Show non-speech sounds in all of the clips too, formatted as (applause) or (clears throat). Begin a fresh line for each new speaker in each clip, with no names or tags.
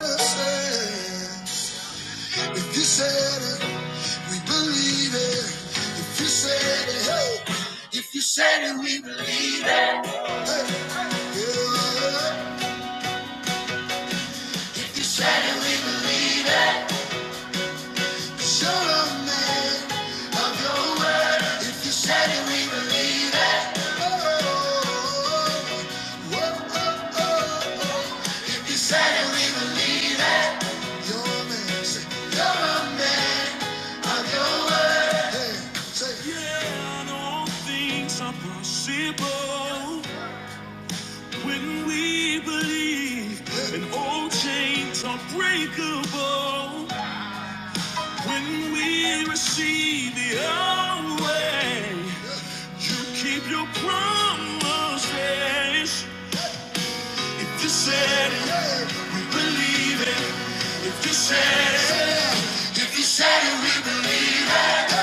If you said it, we believe it. If you said it, hey. If you said it, we believe it. Hey. Yeah. If you said it, we believe it. Show a man of your word. If you said it, we believe it. Oh, oh, oh, oh. If you said it, we believe it. You're a man. you're a man of your word. Hey, say, yeah, all things are possible when we believe. And all chains are breakable when we receive the away, you keep your promises. If you said it, we believe it. If you said it, if you said it, we believe it.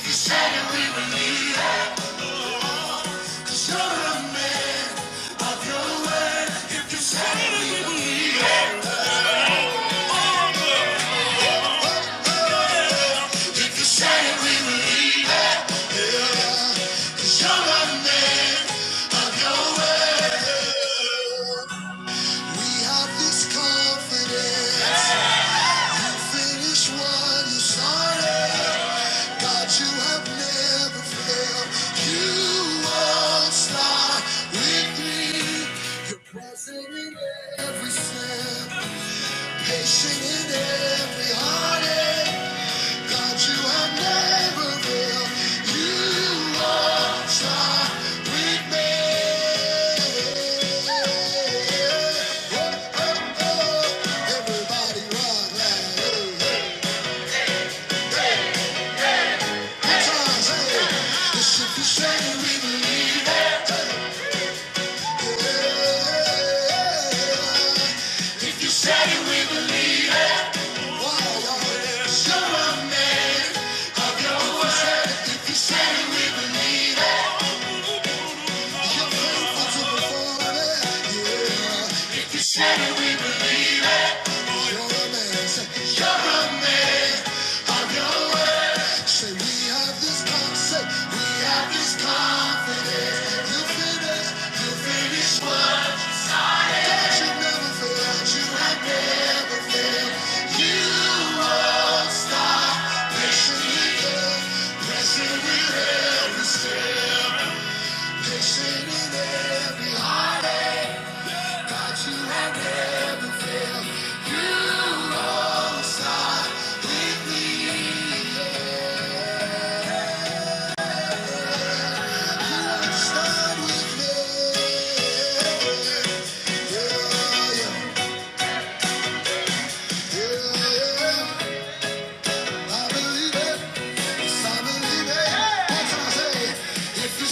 If you said it, we believe it. Show the man of your word. If you said it, we believe it. If you said it, we believe it. Yeah. 'Cause you're a man of your word. We have this confidence. Finish what you started. God, you have never failed. You won't stop with me. You're present in every step. Patient in every heartache. God, you have never failed. You are are with me. Oh, oh, oh, Everybody rock loud. Hey, hey. Good times, hey. This if you say we believe it. If you said it, we believe it. Show a man of your word. If you said it, we believe it. Yeah. If you said it, we believe it. Patient in every heartache, God, you have never failed. You if you said it, we believe it. if you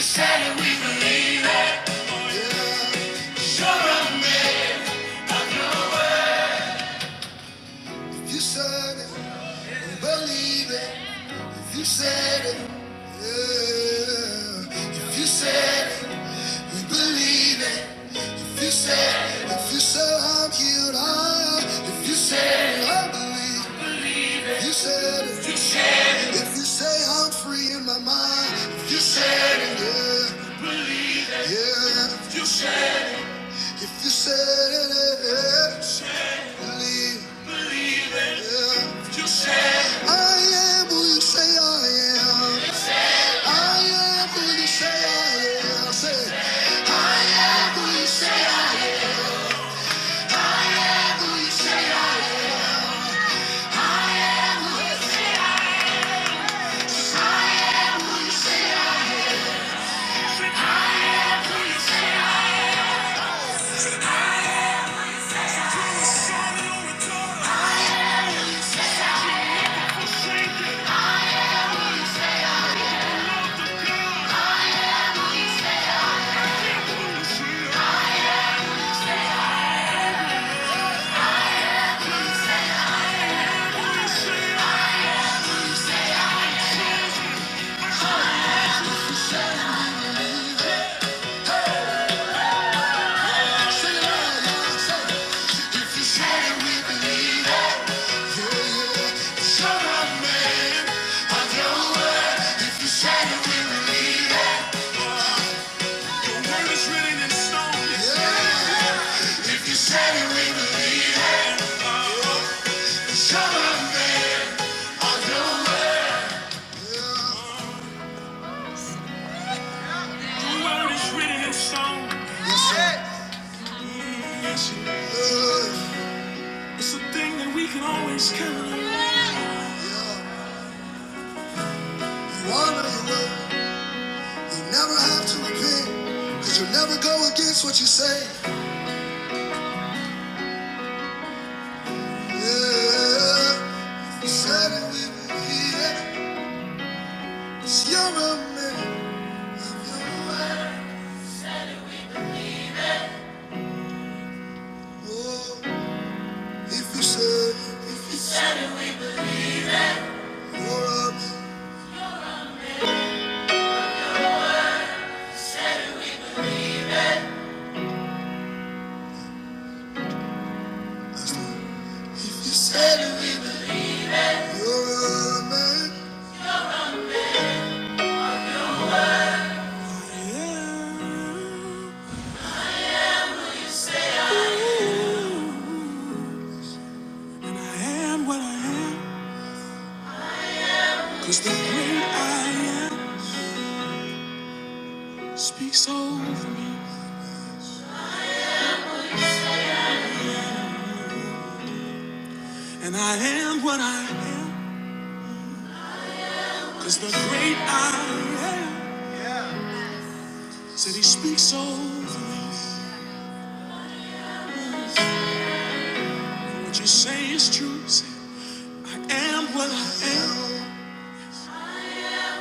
said it, we believe, Yeah. If you said it. Believe it. If you said it, yeah. if you said it, we believe it. If you said it, if you said I'm healed, I am. If you said it, I believe. If you said it, if you said it. if you say I'm free in my mind, if you said it, yeah, yeah. If you said it, if you said it, yeah, yeah. believe. If you said it, I am who you say I am. I am who you say I am. I am who you say I am. I am who you say I am. I you say it If you said it, we believe it. Yeah, yeah. man of your word. If you said it, we believe it. Your word is written in stone. Yeah. If you said it, we believe it. It's your man of your word. The word is written in stone. Yes, It's a thing that we can always count on. One of your word, you never have to repent. Cause you'll never go against what you say. Yeah. if You said it, we will hear it. It's your amendment. Oh, if you said it, if you said it, you're up. If you said it, we will- hear it. you're a man. Yeah. I am what I am, cause the great I am speaks over me. And I am what I am, cause the great I am said he speaks over me. And what you say is true, say, I am what I am,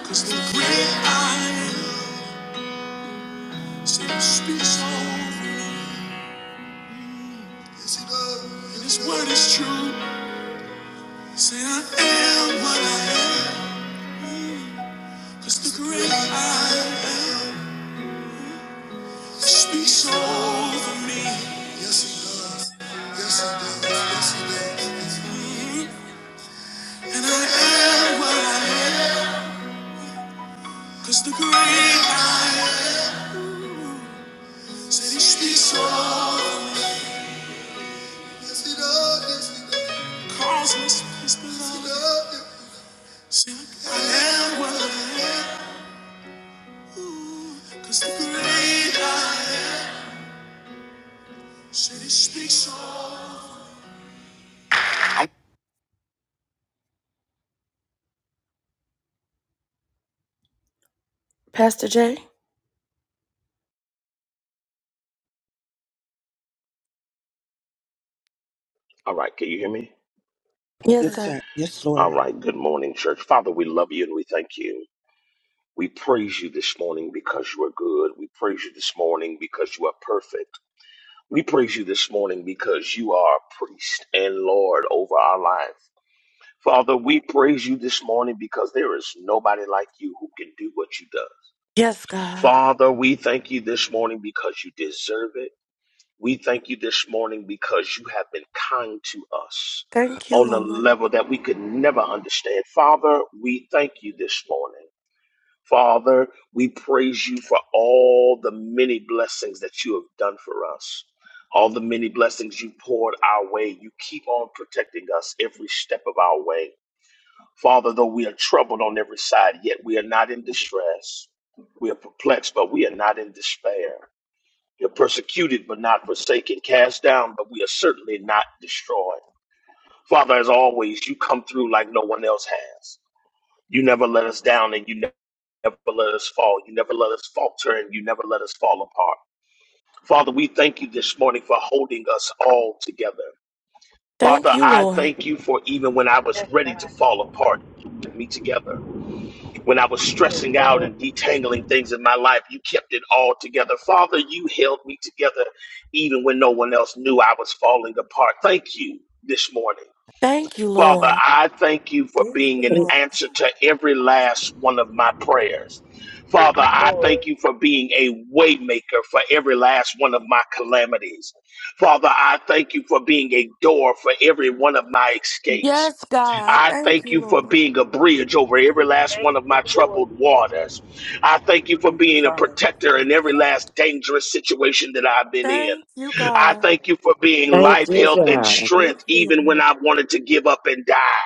cause the great I am said he speaks over me. Yes, he does. And his word is true, say, I am what I am, cause the great I am. Speaks over me. Yes, he does. Yes, he does. Yes, he does. Mhm. And I am what I am. Cause the great I said he speaks over me. Yes, he does. Yes, he does. Calls me to his beloved. Yes, Say, I am what I am. Ooh, Cause the great I said he speaks over me. Pastor Jay?
All right, can you hear me?
Yes,
Yes, sir.
sir.
Yes,
All
Lord.
right, good morning, church. Father, we love you and we thank you. We praise you this morning because you are good. We praise you this morning because you are perfect. We praise you this morning because you are a priest and Lord over our lives. Father, we praise you this morning because there is nobody like you who can do what you do.
Yes, God.
Father, we thank you this morning because you deserve it. We thank you this morning because you have been kind to us
Thank you,
on a
Lord.
level that we could never understand. Father, we thank you this morning. Father, we praise you for all the many blessings that you have done for us. All the many blessings you poured our way. You keep on protecting us every step of our way. Father, though we are troubled on every side, yet we are not in distress. We are perplexed, but we are not in despair. You're persecuted, but not forsaken, cast down, but we are certainly not destroyed. Father, as always, you come through like no one else has. You never let us down and you ne- never let us fall. You never let us falter and you never let us fall apart. Father, we thank you this morning for holding us all together.
Thank
Father,
you,
I
Lord.
thank you for even when I was
Yes,
ready to
God.
fall apart, you kept me together. When I was
Yes,
stressing out
Lord.
and detangling things in my life, you kept it all together. Father, you held me together even when no one else knew I was falling apart. Thank you this morning.
Thank you,
Father,
Lord.
I thank you for
Thank
being
you,
an
We
Lord.
answer to every last one of my prayers.
Yes,
Father, I
Lord.
thank you for being a waymaker for every last one of my calamities. Father, I thank you for being a door for every one of my escapes.
Yes, God.
I
Thank
thank
you,
you for
Lord.
being a bridge over every last
Thank
one of
you,
my
Lord
troubled
Jesus.
waters. I thank you for
Thank you,
being a
Father.
protector
Thank
in
you,
every
Father.
last dangerous situation that I've been in.
Thank you,
I
God.
thank you for being
Thank
Thank
life,
you,
you,
health, and
Father.
God.
Thank
strength,
you,
even when
Lord.
I wanted to give up and die.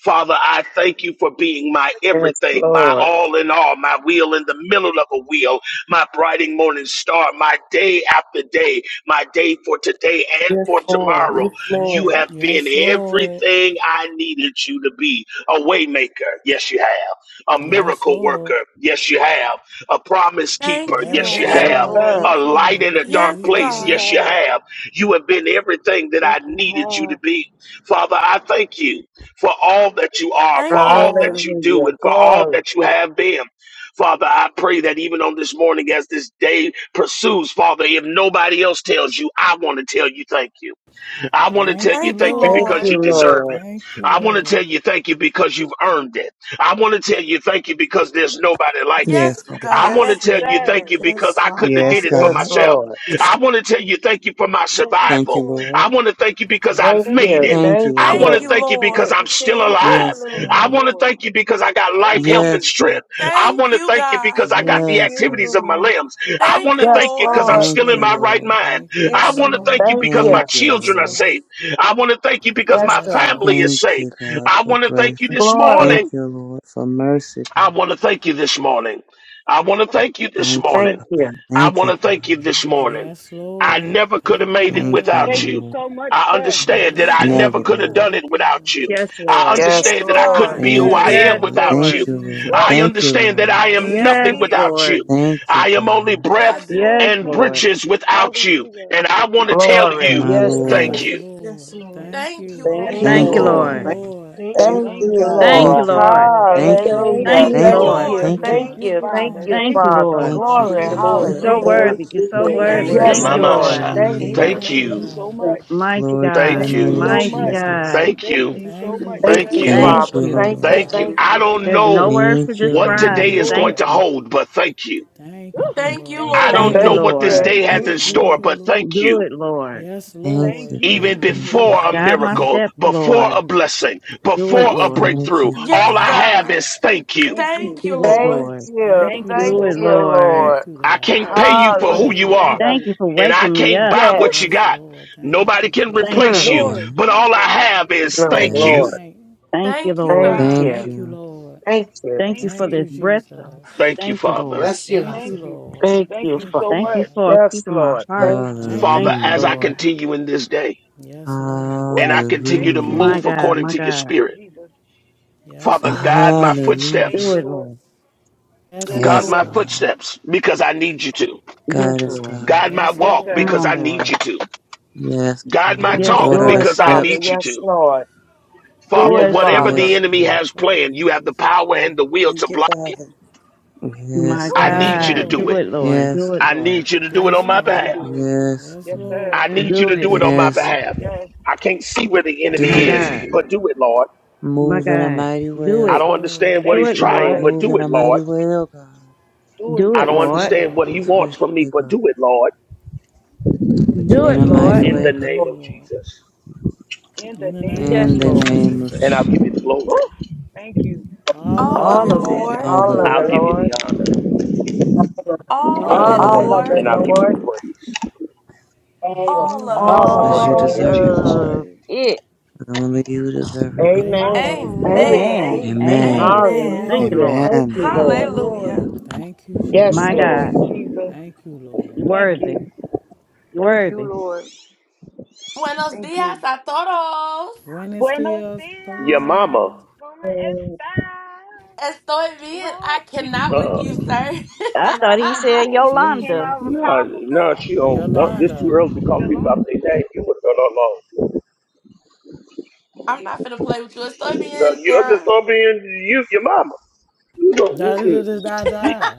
Father, I thank you for being my
Yes,
everything, my
Lord.
all in all, my wheel in the middle of a wheel, my bright and morning star, my day after day, my day for today and
Yes,
for
Lord.
tomorrow.
Yes,
You
Thank
Lord.
have
you.
been
yes, Lord.
everything I needed you to be. A waymaker, yes you have. A
Yes,
miracle
Lord.
worker, yes you have. A promise keeper,
Thank you,
yes
Yes,
you
Yes,
Lord.
Yes,
Yes,
have.
Lord.
Lord.
Lord.
sir.
A
Thank you,
light in
Lord.
a
Thank you,
Yes,
dark
Yes,
place,
you
God.
yes you
Jesus.
have.
have. You have been everything that
Yes,
I
you
needed you to
have.
be. Father, I thank you for all that you are, for
Thank you,
all
Lord.
that you do,
Hallelujah.
and for all
Glory.
that you have been. Father, I pray that even on this morning, as this day pursues, Father, if nobody else tells you, I want to tell you thank you. I want to tell
Thank
you
you,
Thank you,
thank you
Thank
Lord.
because
Lord.
you
you,
deserve
Lord.
Thank
it.
you,
I want to tell
Lord.
you thank you because you've earned it. I want to tell you thank you because there's nobody like you.
Yes,
Yes, God.
I want
God.
to
Yes,
Yes,
tell you
Lord.
sir.
thank you because
Yes,
I couldn't have
Father.
did
Yes,
it for
Yes,
God.
myself.
Hallelujah.
Lord.
I want to tell you thank you for my
Yes,
Thank you,
survival.
Lord.
Lord.
I want to thank you because I
Thank
Yes,
Thank
made
you.
it.
you.
Lord.
Thank you,
Thank
I want
Lord.
Thank
to
you,
you.
thank you
Yeah,
because
Lord.
Hey.
I'm still
thank you,
Whew.
alive.
Yes,
Thank
I
you,
Lord.
God.
want to
Lord.
thank you because I got life,
Thank
health, and
Yes,
you.
strength.
God.
I
Thank
want to
you,
thank you
God.
because I got
Thank
the
Yes,
you,
God.
activities of my
Lord.
limbs. I
Thank
want to
you,
thank
Yes,
you
Lord.
because I'm
Lord.
Yes,
still
Thank
in
you,
my
Lord.
right
Lord.
mind.
Thank you,
I
Yes,
want to thank you
Lord.
Thank
Jesus.
because my
Thank
you.
you,
Yes,
children are
Lord.
Lord.
saved. I want to thank you because
Yes,
my
Yes,
Lord.
family
Lord.
is
Thank you,
saved.
God,
I
for
want to
grace.
thank you this
Glory.
Thank
morning
you, Lord, for mercy,
I
God.
want to thank you this morning. I want to thank you this
Thank you,
morning.
Thank
God.
you.
I
Thank
want
you,
to thank you
God.
this morning.
Yes,
I
Lord.
never could have
Thank you,
made it
Thank you,
God.
without
Thank you
you.
Lord.
so much,
I
sir.
understand that
Yes,
Thank
I
you,
Thank
never
Never,
Lord.
you,
Lord.
could have
God.
Lord.
done
Thank
it
you,
without
Lord.
you.
Yes,
I
Lord.
Yes,
Yes,
understand that I
Thank
Lord.
you,
couldn't
God.
be
Yes,
who
Thank
sir.
I
you,
Yes,
am
Yes,
Lord.
God.
Lord.
Thank
without
you,
Thank
Lord.
you.
you, Lord.
Whew.
I
Jesus.
Thank you,
understand that
Lord.
I
Thank
I
am
you,
Thank you,
Yes,
nothing
understand.
Father.
Lord.
without
Lord.
you.
Thank you,
I am only
God.
I
breath
Yes,
do
Yes,
Lord.
and
Lord.
understand.
breeches without you.
Hallelujah.
And I want to tell
Glory.
you,
My
Yes,
Yes,
Lord
thank
Lord.
Jesus.
Lord.
Lord.
Yes,
you.
Yes,
Lord.
Lord.
Thank
Thank you,
you.
Thank
Thank
Thank
you,
Lord.
you,
you,
Thank
Thank
Thank
you,
you,
you,
Lord.
Lord.
Thank
Lord.
you,
Lord.
Lord.
Thank
God.
Lord.
Thank you,
Thank
Thank
Thank
you,
Lord.
you,
you,
God.
Thank
Lord.
you,
Lord.
Thank
Thank
you,
you,
Lord.
Lord.
Lord.
Thank
Thank
Thank
you,
you,
you,
Thank
Hallelujah.
Lord.
Thank
Jesus.
Lord.
Thank
you,
you,
you,
Thank you.
Thank
Lord.
Lord.
Thank
you.
Lord.
you,
Thank you.
Thank
Thank
God.
Thank
you,
you.
you,
Thank
Father.
Thank
Lord.
you,
Thank
you.
Thank
you,
you
Father.
so
Lord.
Thank
much.
you,
Thank
Glory.
Thank
you,
you,
Thank you,
You're
God.
Lord.
so
Jesus.
Thank
Lord.
Hallelujah.
Thank
you.
worthy. You're
you,
so
You
Thank
You're
are
you
Lord.
worthy.
Thank
Glory
Thank
so
Yeah,
so
you,
worthy,
you,
Yes,
Thank
much,
you,
God.
be
Lord.
mama.
to
Jesus.
worthy.
sir.
Lord.
Lord.
your
Sha.
Thank
Thank
you,
Hallelujah.
name,
Father.
you.
Thank
Thank
Thank
you,
Amen.
God.
you
you.
so
God.
much.
Mighty
Glory to your
Thank
God.
Yes,
Thank you
you,
you.
name,
Lord.
so
Thank
Mighty
Thank
much.
you.
you,
Jesus.
God.
God.
Thank
Thank
you.
you
Thank you,
so
Thank you,
much,
Lord.
thank
Thank
Thank
you,
you,
sir.
you.
Jesus.
Lord.
Thank
Thank
Father.
you,
Thank
you.
Thank
you,
Thank
you,
Lord.
you,
Thank
Thank
Father.
you.
God,
Thank
you,
thank
you
for
I
you.
all
so
don't
that
There's
much.
you
no
know
have
words to
Thank
done.
you,
what
Thank
Thank
describe.
you,
today
you,
Lord.
is going
Lord.
Thank
to
God.
you.
hold, but thank you.
Thank
Ooh,
Thank
you,
you,
Thank you,
God.
Lord.
thank
I
you.
Lord.
Thank
don't
Thank you,
Thank
know
you.
Thank
what
you.
this
Lord.
you.
day
Thank
has
Thank you,
in
you.
Thank you,
Thank
store,
you,
Lord.
but
Lord.
thank
Do
you.
it, Lord.
Yes,
Thank
Thank
Lord.
you, God.
Even
you.
Thank
Thank
you,
Thank
you.
you,
before a
Guide my
God.
Jesus.
miracle,
steps,
before a
Lord.
blessing,
Do it,
before
Ooh,
Yes,
a
Lord.
Thank
Lord.
breakthrough,
you,
Thank
all
Yes,
you,
God.
thank
I have
you.
God.
is
Jesus.
thank you.
Thank
Thank
you.
you,
Do it,
Lord.
Thank
Lord.
you.
Thank
Thank
you,
you
Thank
Do
so
it,
Lord.
you,
much.
Lord.
Lord.
Thank you,
I
God.
can't
I
pay you for
appreciate
who
Thank
you.
you are,
Thank
you.
Hallelujah.
Thank
you.
you for
and I
waking me
can't
up.
buy
Ooh,
what
Yes.
you
Yes,
got.
Lord. Thank
Nobody
you,
can
Thank you,
Mm.
replace
Jesus.
you,
Lord.
Yeah.
Lord
but all I
Jesus.
have is
No,
No,
thank
they
you.
Lord.
Yes.
can't.
Thank you,
Thank you,
Thank
Lord.
Thank
God.
Thank
you.
Thank
you.
you,
you.
Lord.
Thank you.
Thank you
Thank
for
Thank
you.
this
you,
breath.
Jesus.
Thank you,
Thank you,
Father.
Lord.
Bless you, Lord.
Thank you,
Thank you.
Lord.
Thank
Thank
you,
you
Father.
Thank you,
so
Thank you
much.
God.
for
Yes,
keeping my
Lord.
heart.
Thank you.
Thank you,
Father,
Thank you,
as
God.
Hallelujah.
I
Lord.
continue in this day,
Yes, Lord.
Woo!
and I continue
Thank
to
Jesus,
Hallelujah.
you,
My
thank
move
you.
God,
according
my
to your
God.
Lord
spirit.
Jesus.
Yes,
Father, guide
Lord.
my
Thank you,
Thank
Hallelujah.
Do
footsteps.
you,
it,
Jesus.
Lord.
Lord.
Yes,
Yes,
Guide
Yes,
my
Lord.
Lord.
God.
footsteps because I need you to.
Yes,
Thank
God is
you.
Lord.
God.
Guide my
Yes,
Yes,
walk
Come
Lord.
sir.
because
on,
I need
Lord.
you to.
Yes,
Guide my
Yes,
God.
Yes,
Yes,
talk
sir.
Order
Do
our
it,
Lord.
Lord.
because I
Father.
steps.
need you
Yes,
to.
Lord. Do
Yes,
Father,
it,
Yes,
Yes,
sir.
whatever
Father.
Lord.
the
Yes,
Lord. Do
enemy
God.
it,
has
Father,
planned, you
in
have the
Jesus'
power and the
name.
will to
Thank you,
block it.
Father.
My
Yes,
Thank
Woo!
I
you, Father.
Yes,
need you
Thank
to
God.
God.
do
Lord.
Do
you.
it.
it, Lord. Do
Yes,
it,
I
Lord.
need you to do
I
it
Yes,
on my
need you to
God.
behalf.
do it.
yes,
Yes,
Yes,
God.
sir.
I
Lord.
need you
Do
to do
it.
Yes,
it on my
Jesus.
Yes.
behalf.
Yes,
I can't see where the
I
enemy
Yes,
My
Do it,
need you to
Lord.
is,
God.
God.
do
but
it.
do it, Lord.
My
Move in a
God.
mighty way,
Do
oh
I
Yes,
it.
don't
God.
Lord.
understand what
Do
he's
Thank
it,
you,
trying,
Lord.
Lord.
but
Move
do
in
it,
a
Lord.
mighty way, oh God.
Do it,
Do
I
it,
don't
Lord.
Yes,
Lord.
understand
Lord.
what he wants from me,
Swiftly,
but
God.
do it, Lord,
Do
Do
In
it,
it,
a
Do it,
Lord,
mighty
Lord.
Yes,
in the
way,
Lord.
Lord.
God.
name
Do
Lord.
it,
of
Lord.
Jesus.
In the
In the
in
name
name of
the
of
Yes,
the
In
name
the
of
Lord
Lord.
name
Jesus.
of
Jesus.
and
Jesus.
I'll give
Jesus.
you the glory.
Woo! Thank you.
All
All
of it,
of
All
All
it,
of
of it.
All
it,
Lord.
Lord.
of the
All
All
of
of
it.
I'll
it,
Lord.
give
glory.
you
Lord.
the honor,
All
All
all
of
of
of
All
All
it,
All
you,
of
of
it,
All
All
it,
it.
of
of
of
it,
Lord.
it.
Lord.
Lord,
it,
and
Lord.
I'll
God.
give you
Lord.
the praise
All of
all
All
of
of it,
it,
All
All
All
of
of
of
it,
Lord.
Because
it,
you
Lord.
you.
Lord.
All
Lord.
in
All
deserve it,
Jesus'
of
God.
name.
of
it
it
Only you deserve it, God.
in
Amen.
Jesus'
Amen.
it.
name.
Hallelujah.
Amen.
Amen.
Amen.
Amen.
Thank
Amen.
Amen.
you,
Amen.
Lord.
Amen.
Thank
Amen.
you,
Amen.
Hallelujah.
Lord.
Thank
Amen.
you,
Thank you,
Amen.
Lord.
Hallelujah.
Lord.
Hallelujah.
Thank you,
Yes,
My
Thank
God,
Lord.
you,
Jesus.
Jesus.
Thank you, Lord.
you
Thank
worthy.
you.
You
Thank you,
worthy.
Lord.
Buenos
Thank
dias
you.
a todos.
When it's
Buenos
dias,
Your
dias.
mama,
Lord.
¿Cómo estás?
Estoy bien. I
Right? (laughs)
cannot with
uh,
you, sir.
We're
I
(laughs)
thought
not
he
going to do
I-
said
that. You just came
Yolanda.
Jesus.
out of a
no,
powerful
no, she don't.
prayer.
No, this too
Yolanda.
early to
(laughs)
call people out
Yolanda.
their name. You was no, no, no.
I'm not finna play with you. Estoy bien,
No, you're just
Tara.
gonna be in you, your mama. You
Da
don't.
da
Mm-mm.
da da da da.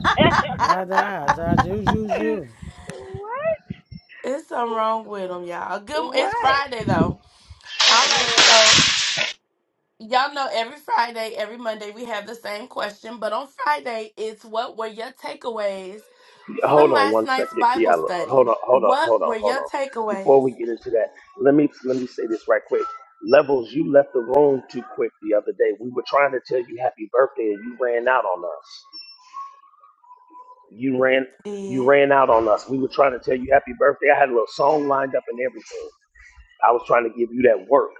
Da da da ju ju ju.
what?
It's something wrong with them, y'all. Good. It's
What?
Friday though.
Oh,
All right.
Lord.
So Y'all know every Friday, every Monday, we have the same question. But on Friday, it's what were your takeaways from
Hold on
last
one
night's
second,
Bible
Kiala. Hold
study?
on, hold on,
What
hold on,
were
hold
your
on.
takeaways?
Before we get into that, let me let me say this right quick. Levels, you left the room too quick the other day. We were trying to tell you happy birthday, and you ran out on us. You ran you
Did
ran out on us. We were trying to tell you happy birthday. I had a little song lined up and everything. I was trying to give you that work.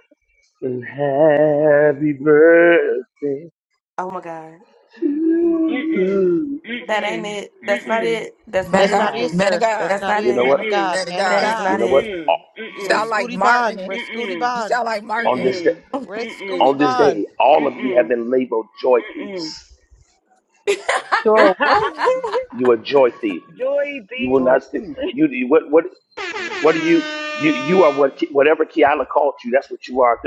And happy birthday
oh my God,
to
Mm, mm, mm, mm, mm.
Mm-mm.
you.
It's
that
okay.
ain't
Mm-mm.
it.
It's
That's not
okay.
Mm-mm.
it. That's
Man of
not
That's not
it.
it,
God,
Mm-mm.
man of
sir. That's
God,
That's
not
not
You
it,
know
it.
man
what?
of
Mm-mm.
God.
man of
Man of
That
God.
is
God.
You
not
know
it.
what?
Mm-mm.
O-
You
I
Red
sound
Mm-mm.
appreciate
like
Scooty Bond.
Martin.
Red Scooty
Mm-mm.
You
Bond.
sound like
On
Martin.
this day,
Red Scooty
Mm-mm.
on this
Bond.
day, all of you have
Mm-mm. Mm-mm.
been labeled joy
Mm-mm.
thieves.
(laughs) I
Sure
(laughs)
what?
You are joy thief.
Joy
You will
B.
Sure
not. st-
thing.
(laughs)
You you- what what what are
Mm-mm.
you? You you are what Ki- whatever Kiala called you. That's what you are.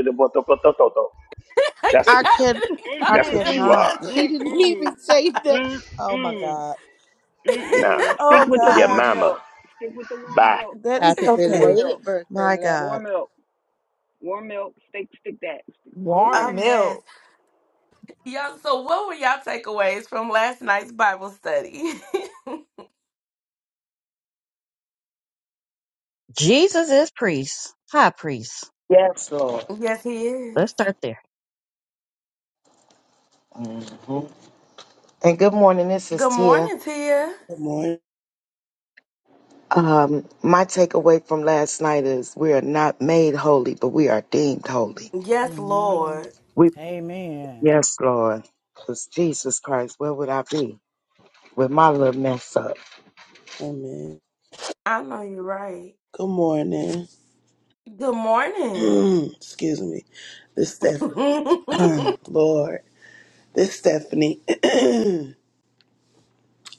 That's
can't
I can
call
I
that's
them
what you
cannot.
Mm-mm.
are.
(laughs)
nothing.
She didn't even
Mm-mm.
say that. Oh my
Mm-mm.
God.
Nah,
Mm-mm.
(laughs)
Stick
Oh
with the
yeah,
warm
gosh.
mama.
milk. Stick with the warm
Bye.
milk.
That is
Stick
Happy
with the warm
okay.
milk.
belated birthday,
My God.
Warm
level.
milk. Warm milk. Stick stick that. Stick, stick
Oh.
there.
A
Warm
mess.
milk.
Y'all, so what were y'all takeaways from last night's Bible study?
Jesus is priest, high priest.
Yes, Lord.
(laughs) yes, he is.
Let's start there.
hmm And good morning. This is
Good
Tia.
morning, Tia.
Good morning.
Um, my takeaway from last night is we are not made holy, but we are deemed holy.
Yes,
Good morning.
Lord.
We,
Amen.
yes, Lord. Because Jesus Christ, where would I be with my little mess up?
Amen.
I know you're right.
Good morning.
Good morning.
(clears throat) Excuse me. This
(laughs)
Steph (clears throat) Lord. This Stephanie. (clears throat)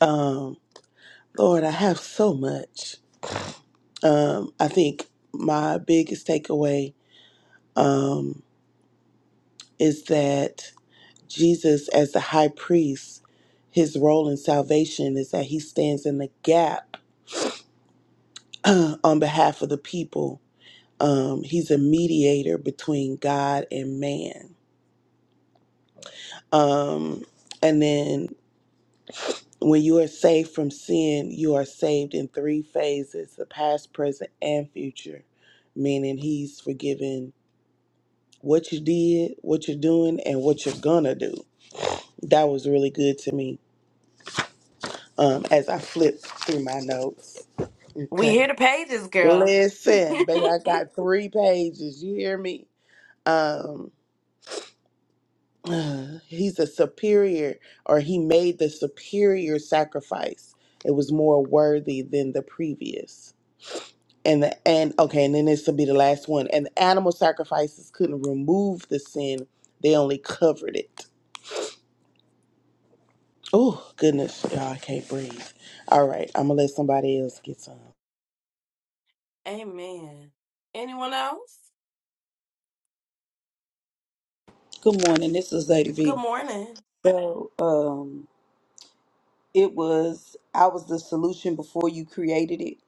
um, Lord, I have so much. Um, I think my biggest takeaway um, is that Jesus, as the high priest, his role in salvation is that he stands in the gap (clears throat) on behalf of the people. Um, he's a mediator between God and man. Um, and then when you are saved from sin, you are saved in three phases the past, present, and future, meaning he's forgiven what you did, what you're doing, and what you're gonna do. That was really good to me um, as I flip through my notes.
we
Okay.
hear the pages, girl. (laughs)
Listen, baby, I got three pages. You hear me? Um, (sighs) uh, he's a superior, or he made the superior sacrifice. It was more worthy than the previous. And the and okay, and then this will be the last one. And the animal sacrifices couldn't remove the sin; they only covered it. Oh goodness, y'all, I can't breathe. All right, I'm gonna let somebody else get some.
Amen. Anyone else?
Good morning. This is Lady
Good
V.
morning.
So, um, it was I was the solution before you created it.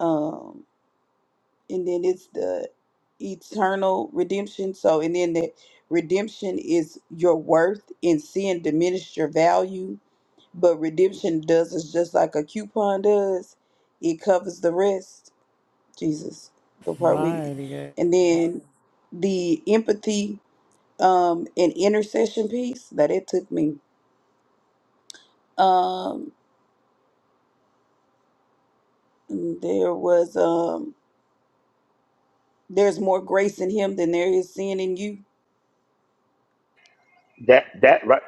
Um, and then it's the eternal redemption. So, and then that redemption is your worth and sin diminished your value But redemption does is just like a coupon does. It covers the rest. Jesus, the part we,
Mighty God.
and then the empathy um, and intercession piece that it took me. Um, there was um, there's more grace in him than there is sin in you.
That that right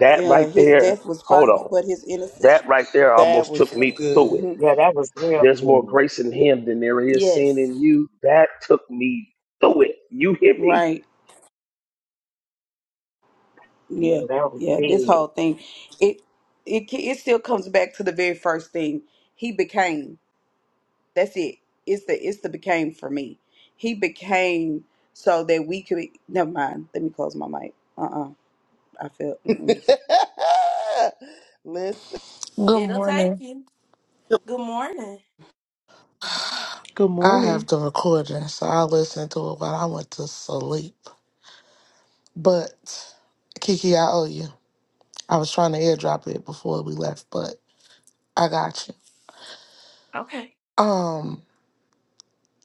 that
Uh,
right
his
there.
death was
Hold
final,
on.
but his innocence.
That right there
That
almost
was
took
so
me through it.
good.
Mhm.
Yeah, that was real
There's more
good.
grace in him than there is sin
Yes,
in you. That took me through it. You hear me,
right.
Yeah,
Yeah,
that was
yeah. This
big.
whole thing, it it ca- it still comes back to the very first thing. He became. That's it. It's the it's the became for me. He became so that we could. Never mind. Let me close my mic. Uh uh I feel.
(laughs)
Mm-mm.
Listen,
Good
It'll take
morning.
you. Good morning.
Good
I
morning.
have the recording, so I listened to it while I went to sleep. But Kiki, I owe you. I was trying to airdrop it before we left, but I got you. Um,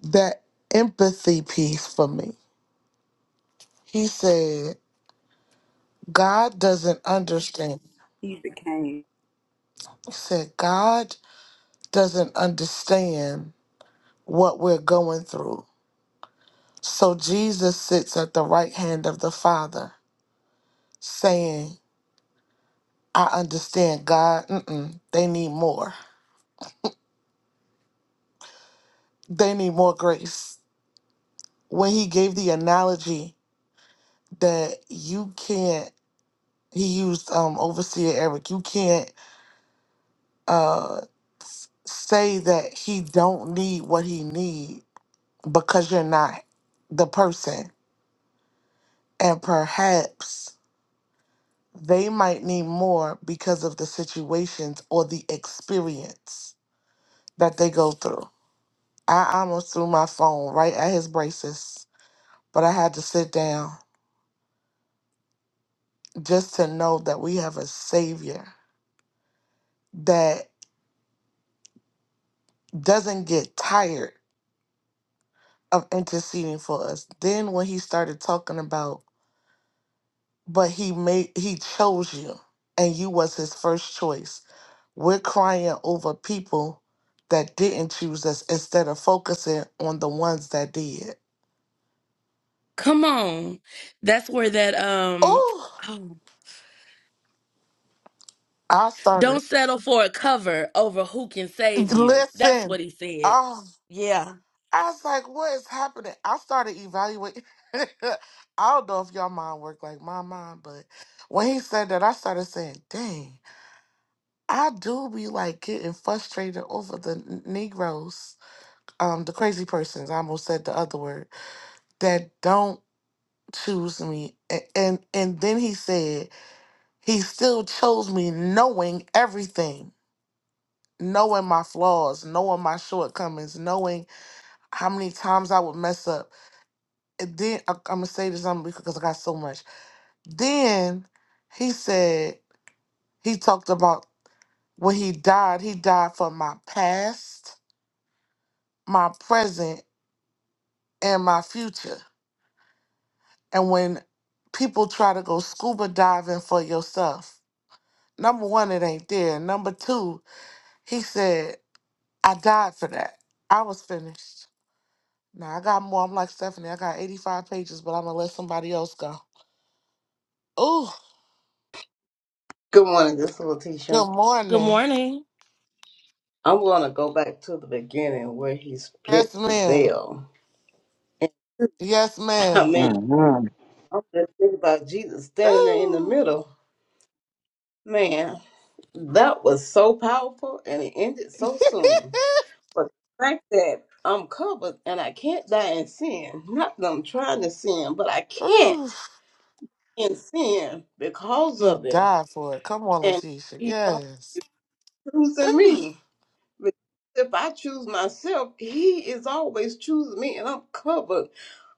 that empathy piece for me. He said, God doesn't understand.
He became.
He said, God doesn't understand what we're going through. So Jesus sits at the right hand of the Father saying, I understand God, mm-mm, they need more. They need more grace. When he gave the analogy that you can't, he used um, Overseer Eric, you can't uh, say that he don't need what he need because you're not the person. And perhaps they might need more because of the situations or the experience that they go through. I almost threw my phone right at his braces but I had to sit down just to know that we have a Savior that doesn't get tired of interceding for us. Then when he started talking about, but he made he chose you and you was his first choice. We're crying over people that didn't choose us instead of focusing on the ones that did.
Come on. That's where that um
Oh,
oh,
I
don't
started.
settle for a cover over who can save you. That's
Listen.
what he said.
oh.
Yeah.
I was like, what is happening? I started evaluating. (laughs) I don't know if y'all mind work like my mind, but when he said that, I started saying, dang, I do be like getting frustrated over the n- Negroes, um, the crazy persons, I almost said the other word, that don't choose me. And, and, and then he said, he still chose me knowing everything, knowing my flaws, knowing my shortcomings, knowing how many times I would mess up And then I, I'm gonna say this on because I got so much. Then he said he talked about when he died. He died for my past, my present, and my future. And when people try to go scuba diving for yourself, number one, it ain't there. Number two, he said I died for that. I was finished. Now I got more. I'm like Stephanie. I got 85 pages, but I'm gonna let somebody else go. Ooh,
Good morning, this is
good
Letitia.
Good
morning.
morning.
I'm going to go back to the beginning where he split
Yes,
the
ma'am.
veil. And
Yes,
I
ma'am.
mean,
Mm-hmm.
I'm just thinking about Jesus standing there in the
Ooh.
middle. Man, that was so powerful and it ended
(laughs)
so soon. But the fact that I'm covered and I can't die in sin, not that I'm trying to sin, but I
Ooh.
can't in sin because
He
of it.
died for it. Come on,
And
Letitia.
he's
Yes.
always choosing
Ooh.
me. Because if I choose myself, he is always choosing me and I'm covered.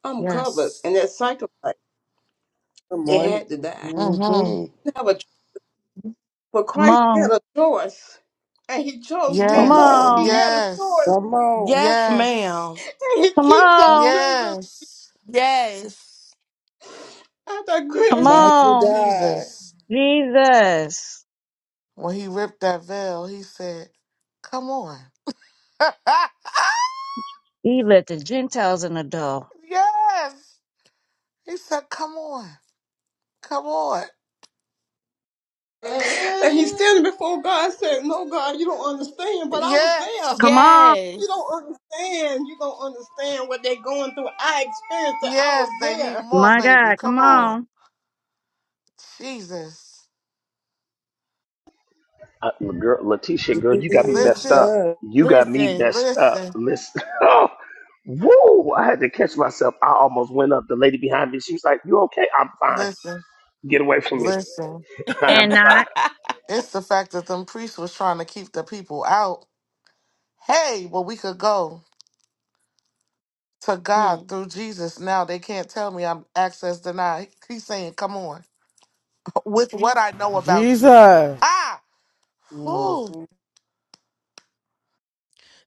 I'm covered.
Yes.
And that sacrifice,
good
it
morning.
had to die.
Mm-hmm.
hmm
I Have a cho- But
Come
Christ
on.
had a choice and he chose
Come
Come
me.
Yes.
on,
He
on.
had a choice
Yes.
come on,
Yes,
Yes.
ma'am.
and he
Come
keeps on
on.
choosing
Yes.
Yes.
after
Come
grace.
Thank
mighty
you,
on.
God,
Jesus.
Jesus.
When he ripped that veil, he said, Come on.
He let the Gentiles in the door.
(laughs) yes. He said, Come on. Come on.
And he's standing before God saying, No, God, you don't understand, but I was there.
Yes.
Come on.
You
Yes.
don't understand. You don't understand what they're going through. I experienced it. I was
Yes. They need
there.
more,
My
baby.
God, come
Come on.
on.
Jesus.
uh, well, girl, Letitia? Girl, you got me messed
Listen,
up.
Jesus.
You got me
Listen,
messed up.
listen,
Listen. (laughs) Oh, woo! I had to catch myself. I almost went up. The lady behind me, she was like, "You okay? I'm fine.
listen,
Get away from me.
listen.
(laughs) I'm
And
fine."
(laughs)
I,
It's the fact that them priests was trying to keep the people out. Hey, well, we could go to
hmm,
God through Jesus now. They can't tell me I'm access denied. He's saying, come on. With what I know about you.
Jesus.
Ah!
hmm
Whew.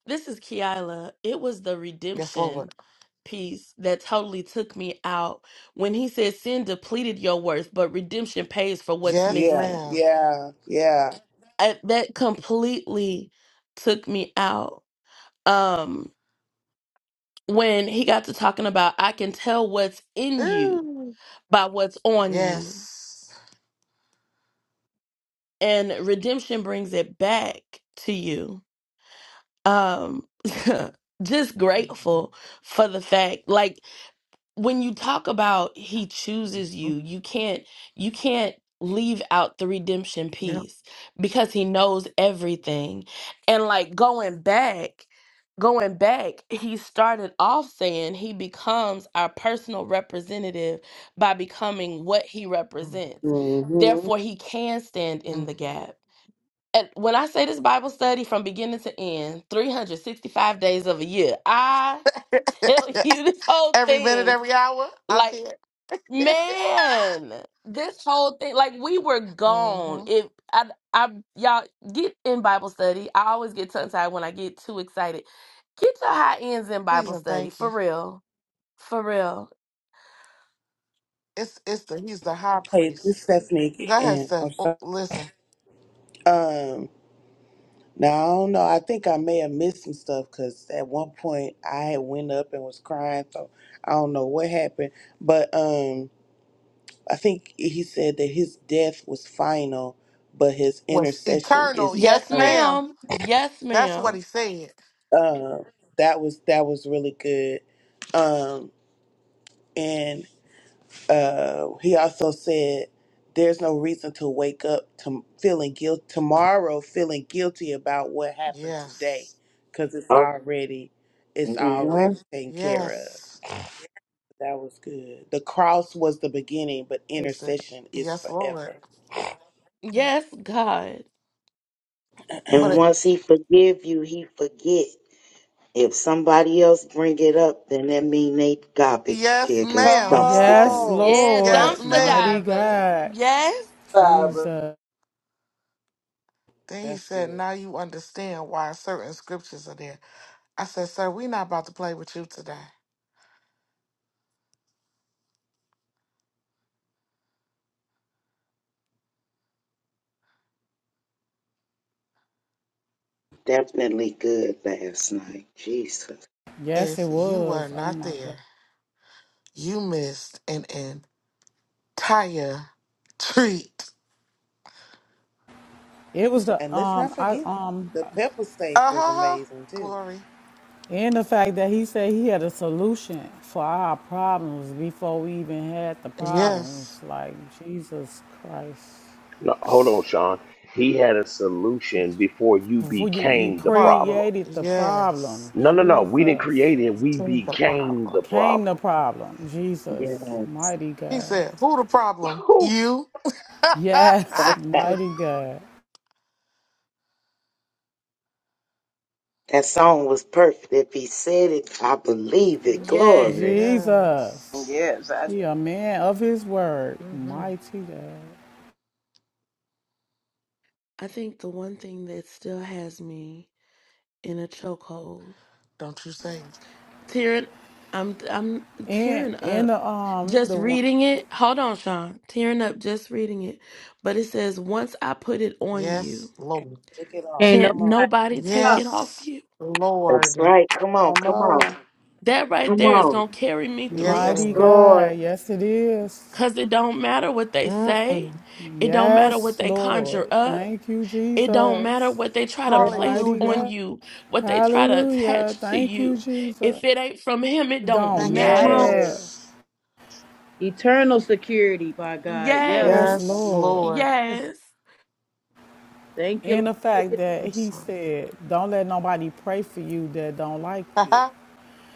this is Kiala. It was the
Yes,
redemption
Lord.
piece that totally took me out when he said sin depleted your worth, but redemption pays for what's
Yes,
Yeah,
missing.
ma'am.
yeah, yeah.
I- that completely took me out. Um, when he got to talking about, I can tell what's in you
Ooh.
by what's on you,
Yes.
and redemption brings it back to you. Um, (laughs) just
Mhm.
grateful for the fact. Like when you talk about he chooses you you can't you can't leave out the redemption
Yep.
piece because he knows everything and like going back going back he started off saying he becomes our personal representative by becoming what he represents
hmm
therefore he can stand in the
hmm
gap and when i say this bible study from beginning to end 365 days of a year i (laughs) tell
(laughs)
you this whole
Every minute,
thing
every hour. I
like,
can't. (laughs)
man, this whole thing, like we were gone.
hmm
If I, I, y'all get in Bible study. I always get tongue tied when I get too excited. Get your high ends in
Please
Bible
and
study
thank
for
you.
real, for real.
It's it's the he's the high
Hey, this
priest.
Stephanie
Go ahead,
again. I'm
Steph. Oh,
sorry.
listen,
Um, now I don't know. I think I may have missed some stuff because at one point I had went up and was crying, so I don't know what happened. But um. I think he said that his death was final, but his
was
intercession
eternal.
is
Yes,
Yes,
eternal.
ma'am.
ma'am. Yes,
That's what
ma'am.
he said.
Um, that was that was really good. Um, and uh, he also said, "There's no reason to wake up to feeling guilt tomorrow, feeling guilty about what happened today,
Yes,
because it's
Oh,
already it's
hmm
already taken care of."
yes.
That was good. The cross was the beginning, but
Is it?
intercession is
Yes, Lord.
forever.
Yes, God.
And
But it,
once he forgive you, he forget. If somebody else bring it up, then that mean they garbage
yes,
diggers,
Come
ma'am.
dumpster
Yes,
dumpsters.
on.
Yeah,
Yes,
Lord.
dumpster
Mighty
ma'am.
divers.
God.
Yes,
Barbara.
Jesus.
Then he
That's
said,
good.
"Now you understand why certain scriptures are there." I said, "Sir, we're not about to play with you today.
Definitely good last night. Jesus.
Yes,
If
it
you
was.
were
Oh
not
my
there."
God.
You missed an entire treat.
It was the
And let's
um
not
I
forget it.
um
the pepper steak
Uh
was
huh.
amazing too.
Glory.
and the fact that he said he had a solution for our problems before we even had the problems.
Yes.
Like Jesus Christ.
No, hold on, Sean. He had a solution before you
Before you, you
became the
Problem.
problem.
created the problem,
Yes.
No, no, no. We didn't
Jesus.
create it. We
Change the
became
problem.
the
Came the
problem.
problem, Jesus.
Yes.
Mighty
He
God.
said, Who the
(laughs)
problem?
Whew.
You. (laughs)
Yes,
That, that,
mighty God.
that song was perfect. If he said it, I believe it.
yes.
Glory.
yes.
Jesus.
Yes, I
He a man of his word.
Mm hmm
Mighty God.
I think the one thing that still has me in a chokehold
Don't you say it.
tearing I'm I'm
And
tearing
in
up
the um
just
the one
reading it. Hold on, Sean. Tearing up just reading it. But it says, "Once I put it on
Yes,
you,
Can
Lord.
Look it up.
Ain't
can't
Come on.
nobody.
nobody take
Oh,
it off
Yes,
you."
That's
Lord.
right. Come on,
Come
come on,
on.
That right
come
there is
on.
going to carry me
Yes,
through
Yes,
mighty
Lord.
Lord.
God. Yes it is.
cuz it don't matter what they
Mm-mm.
say. It don't matter what
Yes,
they conjure
Lord.
Mhm.
up.
Thank you,
It don't matter
Jesus.
what they try to
man,
place
Mighty
Hallelujah.
on
God.
you, what they try to
Hallelujah.
attach to
Thank you,
you.
Jesus.
If it ain't from him, it
It
don't
don't
Thank you,
come
matter.
on.
Yes.
matter.
Jesus.
Eternal security by God. Yes.
Yes,
Yes.
Yes,
Come on.
Lord.
Lord.
yes.
Yes.
Thank you.
In
Lord,
the
for
fact
your-
that
Yes,
he
Lord.
said, Don't let nobody pray for you that don't like you.
Haha.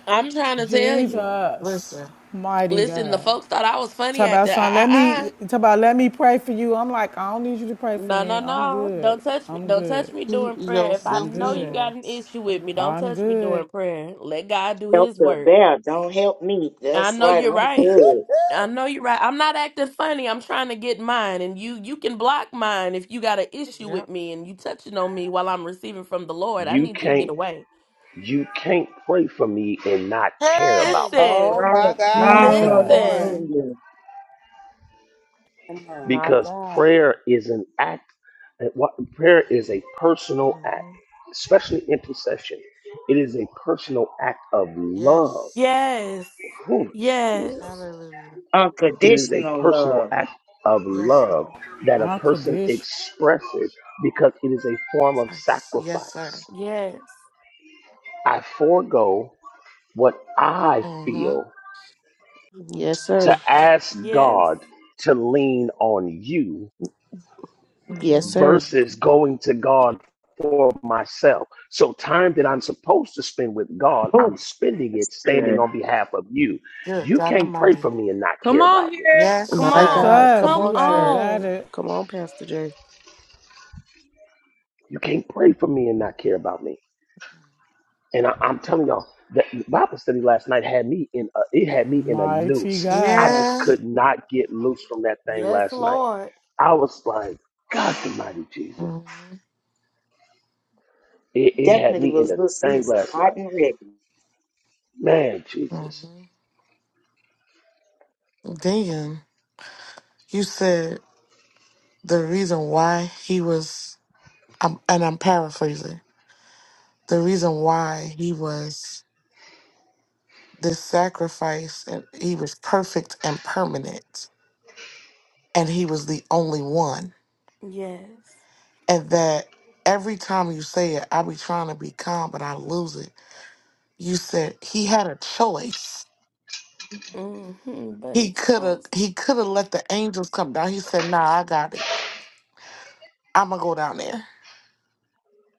I'm trying to tell you.
(laughs)
Jesus,
Listen,
mighty
Listen, the
God.
folks thought I was funny
Talk about
acting. I,
son,
I,
let me
I.
talk about let me pray for you. I'm like, I don't need you to pray for
No, no,
me. I'm
no.
good.
Don't touch me.
I'm
Don't touch
good.
me
keep
during prayer.
your
If I
I'm
filthy
know you
good.
got an
hands.
issue with me, don't
I'm
touch me during
good.
prayer. Let God do
Help
his
the
work.
bear. Don't help me.
I
That's
know
right.
you're
I'm
right.
good.
I know you're right. I'm not acting funny. I'm trying to get mine. And you you can block mine if you got an issue
Yep.
with me and you touching on me while I'm receiving from the Lord. I
You
need you to get
can't
away.
you can't pray for me and not care about
Hey,
me
glory.
Oh
Listen.
Right.
my God. Come
Jesus.
on.
Listen.
Hallelujah.
Come on.
My
because
God.
prayer is an act eh, what prayer is a personal act,
hmm
especially intercession. It is a personal act of love.
Yes.
Yes.
Oh,
Yes.
Jesus.
Hallelujah.
It is a
Unconditional
personal
love.
act of
Yes,
love
Lord.
that a person
Unconditional.
expresses because it is a form of
I- Yes, sir.
sacrifice.
Yes.
I forego what I
Mm-hmm.
feel
Yes, sir.
hmm
to ask
Yes.
God to lean on you
Yes,
hmm
sir.
versus going to God for myself. So, time that I'm supposed to spend with God,
Ooh,
I'm spending
that's
it standing
good.
on behalf of you.
Good
You
God
can't pray for
Almighty.
me and not
Come
care
on
about me.
here.
Yes,
Come
My
sir.
on.
God.
Jesus,
Come
Come
on,
you are the
sir.
on.
better.
Come on, Pastor Jerry.
You can't pray for me and not care about me. And I, I'm telling y'all that the Bible study last night had me in a, it had me in a
Mighty
noose. I
God.
just
Yeah.
could not get loose from that thing
Yes,
last night.
Lord.
I was like, God Almighty Jesus,
Mm-hmm.
it, it had
Definitely
me in
was
the
Little
thing
Caesar
last night.
hot and ready.
Man, Jesus,
hmm Then you said the reason why he was, um, and I'm paraphrasing, the reason why he was this sacrifice and he was perfect and permanent and he was the only one
Yes.
and that every time you say it i be trying to be calm but i lose it you said he had a choice
Mm-hmm. But
he
he
could have
chose.
he could have let the angels come down he said nah i got it i'm gonna go down there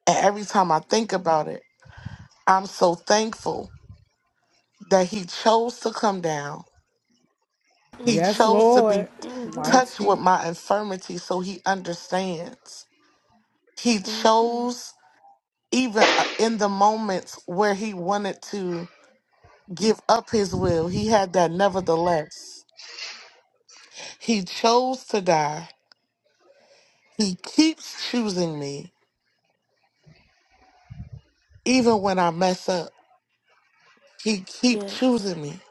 and every time i think about it i'm so thankful that he chose to come down he
Yes,
chose to
Lord.
be
Mm-hmm. Mm-hmm.
touched with
Mighty,
my infirmity so he understands he
Mm-hmm.
chose even uh, in the moments where he wanted to give up his will, he had that nevertheless. He chose to die. He keeps choosing me, even when I mess up. He keeps
Yes.
choosing me.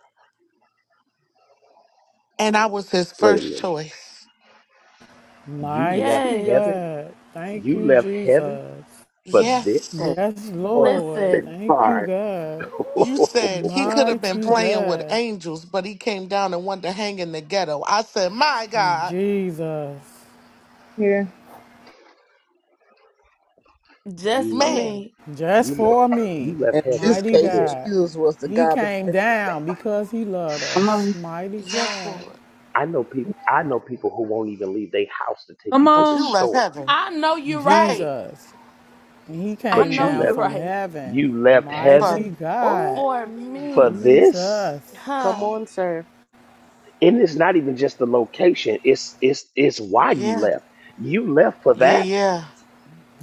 And I was his
wait a
first
minute.
choice.
You left
mighty
Yes.
heaven.
God. Thank
You
you,
left heaven
Jesus.
for
Yes.
And
this.
Yes,
Lord,
Lord.
Listen,
Thank you,
Hard.
God.
(laughs)
You said he could have been
Mighty
Come on
playing with
God.
angels, but he came down and wanted to hang in the ghetto. I said, My God,
Jesus,
here.
just for
you left.
man,
me.
just
You left.
for me,
You left
in
heaven
this
mighty
for
case,
this.
God.
Jesus was the
He
garbage
came
picker.
down because he loved
come
us,
on.
mighty
yes,
God.
Lord.
I know people. I know people who won't even leave their house to take
Come
you to
But
the
you
on.
left
store
heaven.
I know you're right.
Hey,
Jesus, he
I
but
came
know
you
down
you're
left
from
right.
heaven,
You left
for
mighty
heaven
God.
For
for
oh
me,
this?
Jesus,
Come
huh?
on, sir.
And it's not even just the location, it's it's it's why you
Yeah,
left. You left for
yeah,
that?
yeah.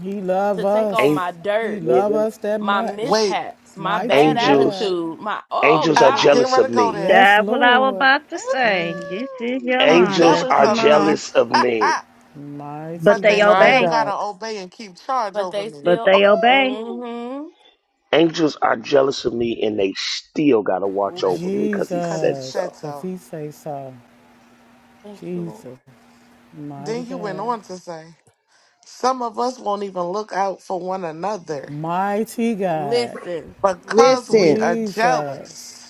he
To
loved
take all
An-
us.
my
He
dirt,
Yeah.
loved us that
my
much,
Wait,
mishaps, my
mighty
bad
God.
angels
attitude, my oh
angels
I
are
was
God.
getting
jealous
ready
of
to go
me.
there.
Yes,
That's what I was
Lord,
about to say. This is
Ooh, Are
Angels
Yolanda.
jealous
are
Come
of me,
on.
jealous of me.
(laughs)
But
mighty
but they
they
My
still
God.
obey.
gotta
God.
obey and keep charge
But
over
they
me.
But
still.
they obey.
Ooh,
Mm-hmm.
Angels are jealous of me and they still got to watch over
listen,
me cuz he
cause he
said
Jesus,
so.
said
because
so.
he say so.
Thank you, Lord.
Jesus. Mighty
Then you went
God.
on to say, some of us won't even look out for one another
Mighty God.
Listen,
because we
Listen.
are jealous.
Jesus.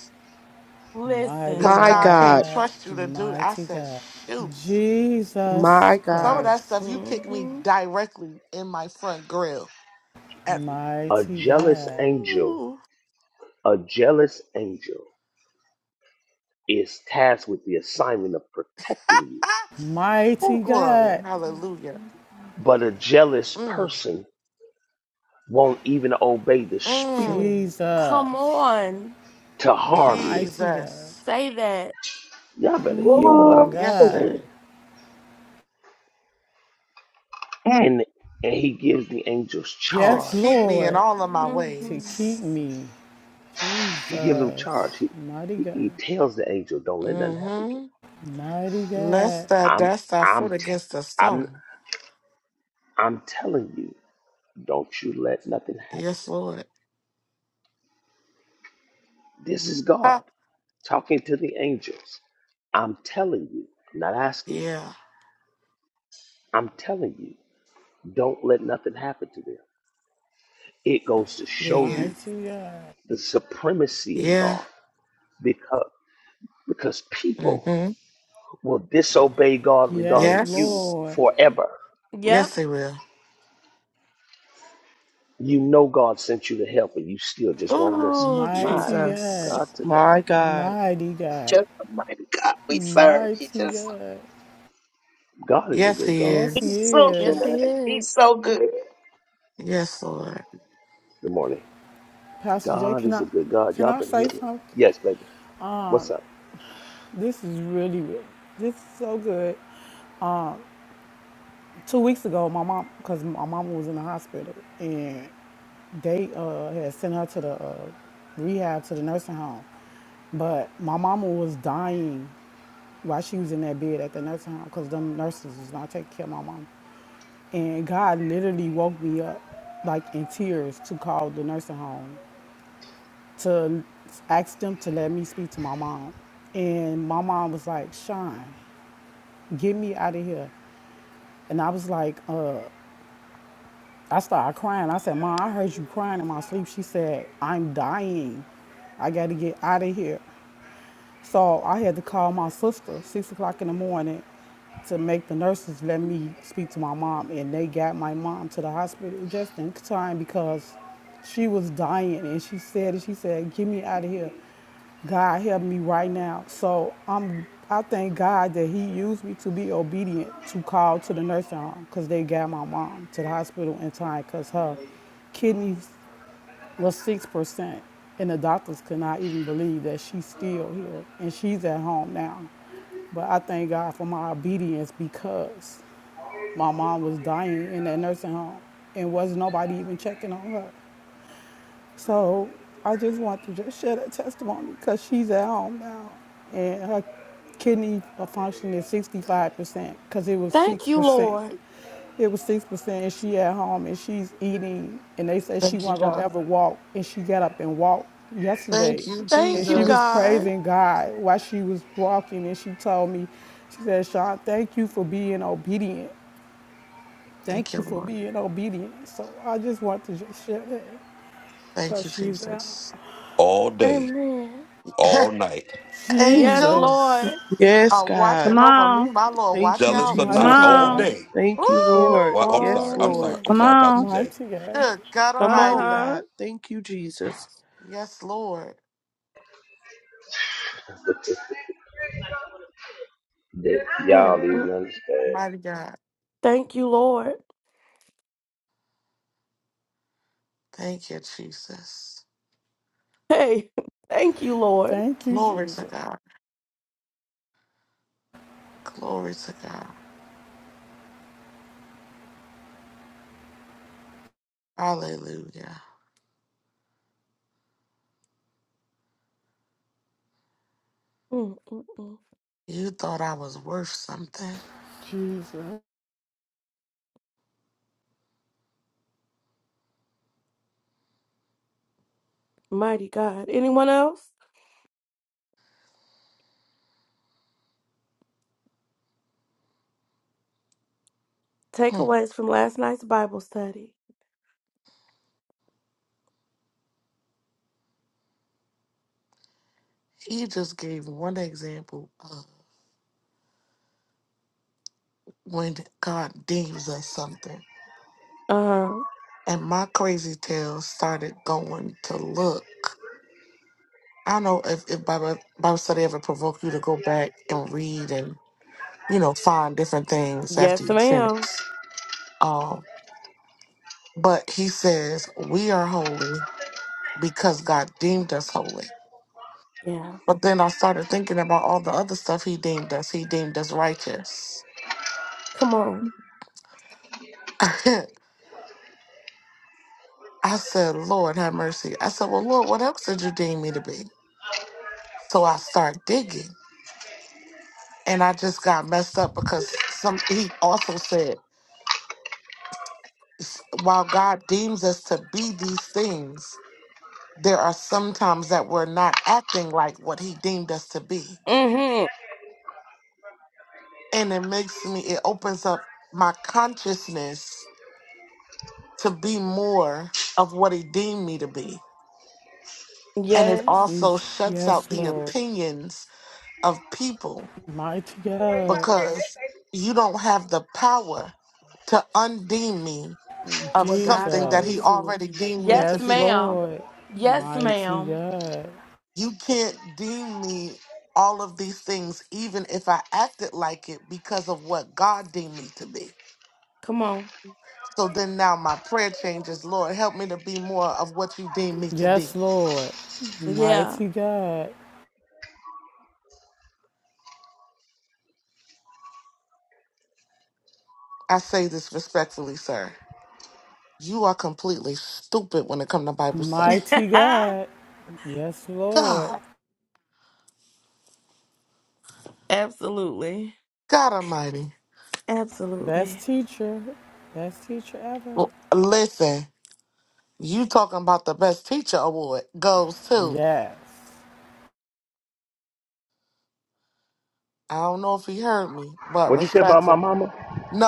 Mighty
Cause
listen.
My
God
God.
can't
God.
trust you to do. that. I
Mighty
said,
God.
shoot,
My
Jesus
some
God.
of that
Christ.
stuff you kicked me
hmm
directly in my front grill
A
Mighty
jealous
God.
angel,
Ooh.
a jealous angel is tasked with the assignment of protecting you.
(laughs) Oh,
Mighty
glory.
God.
Hallelujah.
But a jealous
Mm.
person won't even obey the spirit
Mm.
Come
Jesus.
on,
to harm you.
Mighty God.
Jesus.
say that.
Y'all better hear
Oh
what
my
I'm
Yes,
Ooh.
God.
sir.
saying. And and he gives the angels
To
Yes,
keep
charge.
me in
Lord,
all of my
hmm
to keep
ways.
me.
He gives them charge.
Jesus.
He
Mighty
he,
God.
he tells the angel, "Don't let nothing happen to
Mm-hmm.
him."
Mighty God.
Lest thou
I'm
dash thy
I'm
foot
t-
against a
I'm
stone.
I'm telling you, don't you let nothing happen
Yes,
to them.
Lord.
This is
Ha.
God talking to the angels. I'm telling you, I'm not asking you.
Yeah.
I'm telling you, don't let nothing happen to them. It goes to
Yeah,
show
yeah.
you
Mighty God.
the supremacy of
Yeah.
God because because people
Mm-hmm.
will disobey God
Yes,
regarding you
Yes.
Lord.
forever.
Yep,
Yes, he will.
You know God sent you to help, and you still just won't listen.
Ooh,
My
Mighty God,
God,
Jesus.
today,
My God.
mighty God,
just the mighty God we serve. He
mighty
just
God.
God is a
Yes,
good
he
God.
Yes, he
he's
is.
so
yes, He
is.
good. He's
is.
so good.
Yes, Lord.
Good morning.
Pastor Jay,
God
can
is
I
a good God.
can
Y'all
I
been hearing
say
me?
something?
Yes, baby. What's
Um,
up?
this is really good. This is so good. Um. Two weeks ago, my mom, because my mom was in the hospital, and they uh, had sent her to the uh, rehab to the nursing home. But my mama was dying while she was in that bed at the nursing home because them nurses was not taking care of my mom. And God literally woke me up like in tears to call the nursing home to ask them to let me speak to my mom. And my mom was like, Sean, get me out of here. And I was like, uh, I started crying. I said, Ma, I heard you crying in my sleep. She said, I'm dying. I got to get out of here. So I had to call my sister six o'clock in the morning to make the nurses let me speak to my mom, and they got my mom to the hospital just in time because she was dying, and she said, she said, get me out of here. God help me right now. So I'm, I thank God that He used me to be obedient to call to the nursing home because they got my mom to the hospital in time because her kidneys was 6%. And the doctors could not even believe that she's still here and she's at home now. But I thank God for my obedience because my mom was dying in that nursing home and wasn't nobody even checking on her. So I just want to just share that testimony because she's at home now and her kidney function is 65% because it was
Thank you,
6%.
Lord.
It was six percent, and she at home and she's eating, and they said she
Thank you,
wasn't
God.
gonna ever walk, and she got up and walked yesterday,
Thank you,
and
Thank you,
she was
God.
Jesus.
praising God while she was walking, and she told me, she said, "Sean, thank you for being obedient. Thank
Thank you,
you for
Lord.
being obedient." So I just want to just share that
Thank
because
you,
she's out.
Jesus.
all day,
Amen.
(laughs)
all night,
Yes,
Angels
Lord.
Jesus,
Yes,
are
Come
God.
watching over
on,
me. My Lord,
Thank
watch
you,
jealous
out.
or
come
not,
mighty
Jesus.
all
on,
God,
day.
Thank you,
And
Lord.
Well, I'm
Woo!
Yes,
sorry.
all.
I'm sorry.
Lord.
night.
I'm
come
sorry, Pastor
on,
Jay.
mighty God.
Good God
Uh
Come on,
Almighty.
huh.
God. Thank you, Jesus.
Yes, Lord.
(laughs) That y'all don't
mm mm.
even understand.
Mighty God.
Thank you, Lord.
Thank you, Jesus.
Hey, (laughs) thank you, Lord.
Thank you,
Glory to
Jesus.
God. Glory to God. Hallelujah.
mm mm mm.
You thought I was worth something.
Jesus,
Mighty God. Anyone else?
Mm.
Takeaways from last night's Bible study.
He just gave one example of when God deems us something.
Uh,
and my crazy tail started going to look. I don't know if, if Bible, Bible study ever provoked you to go back and read and, you know, find different things after
yes,
you
ma'am.
finish. Um, but he says, We are holy because God deemed us holy.
Yeah.
But then I started thinking about all the other stuff he deemed us. He deemed us righteous.
Come on.
(laughs) I said, Lord, have mercy. I said, Well, Lord, what else did you deem me to be? So I start digging and I just got messed up because some he also said s- while God deems us to be these things, there are some times that we're not acting like what he deemed us to be.
Mm-hmm.
And it makes me it opens up my consciousness to be more of what he deemed me to be. And it
Yes.
also
Jesus.
shuts out
Yes,
the
Lord,
opinions of people
mighty God.
because you don't have the power to undeem me of
What God
something
called
that
me
he
to
Jesus.
be.
already deemed me
Yes,
to
Yes,
be.
ma'am.
Lord.
Yes,
Mighty
ma'am.
God.
You can't deem me all of these things, even if I acted like it, because of what God deemed me to be.
Come on.
So then now my prayer changes. Lord, help me to be more of what you deem me to
Yes,
be.
Lord.
Yeah.
Mighty God.
I say this respectfully, sir. You are completely stupid when it comes to Bible study.
Mighty
(laughs)
God. Yes, Lord.
God,
Absolutely.
God Almighty.
Best
Absolutely.
teacher. Best teacher ever.
Well, listen, you talking about the best teacher award goes to.
Yes.
I don't know if he heard me, but
What you say about
respectfully.
my mama?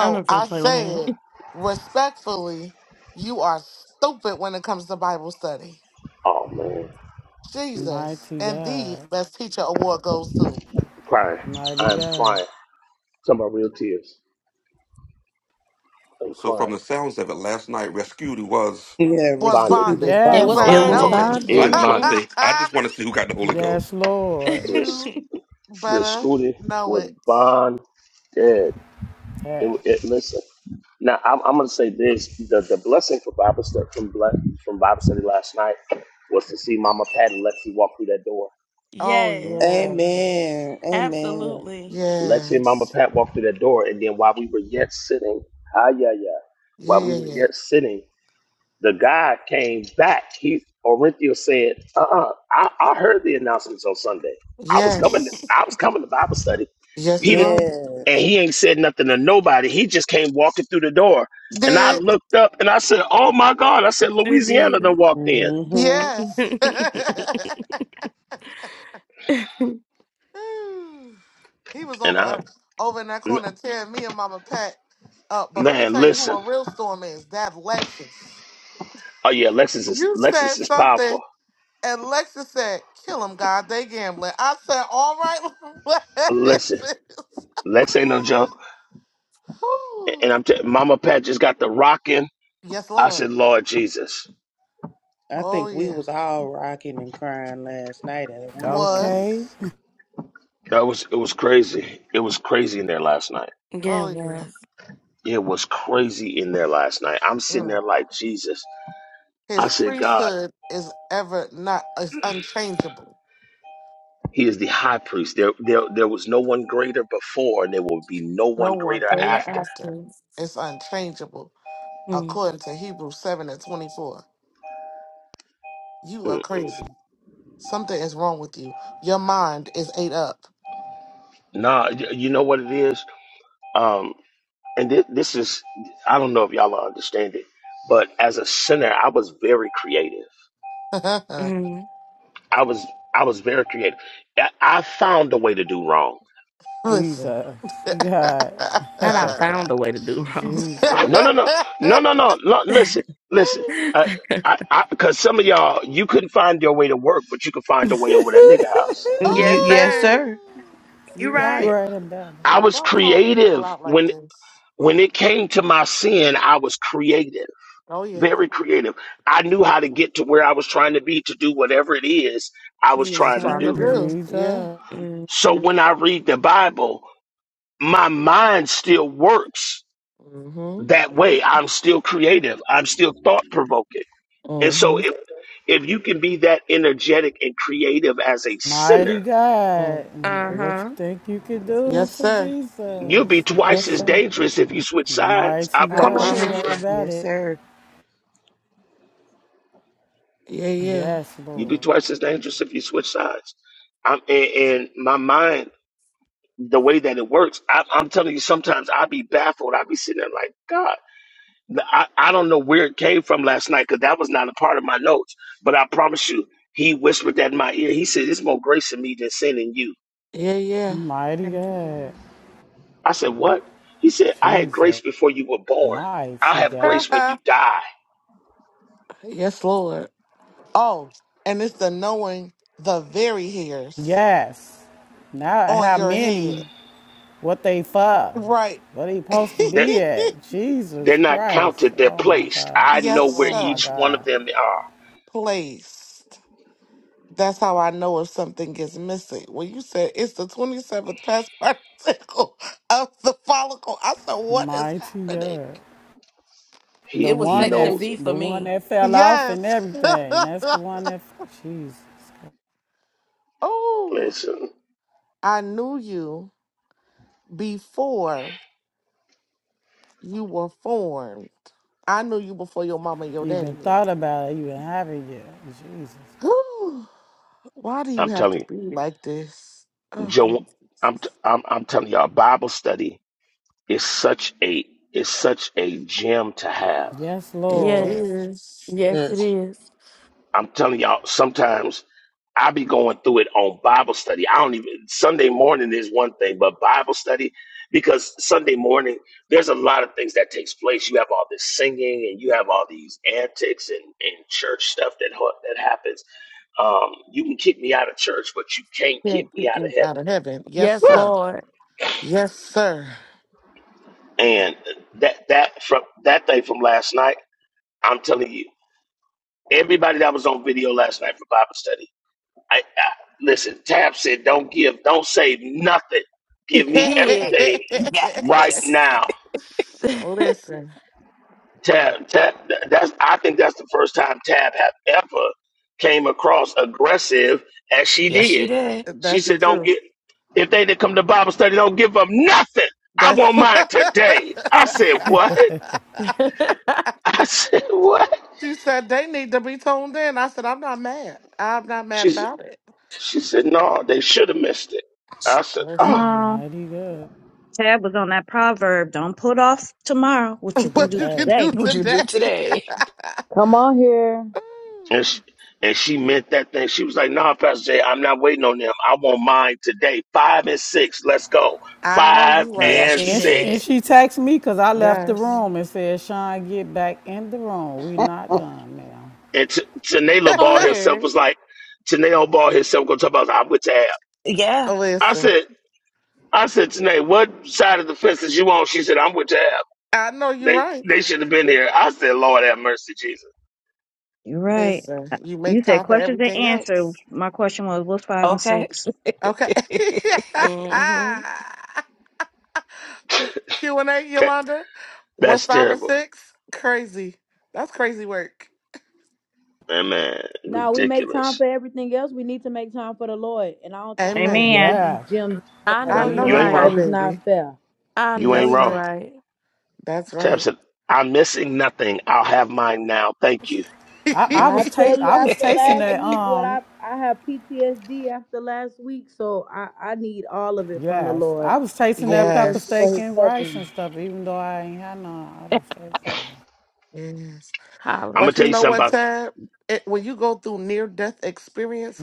I'm not finna
I
play with him.
said respectfully, you are stupid when it comes to Bible study.
Oh man, I'm
Jesus.
Mighty
And the
God.
best teacher award goes to.
crying.
Mighty
I'm
God.
crying. Some about real tears. I'm
So from
crying.
the sounds of it, last night Rescued was
Yeah,
Was
Bonding.
Rascuti was
bonding.
It
You
was
Yes,
It
bonded.
better
okay.
was
know
Lord.
Okay,
bonded.
it.
just,
Yeah.
It
bonded.
I
was
just want to
Mm-hmm.
bonding.
say, I
(laughs)
just want to see who got the Holy Ghost.
Yes, Lord.
Little,
you
(laughs)
little
better
Scooty
know
was
it.
bonding did.
Yeah.
It, it listen. Now I'm, I'm gonna say this: the, the blessing for Bible study from ble- from Bible study last night was to see Mama Pat and Lexi walk through that door.
Yes,
Oh yes.
Amen. Amen.
absolutely.
Lexi and Mama
Yes.
Pat walked through that door, and then while we were yet sitting, ah yeah yeah,
Yeah,
while we
yeah,
were
yeah.
yet sitting, The guy came back. He Orinthio said, "Uh-uh, I, I heard the announcements on Sunday. I was
(laughs)
coming. To,
Yes.
I was coming to Bible study.
Yes,
He
you
didn't,
will.
Yes.
and he ain't said nothing to nobody. He just came walking through the door, and I
Did
looked up and I said, "Oh my God!" I said,
Sure did.
"Louisiana done walked in."
hmm
(laughs)
yes.
yeah,
(laughs)
it
(sighs) he was
And
over
I,
uh, over in that
m-
corner tearing me and Mama Pat up. But let me
man,
tell you who
listen.
a real storm is. That Lexus.
Oh yeah, Lexus is
You
Lexus
said
is powerful.
something, and Lexus said, "Kill him, God. They gambling." I said, "All right, (laughs)
Listen,
Lexus."
Lex ain't no joke.
(sighs)
And
Whew.
I'm t- Mama Pat just got the rocking.
yes,
I
Lord.
said, Lord Jesus.
I
Oh
think we
yeah,
was all rocking and crying last night at one point.
Okay.
was.
That was it was crazy. It was crazy in there last night.
Oh yeah.
was.
It was crazy in there last night. I'm sitting
Mm.
there like Jesus. I
His
said, God,
priesthood is ever not is unchangeable.
He is the high priest. There there there was no one greater before, and there will be no
No
one
one
greater
They
greater
were
after.
after.
asking.
It's unchangeable.
Mm,
according to Hebrews 7 and 24. You are
Mm.
crazy. Something is wrong with you. Your mind is ate up.
Nah, y- you know what it is. Um, and thi- this is I don't know if y'all understand it, but as a sinner, I was very creative.
(laughs)
Mm-hmm.
I was I was very creative. I I found a way to do wrong.
Listen.
Jesus. God.
Not I found a way to do
(laughs)
wrong.
Jesus.
No, no, no, no, no, no. Lo- Listen, listen. Uh,
(laughs)
I, I, cause some of y'all, you couldn't find your way to work, but you could find a way
(laughs)
over that nigga house.
You,
yes,
yes,
sir.
oh.
sir.
You
You're
You
right.
right.
write him down.
I
Now,
was
don't call the people
creative
out like
when
this.
when it came to my sin. I was creative,
Oh, yeah.
very creative. I knew how to get to where I was trying to be to do whatever it is I
You
was
was
You're
trying to
trying
trying to
to
do.
do.
do.
Yeah.
Jesus,
hmm
So when I read the Bible, my mind still works
Mm-hmm.
that way. I'm still creative. I'm still thought provoking. And so
Mm-hmm.
if if you can be that energetic and creative as a
mighty
sinner,
God,
Uh
Mm-hmm.
what you
huh.
think you could do
Yes,
for
sir.
you'll be
Jesus? Mighty
Yes,
twice as
God,
sir.
dangerous if you switch sides.
mighty
I
I
Come
God,
on
promise you,
you
here.
you
right
will.
promise you.
about
Yes,
it.
sir.
Yeah, yeah.
Yes,
You'll be
Lord,
twice as dangerous if you switch sides. I'm and, my mind, the way that it works, I, I'm telling you, sometimes i be baffled. i be sitting there like, God, I, I don't know where it came from last night because that was not a part of my notes. But I promise you, he whispered that in my ear. He said, "It's more grace in me than sin in you."
Yeah,
mighty
Thank you,
God,
God.
I said, What? He said, I had
Jesus,
grace before you were born. I'll
mighty
have
God.
grace when you
yeah.
die.
(laughs) yes, Lord. Oh, and it's the knowing the very hairs
Yes, now
on
how
your
many?
head.
What they for?
Right.
What he
(laughs)
supposed to
They're,
be at?
they're
Jesus
not
Christ!
counted, they're
Oh my
placed.
God!
I know
yes,
where
Oh my
sir.
each one
God!
of them are.
Placed. That's how I know if something is missing. When you said it's the 27th past particle (laughs) of the follicle, I said, what is
Mighty
happening?
God! The
It
He
was
he
one that
section
knows
B
it.
for
the one
me.
that fell off
Yes.
and
(laughs)
everything. That's the one that Jesus.
oh,
Listen,
I knew you before you were formed. I knew you before your mama and your
You
daddy
even
met.
thought about it, you even have it yet. Jesus.
Whew. Why do you
I'm
have to
telling
be like this?
you, Joe,
Oh,
I'm, I'm, I'm telling you, all Bible study is such a is such a gem to have.
Yes,
it
Yes.
Lord.
is.
Yes,
Mm.
it is.
I'm telling y'all, sometimes I be going through it on Bible study. I don't even Sunday morning is one thing, but Bible study because Sunday morning there's a lot of things that takes place. You have all this singing and you have all these antics and, and church stuff that ho- that happens. Um, you can kick me out of church, but you can't kick
Can't
me
get
out of
me out
heaven.
of heaven. Yes,
Yes,
Woo!
sir.
Lord.
Yes, sir.
And that that from that thing from last night, I'm telling you, everybody that was on video last night for Bible study I, I listen. Tab said, "Don't give, don't say nothing. Give me
Did.
(laughs)
everything right
Yes.
now."
(laughs)
(laughs) Listen,
Tab, Tab. That's. I think that's the first time Tab have ever came across aggressive as she
Yes, she
did.
did.
She
that's the
said, "Don't
truth.
get. If they didn't come to Bible study, don't give them nothing. I
That's (laughs)
want
what
mine today." I
(laughs)
said, "What?" (laughs) I said, "What?"
she said they need to be toned in. I said, I'm not mad. I'm not mad
She said,
about it.
"She said, no. They should have missed it." I said,
come
"Oh."
Listen,
on.
Mighty good.
Tab was on that proverb. Don't put off tomorrow what
To
you
(laughs)
the
can
what
do
you can
day.
today.
do
What you
today.
do today?
(laughs)
Come on here.
And she,
Ooh,
and she meant that thing. She was like, nah, Pastor Jay, I'm not waiting on them. I want mine today. Five and six. Let's go.
I know
Five
you right.
Yes,
and
she
And she, and
did.
six.
she texted me because I left the
Yes.
Mhm.
room and said, Sean, get back in the room. We not done, ma'am.
And T- Tanela
Oh,
(laughs)
Ball herself
here.
was like, Tanela Ball herself gonna talk about, I'm with Tab.
Yeah.
I
Listen,
said, I said, Tanae, what side of the fence is you on? She said, I'm with Tab.
I know you're
They
right.
they should have been here. I said, Lord have mercy, Jesus.
You're right.
Listen, you make
You said
time for
questions and
everything
answers.
else.
My question was, what's five and
Okay.
six?
Okay. (laughs)
hmm
Q and A,
Okay.
Yolanda. What's
That's
five and
terrible.
six? Crazy. That's crazy work.
Man, man,
Now we make time for
ridiculous.
everything else. We need to make time for the Lord. And I don't think that we
Amen.
should get
Amen.
these
Yes.
gems on
I
I
know
Friday.
you're
know
You
you're
ain't
right.
right,
wrong.
Amen.
Because it's not
baby.
fair.
I
You
know
ain't
That's
you're
wrong.
right.
right.
That's
Tab
right.
said, I'm missing nothing. I'll have mine now. Thank you.
I,
(laughs)
I
And I
was ta-
tell you
I was
after
tasting
(laughs)
last
that
week what
um
I I have PTSD after last week. So I, I need all of it from the
yes.
Lord.
I was tasting
I
that
just
pepper
thank you for
steak
his
and
yes.
rice and
covering.
stuff, even though I ain't had none. I was tasting.
Yes.
I'm
Holler.
going
But
to
you
tell you
know
something
what,
about,
Tab? It, when you go through near death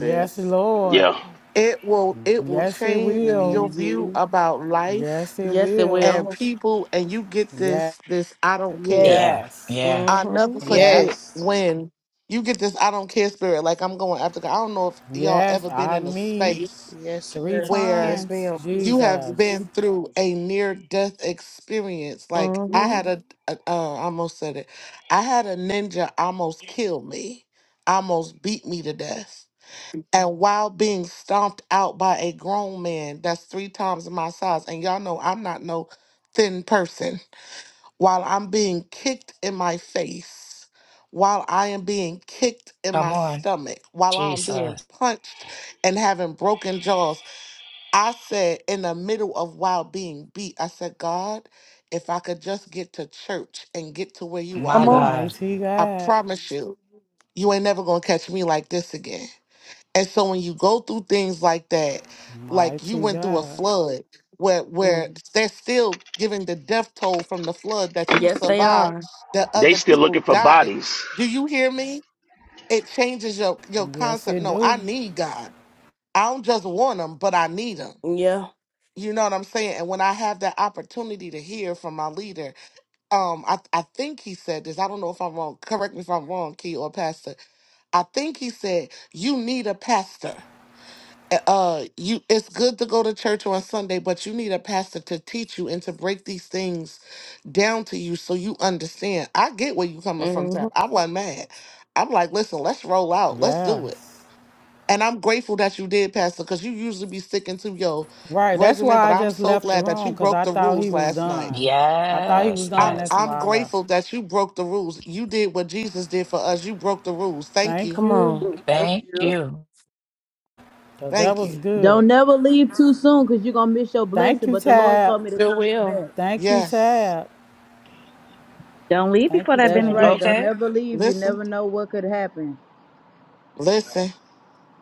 Yes, Lord.
yeah.
It will it will
Yes, it
change
will.
your view
hmm
about life
Yes, it
Yes, it
will.
and
will.
people and you get
Yeah.
this this I don't
Yes.
care.
yeah.
Yes.
Yeah.
I
Mm-hmm.
never
Yeah.
forget
Yes.
when you get this I don't care spirit like I'm going after God. I don't know if y'all
Yes,
ever been
I
in a
me
space
Yes,
three
sir.
where
Yes,
times.
ma'am.
you have
Jesus,
been through a near death experience. Like I
Mm-hmm.
had a, a uh, I almost said it. I had a ninja almost kill me. Almost beat me to death and while being stomped out by a grown man that's three times my size, and y'all know I'm not no thin person, while I'm being kicked in my face, while I am being kicked in
Come
my
on.
stomach, while I'm being
Jesus.
punched and having broken jaws, I said in the middle of while being beat, I said, God, if I could just get to church and get to where you
My
Come
are,
on.
God.
mighty
I
God,
promise you, you ain't never gonna catch me like this again. And so when you go through things like that, like you
mighty
went through a
God.
flood where where
Mm.
they're still giving the death toll from the flood that you
Yes, they
survived,
are.
that
They
other
still looking
people
for
died in.
bodies.
Do you hear me? It changes your your
Yes,
concept.
it
No,
do.
I need God. I don't just want him, but I need him.
Yeah.
You know what I'm saying? And when I have that opportunity to hear from my leader, um, I, I think he said this. I don't know if I'm wrong. Correct me if I'm wrong, Key or Pastor. I think he said, You need a pastor uh you it's good to go to church on Sunday, but you need a pastor to teach you and to break these things down to you so you understand. I get where you coming from,
Mm-hmm.
Tab. I wasn't mad. I'm like, listen, let's roll out. Let's do it.
Yes.
And I'm grateful that you did, Pastor, because you usually be sticking to your
Right. That's
regimen,
why
but
I
I'm
just
so
left the
glad that
room
you
because
broke
I
the
thought he
rules
was
last night.
done. I thought he was
Yes.
done.
I'm
Yes.
That's why
I'm
I left.
grateful that you broke the rules. You did what Jesus did for us. You broke the rules. Thank
Thank
you.
Come
you.
on.
do. Thank
Thank
you.
you.
Cause that
Thank
was
you.
good.
Don't never leave too soon because you're going to miss your
Thank
blessing.
you,
But the Lord
Tab.
told me to
Sure
call you
will.
back.
Thank you,
Yes.
Tab.
Don't leave
Thank
before
you,
that
That's
Tab.
right. Don't
benediction.
Okay.
never leave. You
Listen.
never know what could happen.
Listen.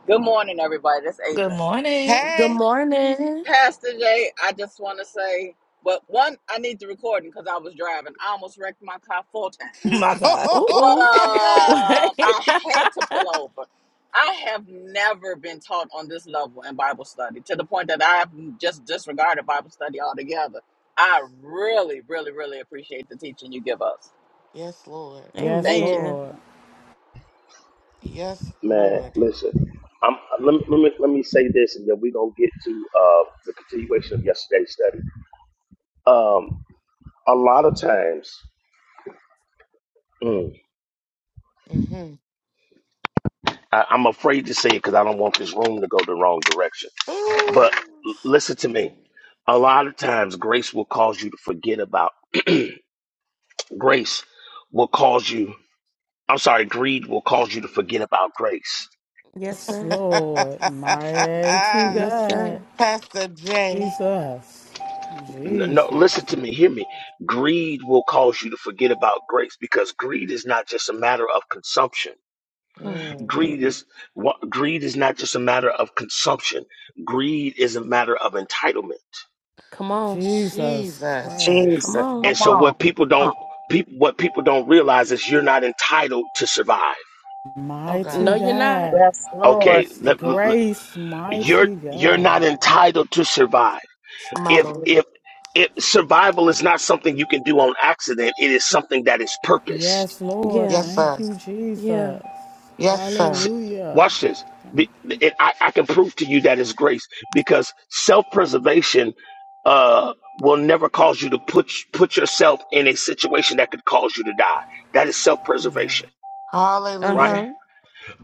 Good morning, everybody. That's
Good
Adrian.
morning.
Good
Hey.
morning.
Pastor Jay, I just want to say, but one, I need the recording because I was driving. I almost wrecked my car four
(laughs)
(laughs)
times.
My God.
Oh
But
Ooh,
my
ooh. (laughs)
God.
um,
Wait.
I had to pull over. I have never been taught on this level in Bible study to the point that I've just disregarded Bible study altogether. I really, really, really appreciate the teaching you give us.
Yes, Lord.
(laughs)
Yes,
Thank you.
Amen.
Lord.
Yes,
Man,
Lord.
listen. I'm, let, me, let, me, let me say this, and then we're going to get to uh, the continuation of yesterday's study. Um, a lot of times, mm,
Mm-hmm.
I, I'm afraid to say it because I don't want this room to go the wrong direction. But
Ooh.
l- listen to me. A lot of times, grace will cause you to forget about grace, will cause you. I'm sorry, greed will cause you to forget about grace.
Yes,
Yes,
(laughs)
sir.
Lord. Mighty
Yes,
God.
sir.
Pastor J.
Jesus.
N- No,
Jesus.
listen to me, hear me. Greed will cause you to forget about grace because greed is not just a matter of consumption.
Mm.
Mm.
Greed is what greed is not just a matter of consumption. Greed is a matter of entitlement.
Come on.
Jesus
Jesus.
Jesus,
Come
Christ.
on.
And
come
so
on,
what people
come on,
don't people what people don't realize is you're not entitled to survive.
Oh
No,
Mighty
God.
you're not.
God.
yes, Lord,
Okay,
It's the
let, let-
grace,
you're
mighty
you're not
God.
entitled to survive.
My
if
Lord.
if if survival is not something you can do on accident, it is something that is purposed.
Yes, Lord.
Yeah.
Yes,
Thank
sir.
you,
Yeah.
Jesus.
Yes,
S-
sir.
Hallelujah.
Watch this. Be- And I, I can prove to you that is grace because self-preservation uh, will never cause you to put put yourself in a situation that could cause you to die. That is
Yeah.
self-preservation, right?
Hallelujah.
Uh-huh.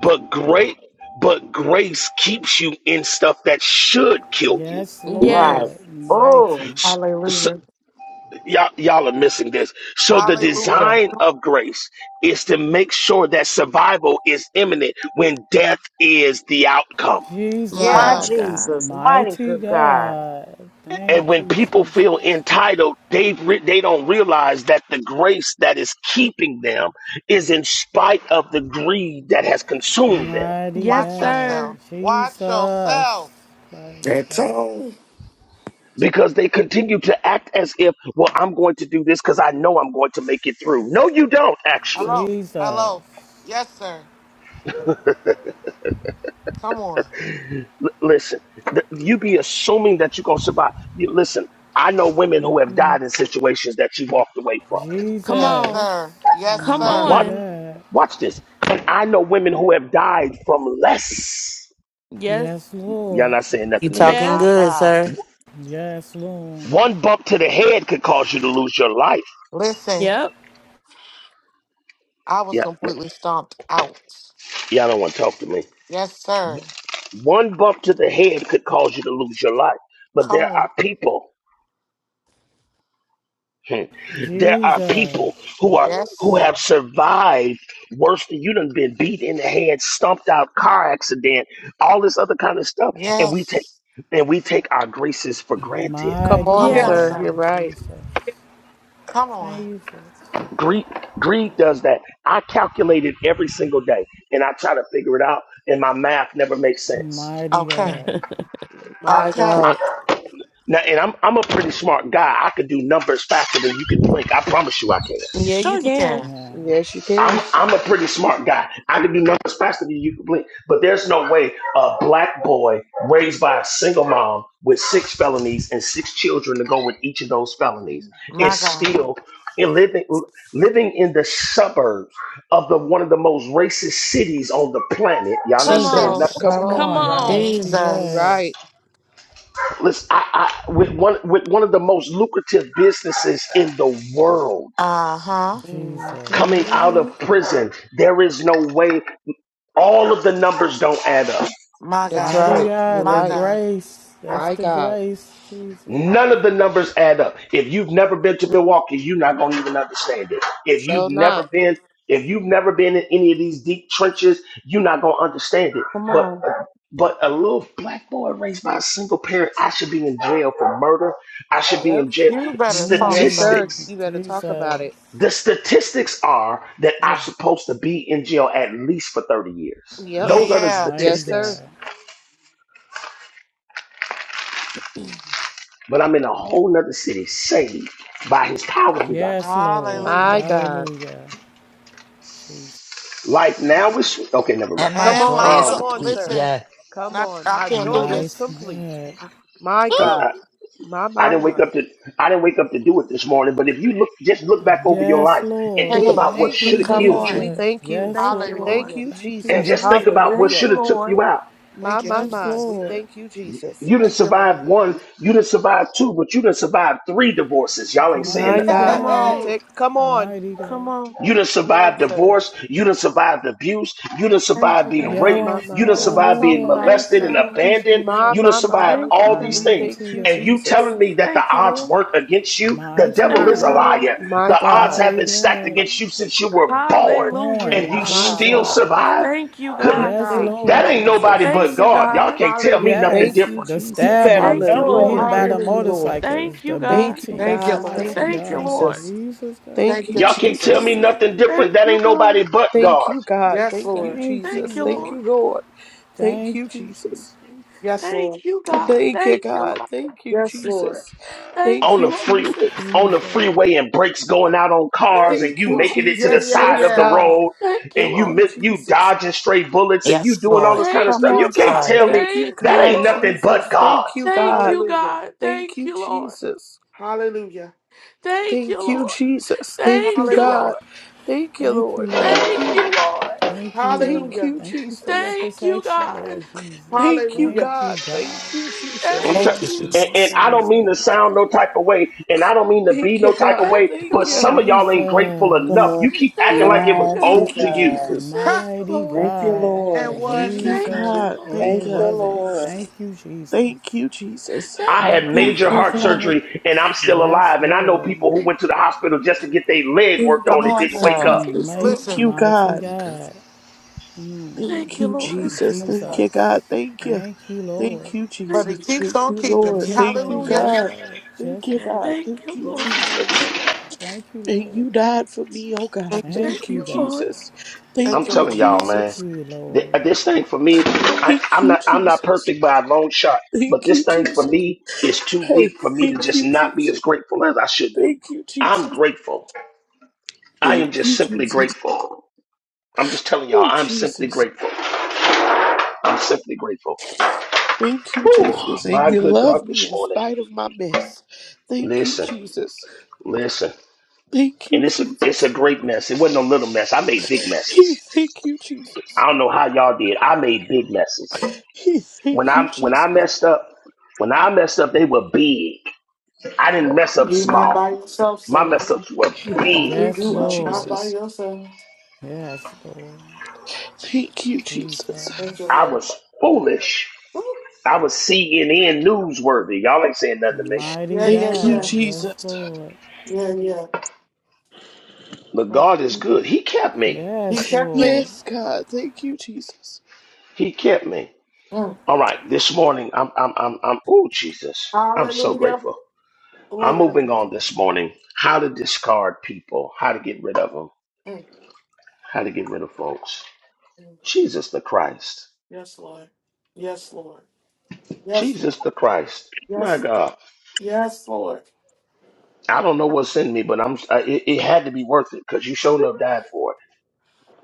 But great, but grace keeps you in stuff that should kill you.
Yes,
right?
Yes.
Lord.
Oh,
Mighty
Hallelujah.
Y'all, y'all are missing this. So the
Hallelujah.
design of grace is to make sure that survival is imminent when death is the outcome.
my
My
Yeah.
Jesus.
God.
Jesus, mighty
Mighty
good God.
God. Thank
And when
you,
people
Jesus.
feel entitled, they re- they don't realize that the grace that is keeping them is in spite of the greed that has
The
consumed them.
mighty
Yes,
Watch
God,
sir.
yourself. Watch
Jesus,
yourself.
mighty
That's
God,
all.
Because they continue to act as if, well, I'm going to do this because I know I'm going to make it through. No, you don't actually.
Hello.
Jesus,
Hello. Yes, sir. Come on.
Listen, th- you be assuming that you're gonna survive. You, listen, I know women who have died in situations that you walked away from.
Come
Yes,
on.
Jesus,
sir. Yes,
Come
sir.
mighty
What?
on.
God,
Watch this. And I know women who have died from less.
Yes.
yes,
Y'all
Lord,
not saying
You
nothing to me.
talking
Yes.
My
good,
God.
sir?
yes, Lord,
One bump to the head could cause you to lose your life.
Listen,
Yep.
I was
Yeah, yeah,
completely stomped out.
y'all don't want to talk to me.
Yes, sir.
One bump to the head could cause you to lose your life. But
Come
there
on.
are people. repent. There are
Jesus,
people who are who
Yes.
have survived worse than you done been beat in the head, stumped out, car accident, all this other kind of stuff, and we take
Yes.
and we take our graces for granted.
Come
mighty
Come
on,
Hear
on,
Yeah.
sir.
God,
You're
sir.
right.
Jesus,
Come on.
Jesus,
Greed, greed does that. I calculate it every single day, and I try to figure it out, and my math never makes sense.
mighty
Okay.
God,
My
Okay.
I,
God.
now, and I'm I'm a pretty smart guy. I could do numbers faster than you can blink. I promise you, I can.
Yeah, you
Sure you
can.
can.
yeah,
Yes, you
I'm
can.
I'm a pretty smart guy. I can do numbers faster than you can blink. But there's no way a black boy raised by a single mom with six felonies and six children to go with each of those felonies
My
is
God.
still in living living in the suburbs of the one of the most racist cities on the planet. Y'all not
Come
saying
on.
Jesus.
nothing.
Come
Come
on.
Come
You're
on.
right.
on.
mighty
You're
Jesus.
God,
right.
Listen, I, I with one with one of the most lucrative businesses in the world
Uh-huh.
Jesus,
coming
Mhm.
out
hmm
of prison, there is no way all of the numbers don't add up.
My
That's
God.
mighty
right. You're
God,
My
the
right.
God.
grace, that's
My
the
God.
grace, Jesus.
None of the numbers add up. If you've never been to Milwaukee, you're not going to even understand it. If you've
Show not.
never been, if you've never been in any of these deep trenches, you're not going to understand it.
Come
But
on.
but a little black boy raised by a single parent, I should be in jail for murder. I should be
Yep.
in jail.
You better talk,
Yes,
sir.
sir.
Mm,
Statistics.
You better talk about
Jesus,
it.
The statistics are that
Yeah.
I'm supposed to be in jail at least for 30 years.
Yep.
Yeah,
Those are the
yeah.
mighty
Yes,
statistics.
sir.
God.
But I'm in a whole nother city saved by his power divine.
Yes, Lord.
My
Hallelujah.
God.
Hallelujah. Jesus.
Like now it's okay. Never mind.
And my
Come
And
joy
on.
my
is
joy.
Come
Um,
on,
complete.
sir.
Listen,
Yeah.
Come
not
on.
I
My
can't
joy
do
is
this.
Mighty
complete.
God.
My
I'm,
God.
I,
Woo!
My,
I
my,
didn't wake
my.
up to I didn't wake up to do it this morning. But if you look, just look back over your
Yes,
life and
Lord.
think
He,
about what
Thank
thank you,
Thank
should
you,
have
you,
Come
Jesus.
killed
Lord.
you,
We
Jesus.
on.
thank you.
(laughs)
Yes,
Thank you,
Lord.
Lord.
Thank
Hallelujah.
you,
Thank you,
and
Jesus.
just think
Jesus.
about what
Thank
should
Hallelujah.
you,
have took
Lord.
you out.
My,
Thank you,
my,
Yes,
my. We
Jesus.
Lord.
thank you, Jesus.
You didn't
Thank you, Lord.
survive one. You didn't survive two, but you didn't survive three divorces. Y'all ain't saying
My
nothing.
Mighty
to
(laughs)
me.
God.
Come
You
God.
Hey,
on.
take, come on.
Mighty
Come
God.
on.
You done
Come on,
survived
sir.
divorce. You done survived abuse. You done
Thank
survived
you,
being
God.
My,
raped.
my,
Yes,
You
my
done
would you
God.
survived
talk
being
about
hallelujah.
it,
Thank
molested
you,
and
sir?
Thank
Lord.
you,
abandoned.
My,
Jesus.
You done
my, my,
survived
my
Thank you,
all
God.
these
God.
We
things.
thank
Mighty
you,
God.
And you
Jesus.
telling me that the
Thank you,
odds
Lord.
weren't against you? The
Mighty
devil
My
is
Thank
a
you,
God,
God.
Lord.
liar.
My
The odds
God.
have
Mighty
been stacked
God.
against you since you were born
Hallelujah.
and
Born
you
my
My
God,
still
God.
Jesus Christ.
survived?
Thank you,
my
Couldn't,
God.
Yes,
God.
Thank you,
that
Lord.
ain't nobody
Jesus.
Thank
but
This
you,
God. Y'all
God.
can't tell me
Hallelujah.
nothing
Thank
yes,
you,
different.
the
You
Jesus.
better
stabbings,
Thank you,
the
know it.
Hallelujah.
hitting
Lord.
by the
Thank you,
Hallelujah.
Lord.
motorcycles,
Thank you,
the
God.
Thank you,
beatings.
Thank you,
God.
Lord.
Mighty
Thank you,
Thank you,
God,
Lord.
Jesus.
Jesus God,
Thank
Thank
you,
you,
Y'all
thank you,
can't tell
Jesus.
me
Jesus.
Jesus.
nothing different.
Thank
That
you,
ain't
God.
nobody but
Thank
God.
you, God.
Yes,
Thank you,
Lord.
Thank you,
Thank
Jesus.
you,
Thank
Lord.
Lord.
you, Lord. Thank
Thank
you,
you,
Jesus.
Jesus.
Yes, Lord.
Thank you, God.
Thank you,
Thank you,
God.
Lord.
Thank you,
Yes, Lord.
Jesus.
Thank
Thank
on
you,
the
you,
Lord.
free
Jesus.
on the
Jesus.
freeway and brakes going out on cars
Thank
and
Thank
you,
you
you,
Lord.
making it to
Yeah,
the
Jesus.
yeah,
side
Yes,
of the
yeah.
God.
road
Thank you,
and
Thank
you
Lord.
you,
mi- you
Jesus.
dodging stray bullets and you
Yes,
doing
Thank-
all
Lord.
this kind
Thank
of
Come
stuff. You
you,
on,
can't
God.
sir.
tell me
Thank you,
Thank
that
you,
God,
ain't
Lord.
nothing but
Jesus.
God.
Thank you,
Thank
God.
you,
Hallelujah.
God.
Thank
Thank
you,
you, Lord.
Jesus.
Hallelujah.
Thank you,
Thank you,
Lord.
Jesus. Thank
Thank
you,
you,
Hallelujah.
God.
Lord.
Thank you,
Thank you,
Lord. Thank
Lord.
Thank you,
you.
Lord.
Thank you, Lord.
Thank
Hallelujah.
you,
Thank you for your
Jesus.
Thank you,
protection,
God.
Lord Jesus.
Thank you,
Thank
Hallelujah.
God.
you,
Thank
God.
you, Jesus.
I'm t-
Thank
Thank you,
Thank you,
you.
and, and
Jesus.
I don't
Jesus.
mean to sound no type of way, and I don't mean to be
Thank you,
no type of
God.
way,
Thank you,
Thank
but
My
you.
some
God.
of y'all ain't grateful
Good
enough.
morning.
Jesus.
You
Lord.
keep acting
Thank
like it
you,
was
God.
Mighty
owed
Thank you,
to you.
God.
Jesus.
Thank
Ha!
you,
Mighty
Lord.
Thank you,
God,
And
Lord.
Thank you,
Thank
one.
you,
Jesus.
Thank
Jesus,
you,
God.
Lord.
and
Thank
Thank
it
you.
you,
wasn't.
Lord.
Thank you, Jesus.
Thank you, Jesus.
Thank
I
you,
Thank
had
God.
you,
Thank
major
you,
heart
Jesus.
God.
surgery and I'm still
Yes,
alive. And I know
Lord.
people who
Thank
went to the
you, Lord.
hospital just to get their leg worked
Thank
on
Come
and
you,
on,
didn't
God,
wake
sir.
up.
Thank
And
you,
Jesus.
make
My
Lord.
Thank
Listen.
you,
God.
mighty
God.
My God.
God,
Thank
Thank
you,
you,
Lord.
Jesus.
Listen.
Thank you,
Jesus.
God. Thank you.
Thank you,
Thank
Lord.
you,
But
Thank
he
Jesus.
you, God.
keeps
Thank
on
you,
keeping me.
Lord. Thank you,
Keeping,
Hallelujah.
yes,
God.
Lord.
Thank
Yes,
you,
Lord.
God.
Thank
Thank
you,
you,
Lord.
Yes, Lord.
Jesus.
Thank you,
And
Lord.
you died for me, oh God.
Thank you,
Thank
Thank
Thank
you,
you,
you,
God.
Lord.
Jesus.
I'm
Thank
Thank
you,
you,
telling
Lord.
y'all, man.
Thank
Jesus.
you,
Th- uh,
Lord.
This thing for me, I,
Thank
I'm
you,
not I'm not
Jesus.
perfect by a long shot, but
Thank
this
you,
thing for
Jesus.
me is too
Hey,
deep for me to
thank
just
you,
not be as
Jesus.
grateful as I should be.
Thank you,
I'm
Jesus.
grateful. I
Thank
am just
you,
simply
Jesus.
grateful. I'm just telling y'all,
Oh,
I'm simply
Jesus.
grateful. I'm simply grateful.
Thank you,
Whew,
Jesus. And
my
you
good
love
God,
me
this
in
morning.
spite of my mess. Thank you,
Listen,
Jesus.
listen.
Thank you,
And it's a it's a
Jesus.
great mess. It wasn't a little mess. I made big messes.
He thank you, Jesus.
I don't know how y'all did. I made big messes.
He
When
thank you,
I when
Jesus.
I messed up, when I messed up, they were big. I didn't mess up
You're not by
small.
yourself,
My
son.
mess ups were
He
big.
Yes,
Thank
You
you,
are not
Lord.
by
Jesus.
yourself.
Yes, Lord.
Thank you, Jesus.
Thank you,
Jesus.
I
Lord.
was foolish.
Woo.
I was CNN newsworthy. Y'all ain't saying nothing to me.
Mighty
Yeah, yeah,
Thank you,
yeah.
God. Yes,
Jesus.
Lord.
Yeah, yeah.
But
Mm.
God is good. He kept me.
He
Yes,
kept
Lord.
me.
Yes, God. Thank you, Jesus.
He kept me.
Mm.
All right. This morning, I'm I'm I'm I'm. Oh Jesus, I'm so
Hallelujah.
grateful. I'm
Glory to
moving
God.
on this morning. How to discard people. How to get rid of them.
Mm.
How to get rid of folks.
Mm.
Jesus the Christ.
Yes, Lord. Yes, Lord. Yes, Lord.
Jesus the Christ. My
Yes, Lord.
God.
Yes, Lord.
I don't know what's in me, but I'm. I, it, it had to be worth it because you showed enough died for it.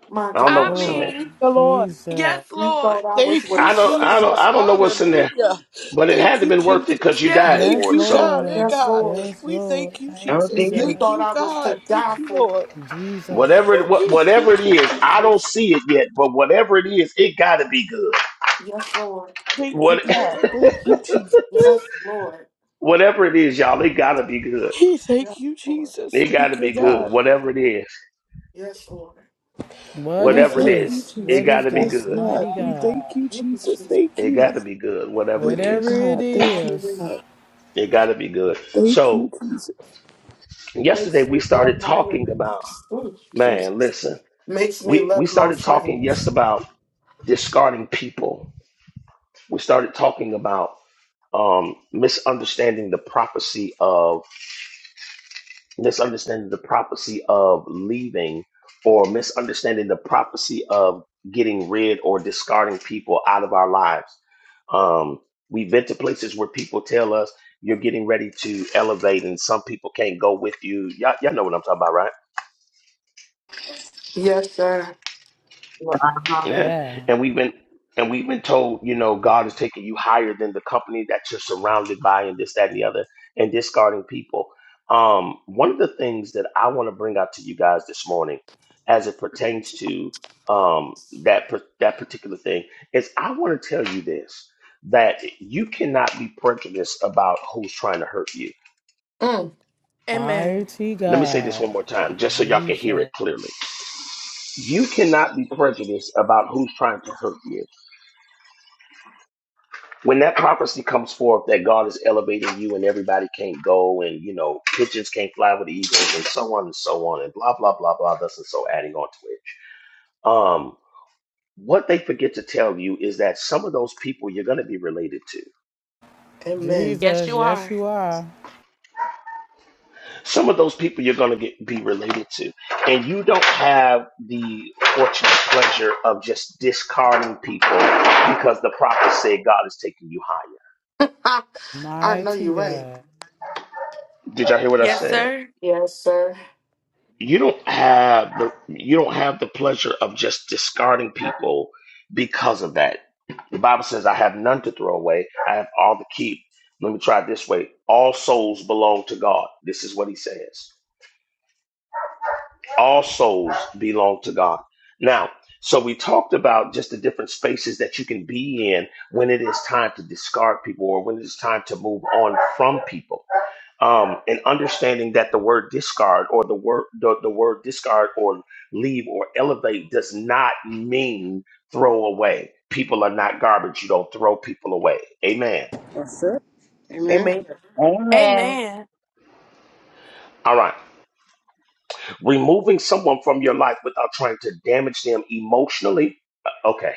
My
I don't
God,
know
I
what's in there.
Lord
mean,
the Lord.
yes,
Jesus.
you
Lord.
thought I
Hear
was
Thank
worth
you,
I
the
don't.
saving.
I don't.
Lord.
Jesus.
I don't know what's in there,
Hallelujah.
but it had
Thank
to
you,
been worth it because
Jesus.
you died
Yes.
Thank
Yes,
for it.
you,
So
God. Hey,
Lord.
Yes,
God.
Lord.
Yes,
We
Lord.
thank you,
Thank
Oh,
you,
Jesus.
Jesus.
You
Thank
God.
thought
you,
I was
God.
to
Thank
die
you,
for.
Lord.
Jesus.
whatever it,
Woo.
what,
He thank
whatever it
you,
is,
Jesus.
I don't see it yet, but whatever it is, it got to be good.
Yes, Lord.
Thank you,
What
God. Thank you, Jesus.
Yes, Lord.
(laughs) whatever it is, y'all, it got to be good.
He
Yes,
thank you,
Lord.
Jesus.
It got to
Thank you,
be good.
God.
Whatever it is,
Yes, Lord.
What
We
is
whatever it
thank you,
is,
this?
it
What
Jesus.
got
is
to be
this?
Yes,
good.
God.
Mighty
We
God.
thank you,
Thank you,
Jesus.
Jesus.
Thank
It
you.
got to be good. Whatever it
Thank you,
Whatever
is,
it
God. Thank you,
Hallelujah.
is.
God.
it got to be good.
Thank you,
So
Jesus.
Makes
yesterday
me
we
love
started
my
talking about.
enemies. Ooh,
Man,
Jesus.
listen,
Makes me
we, we
love my
started talking
friends.
yes about discarding people. We started talking about um, misunderstanding the prophecy of misunderstanding the prophecy of leaving or misunderstanding the prophecy of getting rid or discarding people out of our lives. Um, we've been to places where people tell us you're getting ready to elevate and some people can't go with you. Y'all, y'all know what I'm talking about, right?
Yes, sir.
Uh huh.
Yeah.
Yeah.
And we've been and we've been told, you know, God is taking you higher than the company that you're surrounded by and this, that, and the other, and discarding people. Um, one of the things that I want to bring out to you guys this morning as it pertains to um that per- that particular thing is I want to tell you this that you cannot be prejudiced about who's trying to hurt you.
Mm.
Amen.
Mighty
Let me say this
God.
one more time just so y'all can hear
Jesus.
it clearly. You cannot be prejudiced about who's trying to hurt you when that prophecy comes forth that God is elevating you and everybody can't go and you know pigeons can't fly with the eagles and so on and so on and blah blah blah blah thus and so adding on to it. Um what they forget to tell you is that some of those people you're going to be related to.
Yes,
Jesus.
you
Yes,
are.
you are.
Some of those people you're going to get be related to. And you don't have the fortunate pleasure of just discarding people because the prophet said God is taking you higher.
Ha, I know
Mighty
you're right.
God.
Did y'all hear what I
Yes,
said?
sir.
Yes, sir.
you don't have the you don't have the pleasure of just discarding people because of that. The Bible says, "I have none to throw away; I have all to keep." Let me try it this way: All souls belong to God. This is what He says: All souls belong to God. Now, so we talked about just the different spaces that you can be in when it is time to discard people or when it is time to move on from people um, and understanding that the word discard or the word the, the word discard or leave or elevate does not mean throw away. People are not garbage. You don't throw people away. Amen.
That's it. Amen.
Amen.
Amen.
Amen.
All right. Removing someone from your life without trying to damage them emotionally. Uh, Okay.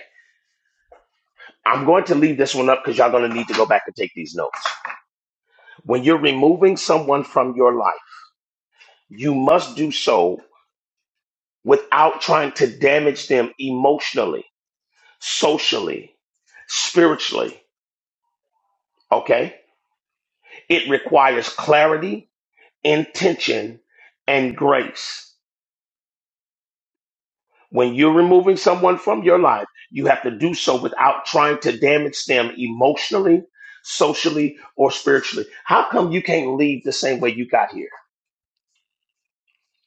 I'm going to leave this one up because y'all going to need to go back and take these notes. When you're removing someone from your life, you must do so without trying to damage them emotionally socially, spiritually, okay? It requires clarity, intention, and grace. When you're removing someone from your life, you have to do so without trying to damage them emotionally, socially, or spiritually. How come you can't leave the same way you got here?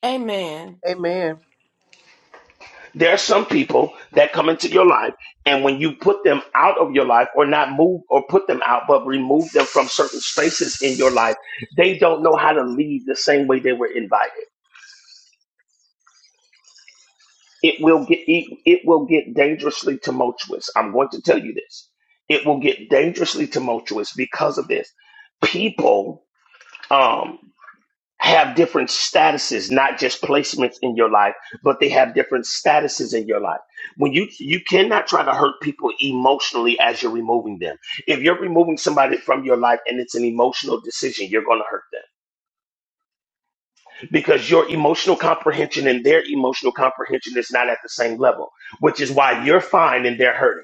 Amen.
Amen.
There are some people that come into your life, and when you put them out of your life, or not move or put them out, but remove them from certain spaces in your life, they don't know how to leave the same way they were invited. It will get it, it will get dangerously tumultuous. I'm going to tell you this. It will get dangerously tumultuous because of this. People. um, have different statuses, not just placements in your life, but they have different statuses in your life. When you you cannot try to hurt people emotionally as you're removing them. If you're removing somebody from your life and it's an emotional decision, you're going to hurt them because your emotional comprehension and their emotional comprehension is not at the same level, which is why you're fine and they're hurting.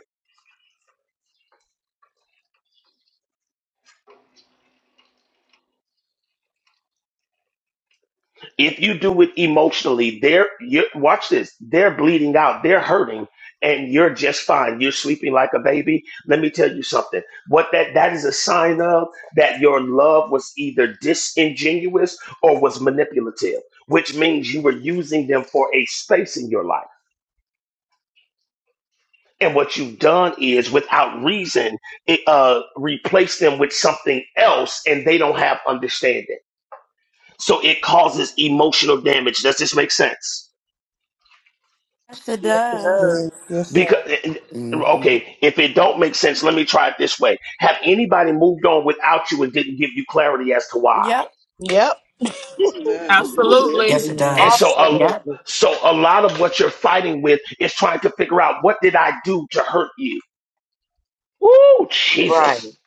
if you do it emotionally, they're you watch this, they're bleeding out, they're hurting, and you're just fine. You're sleeping like a baby. Let me tell you something. What that that is a sign of that your love was either disingenuous or was manipulative, which means you were using them for a space in your life. And what you've done is, without reason, it, uh, replace them with something else, and they don't have understanding. So it causes emotional damage. Does this make sense?
Yes, it
Yes, it
does.
does.
Amen. Yes,
Because
sir.
hmm
okay, if it don't make sense, let me try it this way. Have anybody moved on without you and didn't give you clarity as to why?
Yep.
Yep.
Yes, it does. Yes.
Yes,
Absolutely.
it
Yeah.
And
does.
so a
Yep.
Absolutely.
so a lot of what you're fighting with is trying to figure out what did I do to hurt you? Woo,
Right.
Jesus.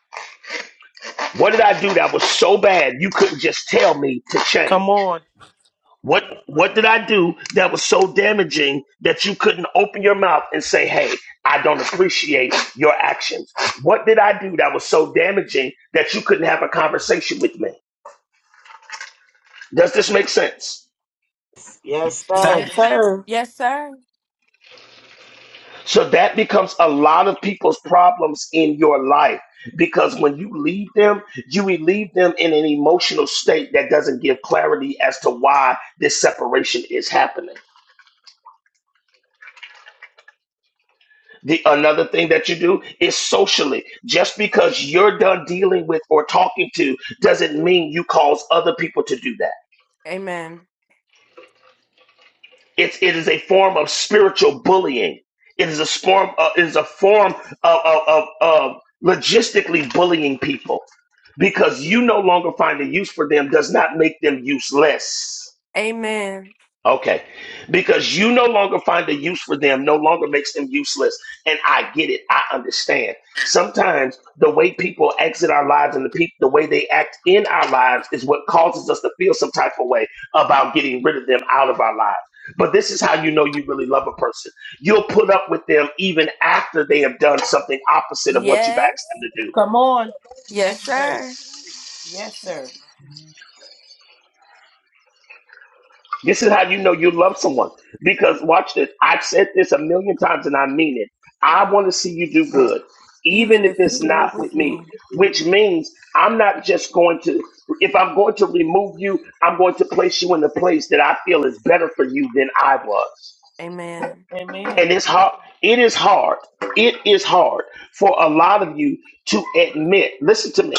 What did I do that was so bad you couldn't just tell me to change?
Come on.
What what did I do that was so damaging that you couldn't open your mouth and say, "Hey, I don't appreciate your actions"? What did I do that was so damaging that you couldn't have a conversation with me? Does this make sense?
Yes, sir.
Thank
Yes, sir.
Yes, sir.
So that becomes a lot of people's problems in your life because when you leave them, you leave them in an emotional state that doesn't give clarity as to why this separation is happening. The another thing that you do is socially. Just because you're done dealing with or talking to doesn't mean you cause other people to do that.
Amen.
It's it is a form of spiritual bullying. It is a form uh, it is a form of, of, of, of logistically bullying people because you no longer find a use for them does not make them useless.
Amen.
Okay. Because you no longer find a use for them, no longer makes them useless. And I get it. I understand. Sometimes the way people exit our lives and the people the way they act in our lives is what causes us to feel some type of way about getting rid of them out of our lives. But this is how you know you really love a person. You'll put up with them even after they have done something opposite of what you've
Yes.
asked them to do.
Come on. Yes,
Yes,
sir.
sir.
Yes, sir.
This is how you know you love someone. Because watch this. I've said this a million times and I mean it. I want to see you do good,
Even
even if
if
it's
it's not
not
with
with me,
me.
which means I'm not just going to, if I'm going to remove you, I'm going to place you in a place that I feel is better for you than I was.
Amen.
Amen.
And it's hard. It is hard. It is hard for a lot of you to admit. Listen to me.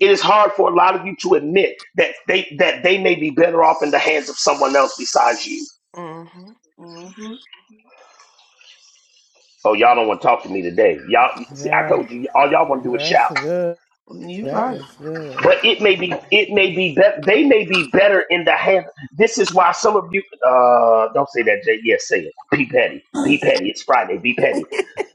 It is hard for a lot of you to admit that they that they may be better off in the hands of someone else besides you.
hmm
Mm-hmm.
Oh, y'all don't want to talk to me today. Y'all, see, I
Yeah.
told you, all y'all want to do is
That's
shout.
good.
You
That
right.
is good.
But it may be, it may be better. They may be better in the hand. This is why some of you, uh, don't say that, Jay. Yes, say it. Be petty. Be petty. It's Friday. Be petty.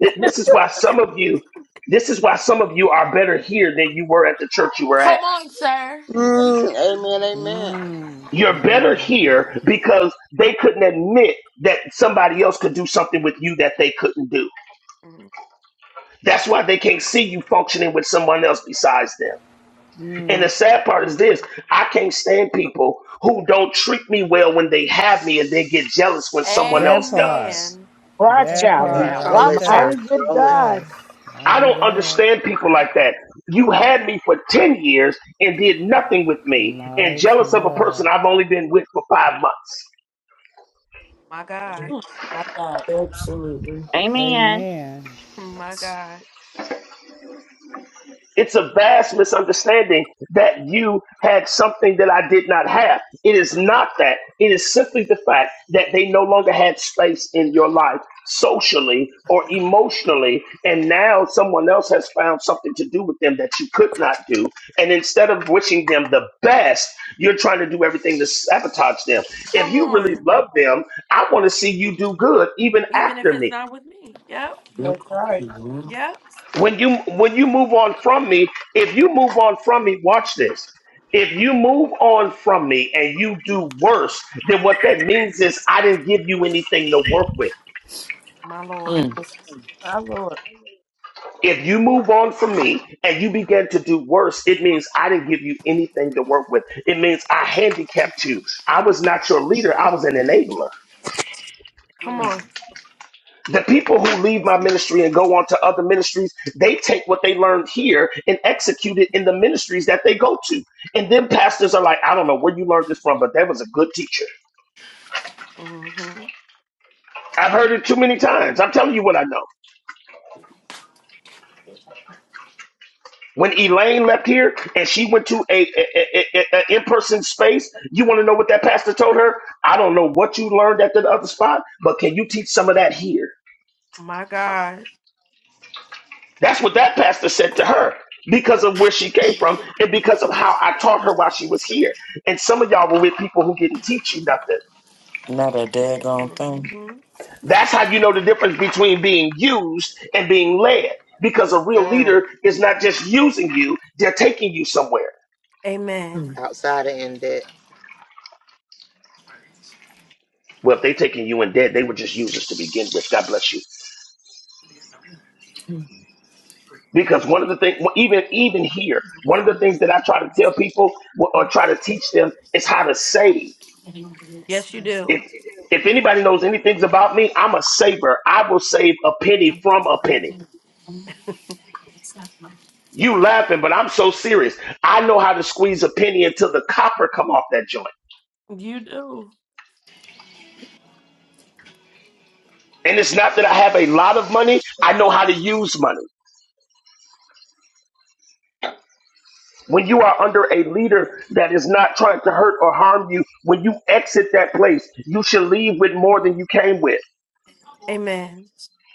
Th- This is why some of you, this is why some of you are better here than you were at the church you were at.
Come on, sir.
You right.
Mm, amen, amen.
You're better
Mmm.
here because they couldn't admit that somebody else could do something with you that they couldn't do.
Mm.
That's why they can't see you functioning with someone else besides them. And the sad part is this I can't stand people who don't treat me well when they have me and they get jealous when someone
That
else
part,
does.
Amen.
Watch
that
Amen.
out
And
part
now.
Call
right
it,
Watch out.
there.
Mighty
sir.
good
Call it.
Yes,
God.
I
mighty
don't
God,
understand people like that. You had me for 10 years and did nothing with me and
mighty
jealous of a person
God.
I've only been with for five months.
My God.
Mhm. My God.
absolutely.
Amen.
Amen.
My God.
It's a vast misunderstanding that you had something that I did not have. It is not that. It is simply the fact that they no longer had space in your life socially or emotionally. And now someone else has found something to do with them that you could not do. And instead of wishing them the best, you're trying to do everything to sabotage them. If
Come
you really
on.
love them, I want to see you do good even
Even if
after
it's
me
not with me. Yep.
That's
Yep.
right.
Mhm.
Yep.
when you when you move on from me if you move on from me watch this if you move on from me and you do worse then what that means is i didn't give you anything to work with
My Lord.
My Lord.
if you move on from me and you begin to do worse it means i didn't give you anything to work with it means i handicapped you i was not your leader i was an enabler
Come
My-
on.
Mm.
The people who leave my ministry and go on to other ministries, they take what they learned here and execute it in the ministries that they go to. And then pastors are like, I don't know where you learned this from, but that was a good teacher.
hmm
I've heard it too many times. I'm telling you what I know. When Elaine left here and she went to a, a, a, a a in-person space, you want to know what that pastor told her? I don't know what you learned at the other spot, but can you teach some of that here?
My God.
That's what that pastor said to her because of where she came from and because of how I taught her while she was here. And some of y'all were with people who didn't teach you nothing.
Not a daggone thing.
hmm
That's how you know the difference between being used and being led because a real
Mm.
leader is not just using you, they're taking you somewhere.
Amen.
Mm.
Outside of end it.
Well, if they're taking you in dead, they were just users to begin with. God bless you. Because one of the things, even even here, one of the things that I try to tell people or or try to teach them is how to save.
Yes, you do.
If if anybody knows anything about me, I'm a saver. I will save a penny from a penny. You laughing, but I'm so serious. I know how to squeeze a penny until the copper come off that joint.
You do.
And it's not that I have a lot of money. I know how to use money. When you are under a leader that is not trying to hurt or harm you, when you exit that place, you should leave with more than you came with.
Amen.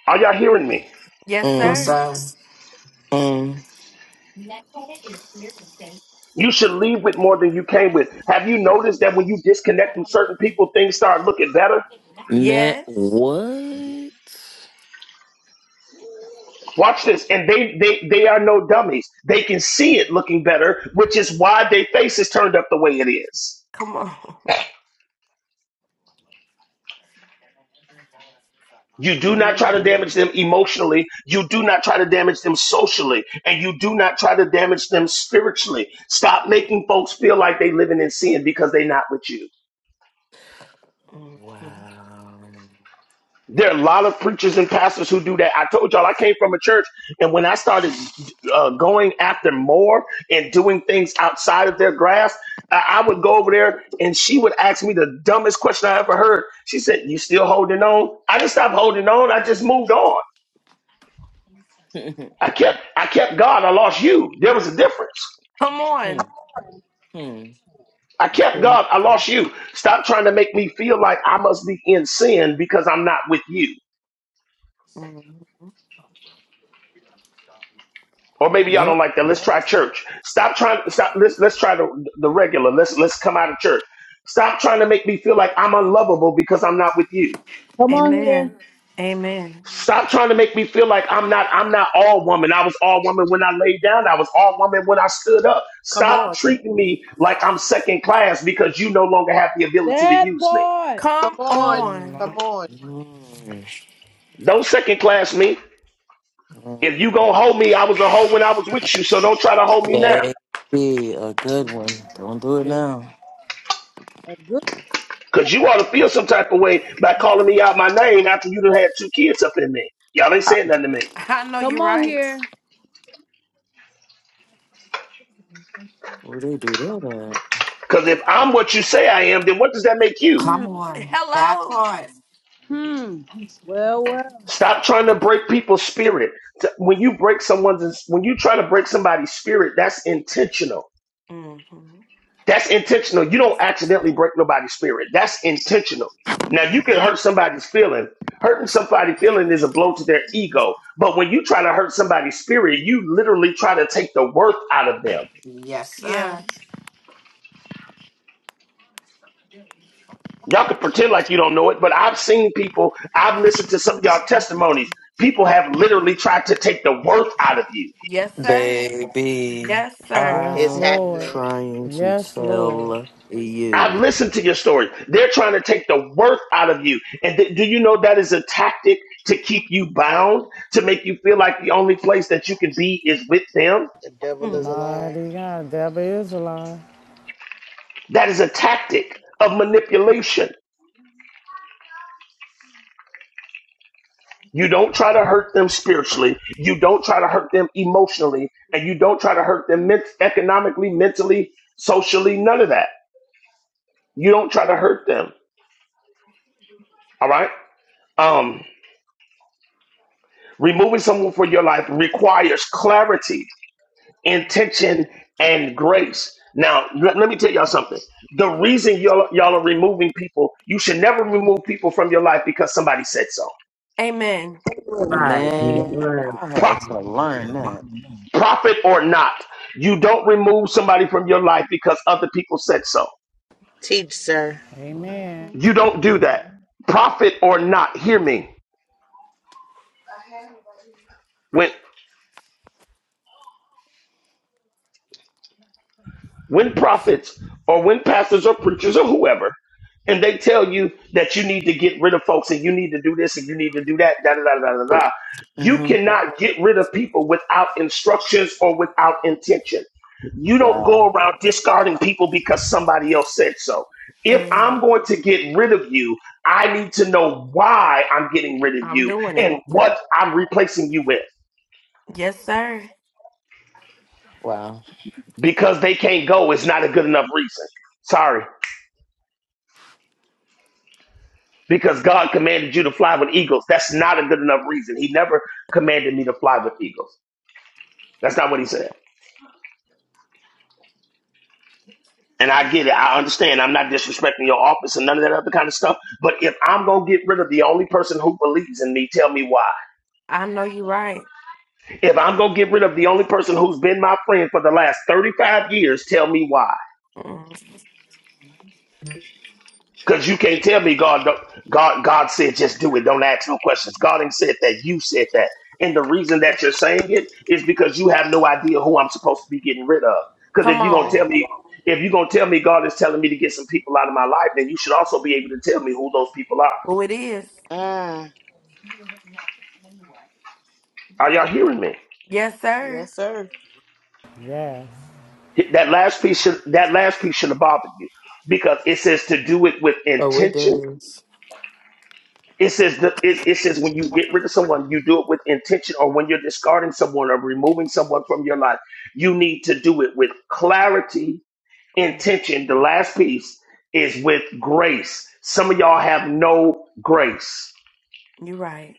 Are y'all hearing me?
Yes,
you,
Mm.
sir.
sir.
Mm.
You should leave with more than you came with. Have you noticed that when you disconnect from certain people, things start looking better?
Matt,
Yes.
what?
Watch this. And they, they, they are no dummies. They can see it looking better, which is why their face is turned up the way it is.
Come on.
You do not try
Mm.
to damage them emotionally. You do not try to damage them socially. And you do not try to damage them spiritually. Stop making folks feel like they living in sin because they're not with you.
(laughs) Mhm.
Wow.
There are a lot of preachers and pastors who do that. I told y'all I came from a church, and when I started uh, going after more and doing things outside of their grasp, I, I would go over there and she would ask me the dumbest question I ever heard. She said, "You still holding on?" I didn't stop holding on. I just moved on.
(laughs)
I kept, I kept God. I lost you. There was a difference.
Hmm.
Come
Hmm.
I kept
Okay.
God. I lost you. Stop trying to make me feel like I must be in sin because I'm not with you.
on.
Or maybe y'all don't
Yep.
like that. Let's try church. Stop trying. Stop. Let's let's try the the regular. Let's let's come out of church. Stop trying to make me feel like I'm unlovable because I'm not with you.
Come on here.
Amen. Amen.
Stop trying to make me feel like I'm not I'm not all woman. I was all woman when I laid down. I was all woman when I stood up.
Come
Stop
on.
treating me like I'm second class because you no longer have the ability to
That
use me.
part.
Come
Come
on.
on.
Come on.
Mm.
Don't second class me. If
Mm.
you gonna hold me, I was a hoe when I was with you. So don't try to hold me now.
Baby, a good one.
Mhm.
Don't do it now.
A good.
Cause you ought to feel some type of way by calling me out my name after you done had two kids up in me. Y'all ain't
I,
saying nothing to me.
I know you're
Come on
right.
here.
where they do that at?
Cause if I'm what you say I am, then what does that make you?
Hmm.
Come on. That
Hello.
part.
Hmm. Well, well.
Stop trying to break people's spirit. T- When you break someone's, when you try to break somebody's spirit, that's intentional.
hmm
That's intentional. You don't accidentally break nobody's spirit. That's intentional. Now you can hurt somebody's feeling. Hurting somebody's feeling is a blow to their ego. But when you try to hurt somebody's spirit, you literally try to take the worth out of them.
Yes,
Yeah.
sir.
Y'all can pretend like you don't know it, but I've seen people, I've listened to some of y'all testimonies. People have literally tried to take the worth out of you.
Yes, sir.
Baby,
Yes, sir.
Yes,
It's
I'm
Lord.
happening.
trying to
Yes, Lord.
tell
I've
you.
listened to your story. They're trying to take the worth out of you. And th- do you know that is a tactic to keep you bound, to make you feel like the only place that you can be is with them?
The devil is
Mm.
a liar.
Mighty God, Deborah is alive.
That is a tactic of manipulation. You don't try to hurt them spiritually. You don't try to hurt them emotionally. And you don't try to hurt them men- economically, mentally, socially, none of that You don't try to hurt them. All right. Um, removing someone from your life requires clarity, intention, and grace. Now, let, let me tell y'all something. The reason y'all, y'all are removing people, you should never remove people from your life because somebody said so.
Amen.
Right.
Man,
Right.
I had
Pro-
to learn that.
prophet or not, you don't remove somebody from your life because other people said so.
Teach, sir.
Amen.
hmm
You don't do that. Prophet or not, hear me. when. when prophets or when pastors or preachers or whoever, and they tell you that you need to get rid of folks and you need to do this and you need to do that, da da da da da da. You
hmm
cannot get rid of people without instructions or without intention. You don't go
Wow.
around discarding people because somebody else said so. If I'm
Amen.
going to get rid of you, I need to know why I'm getting rid of
I'm
you
doing it.
and
Yeah,
what I'm replacing you with.
Yes, sir.
Wow.
Because they can't go is not a good enough reason. Sorry. because God commanded you to fly with eagles. That's not a good enough reason. He never commanded me to fly with eagles. That's not what he said. And I get it. I understand. I'm not disrespecting your office and none of that other kind of stuff. But if I'm going to get rid of the only person who believes in me, tell me why.
I know you're right.
If I'm going to get rid of the only person who's been my friend for the last 35 years, tell me why.
Mm.
Because you can't tell me God, don't, God, God said just do it. Don't ask no questions. God ain't said that. You said that, and the reason that you're saying it is because you have no idea who I'm supposed to be getting rid of. Because
Come
if you're gonna
on.
Wow.
tell me, if you're gonna tell me God is telling me to get some people out of my life, then you should also be able to tell me who those people are.
Oh, it is.
Mm.
Are y'all hearing me?
Yes, sir.
Yes, sir.
Yes.
That last piece should that last piece should have bothered you because it says to do it with
Oh, it
intention
does.
It says that it, it says when you get rid of someone, you do it with intention, or when you're discarding someone or removing someone from your life, you need to do it with clarity,
Mm.
intention. The last piece is with grace. Some of y'all have no grace.
You're right.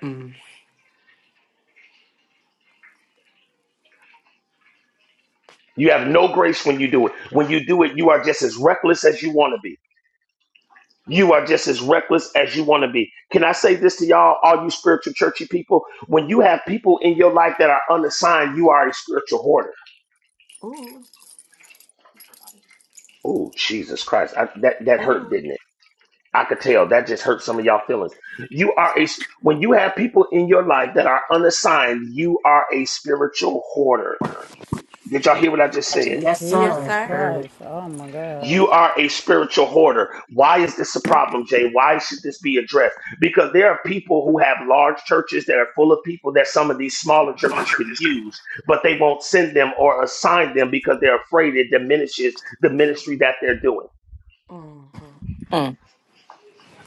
Mm.
You have no grace when you do it. When you do it, you are just as reckless as you want to be. You are just as reckless as you want to be. Can I say this to y'all, all you spiritual churchy people? When you have people in your life that are unassigned, you are a spiritual hoarder.
Ooh.
Oh, Jesus Christ. I, that, that hurt,
Ooh.
didn't it? I could tell that just hurt some of y'all feelings. You are a, when you have people in your life that are unassigned, you are a spiritual hoarder. Did y'all hear what I just said?
Yes,
Yes,
sir.
Jesus
Mm.
sir.
Christ. Oh my God.
You are a spiritual hoarder. Why is this a problem, Jay? Why should this be addressed? Because there are people who have large churches that are full of people that some of these smaller churches could use, but they won't send them or assign them because they're afraid it diminishes the ministry that they're doing.
hmm
Mm.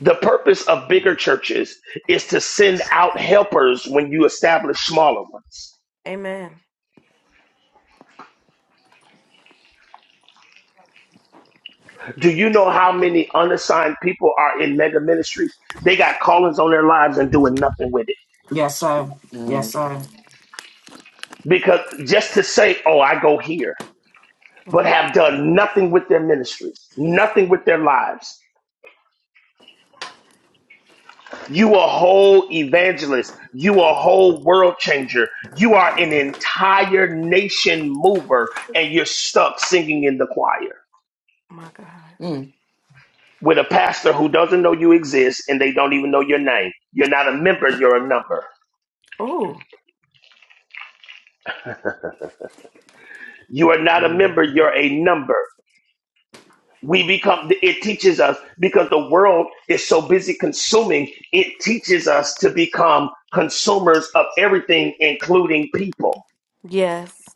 The purpose of bigger churches is to send out helpers when you establish smaller ones.
Amen.
Do you know how many unassigned people are in mega ministries? They got callings on their lives and doing nothing with it.
Yes, sir. Yes,
Mm.
sir.
Because just to say, oh, I go here,
Mm.
but have done nothing with their ministries, nothing with their lives. You a whole evangelist. You a whole world changer. You are an entire nation mover and you're stuck singing in the choir.
My
with a pastor who doesn't know you exist and they don't even know your name. You're not a member, you're a number.
God.
You are not a
Mm.
member, you're a number. We become, it teaches us because the world is so busy consuming, it teaches us to become consumers of everything, including people.
Yes,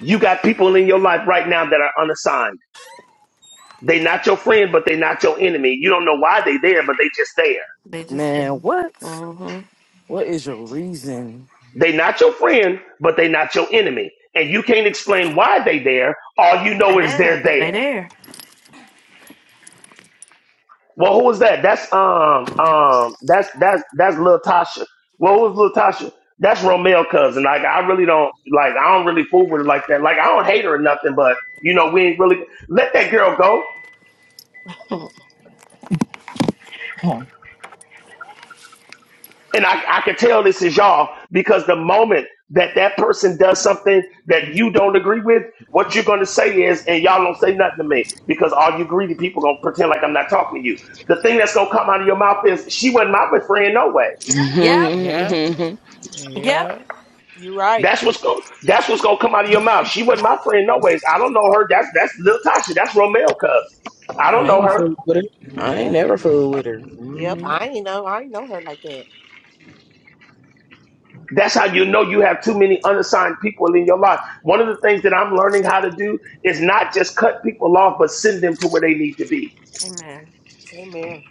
You got people in your life right now that are unassigned. They're not your friend, but they're not your enemy. You don't know why they're there, but they just there.
they just
Man,
say,
what?
mm-hmm.
What is your reason?
They not your friend, but they not your enemy. And you can't explain why they there. All you know is they're
Mm-hmm.
They
there.
there.
Well, who was that? That's um um that's that's that's Lil Tasha. Well, who was Lil Tasha? That's Romeo cousin. Like I really don't like I don't really fool with her like that. Like I don't hate her or nothing, but you know, we ain't really let that girl go.
(laughs) Hmm.
And I, I can tell this is y'all because the moment that that person does something that you don't agree with, what you're going to say is, and y'all don't say nothing to me because all you greedy people going to pretend like I'm not talking to you. The thing that's going to come out of your mouth is, she wasn't my friend, no ways.
yep,
Yep.
yep.
Yep.
You right.
That's what's going. That's what's going to come out of your mouth. She wasn't my friend, no ways. I don't know her. That's that's Lil Tasha. That's Romeo, cuz. I don't
I
know
ain't
her.
fooled with her. I ain't
Yep.
never fooled with her.
Yep.
Mm-hmm.
I ain't know. I ain't know her like that.
That's how you know you have too many unassigned people in your life. One of the things that I'm learning how to do is not just cut people off, but send them to where they need to be.
Amen.
Amen.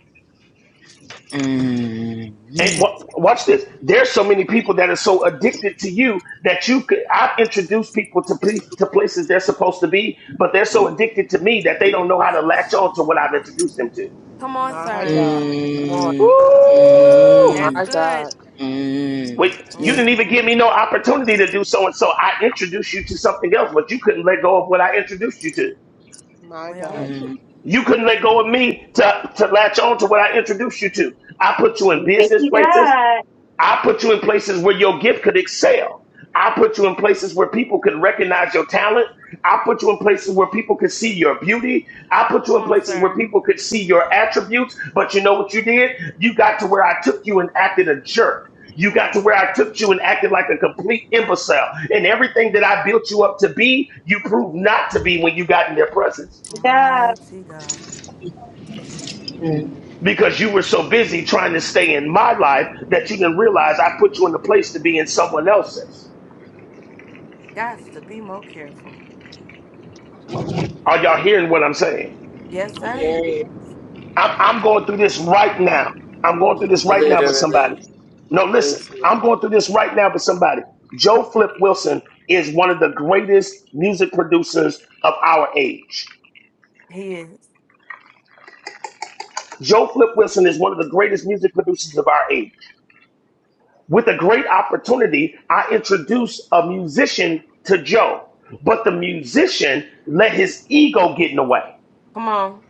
And
Mm-hmm.
wa- watch this. There's so many people that are so addicted to you that you could. I've introduced people to place, to places they're supposed to be, but they're so addicted to me that they don't know how to latch on to what I've introduced them to.
Come on,
My
sir.
God. Come on.
Mm,
Ooh.
My
mm,
That's good.
God.
mm,
Wait, you
mm,
didn't even
Mm-hmm.
give me no opportunity to do so and so. I introduced you to something else, but you couldn't let go of what I introduced you to.
My
Well,
God.
mm,
You couldn't let go of me to, to latch on to what I introduced you to. I put you in
Thank
business
you,
places.
God.
I put you in places where your gift could excel. I put you in places where people could recognize your talent. I put you in places where people could see your beauty. I put you
come
in
on,
places where
sir.
people could see your attributes. But you know what you did? You got to where I took you and acted a jerk. You got to
Oh,
where I took you and acted like a complete imbecile. And everything that I built you up to be, you proved not to be when you got in their presence.
God.
mighty God.
mm.
because you were so busy trying to stay in my life that you didn't realize I put you in a place to be in someone else's.
Gots to be more careful.
Are y'all hearing what I'm saying?
Yes, sir.
Period.
I'm, I'm going through this right now. I'm going through this right now with somebody.
Literally.
No, listen, I'm
Literally.
going through this right now with somebody. Joe Flip Wilson is one of the greatest music producers of our age.
He is.
Joe Flip Wilson is one of the greatest music producers of our age. with a great opportunity, I introduced a musician to Joe, but the musician let his ego get in the way.
Come on.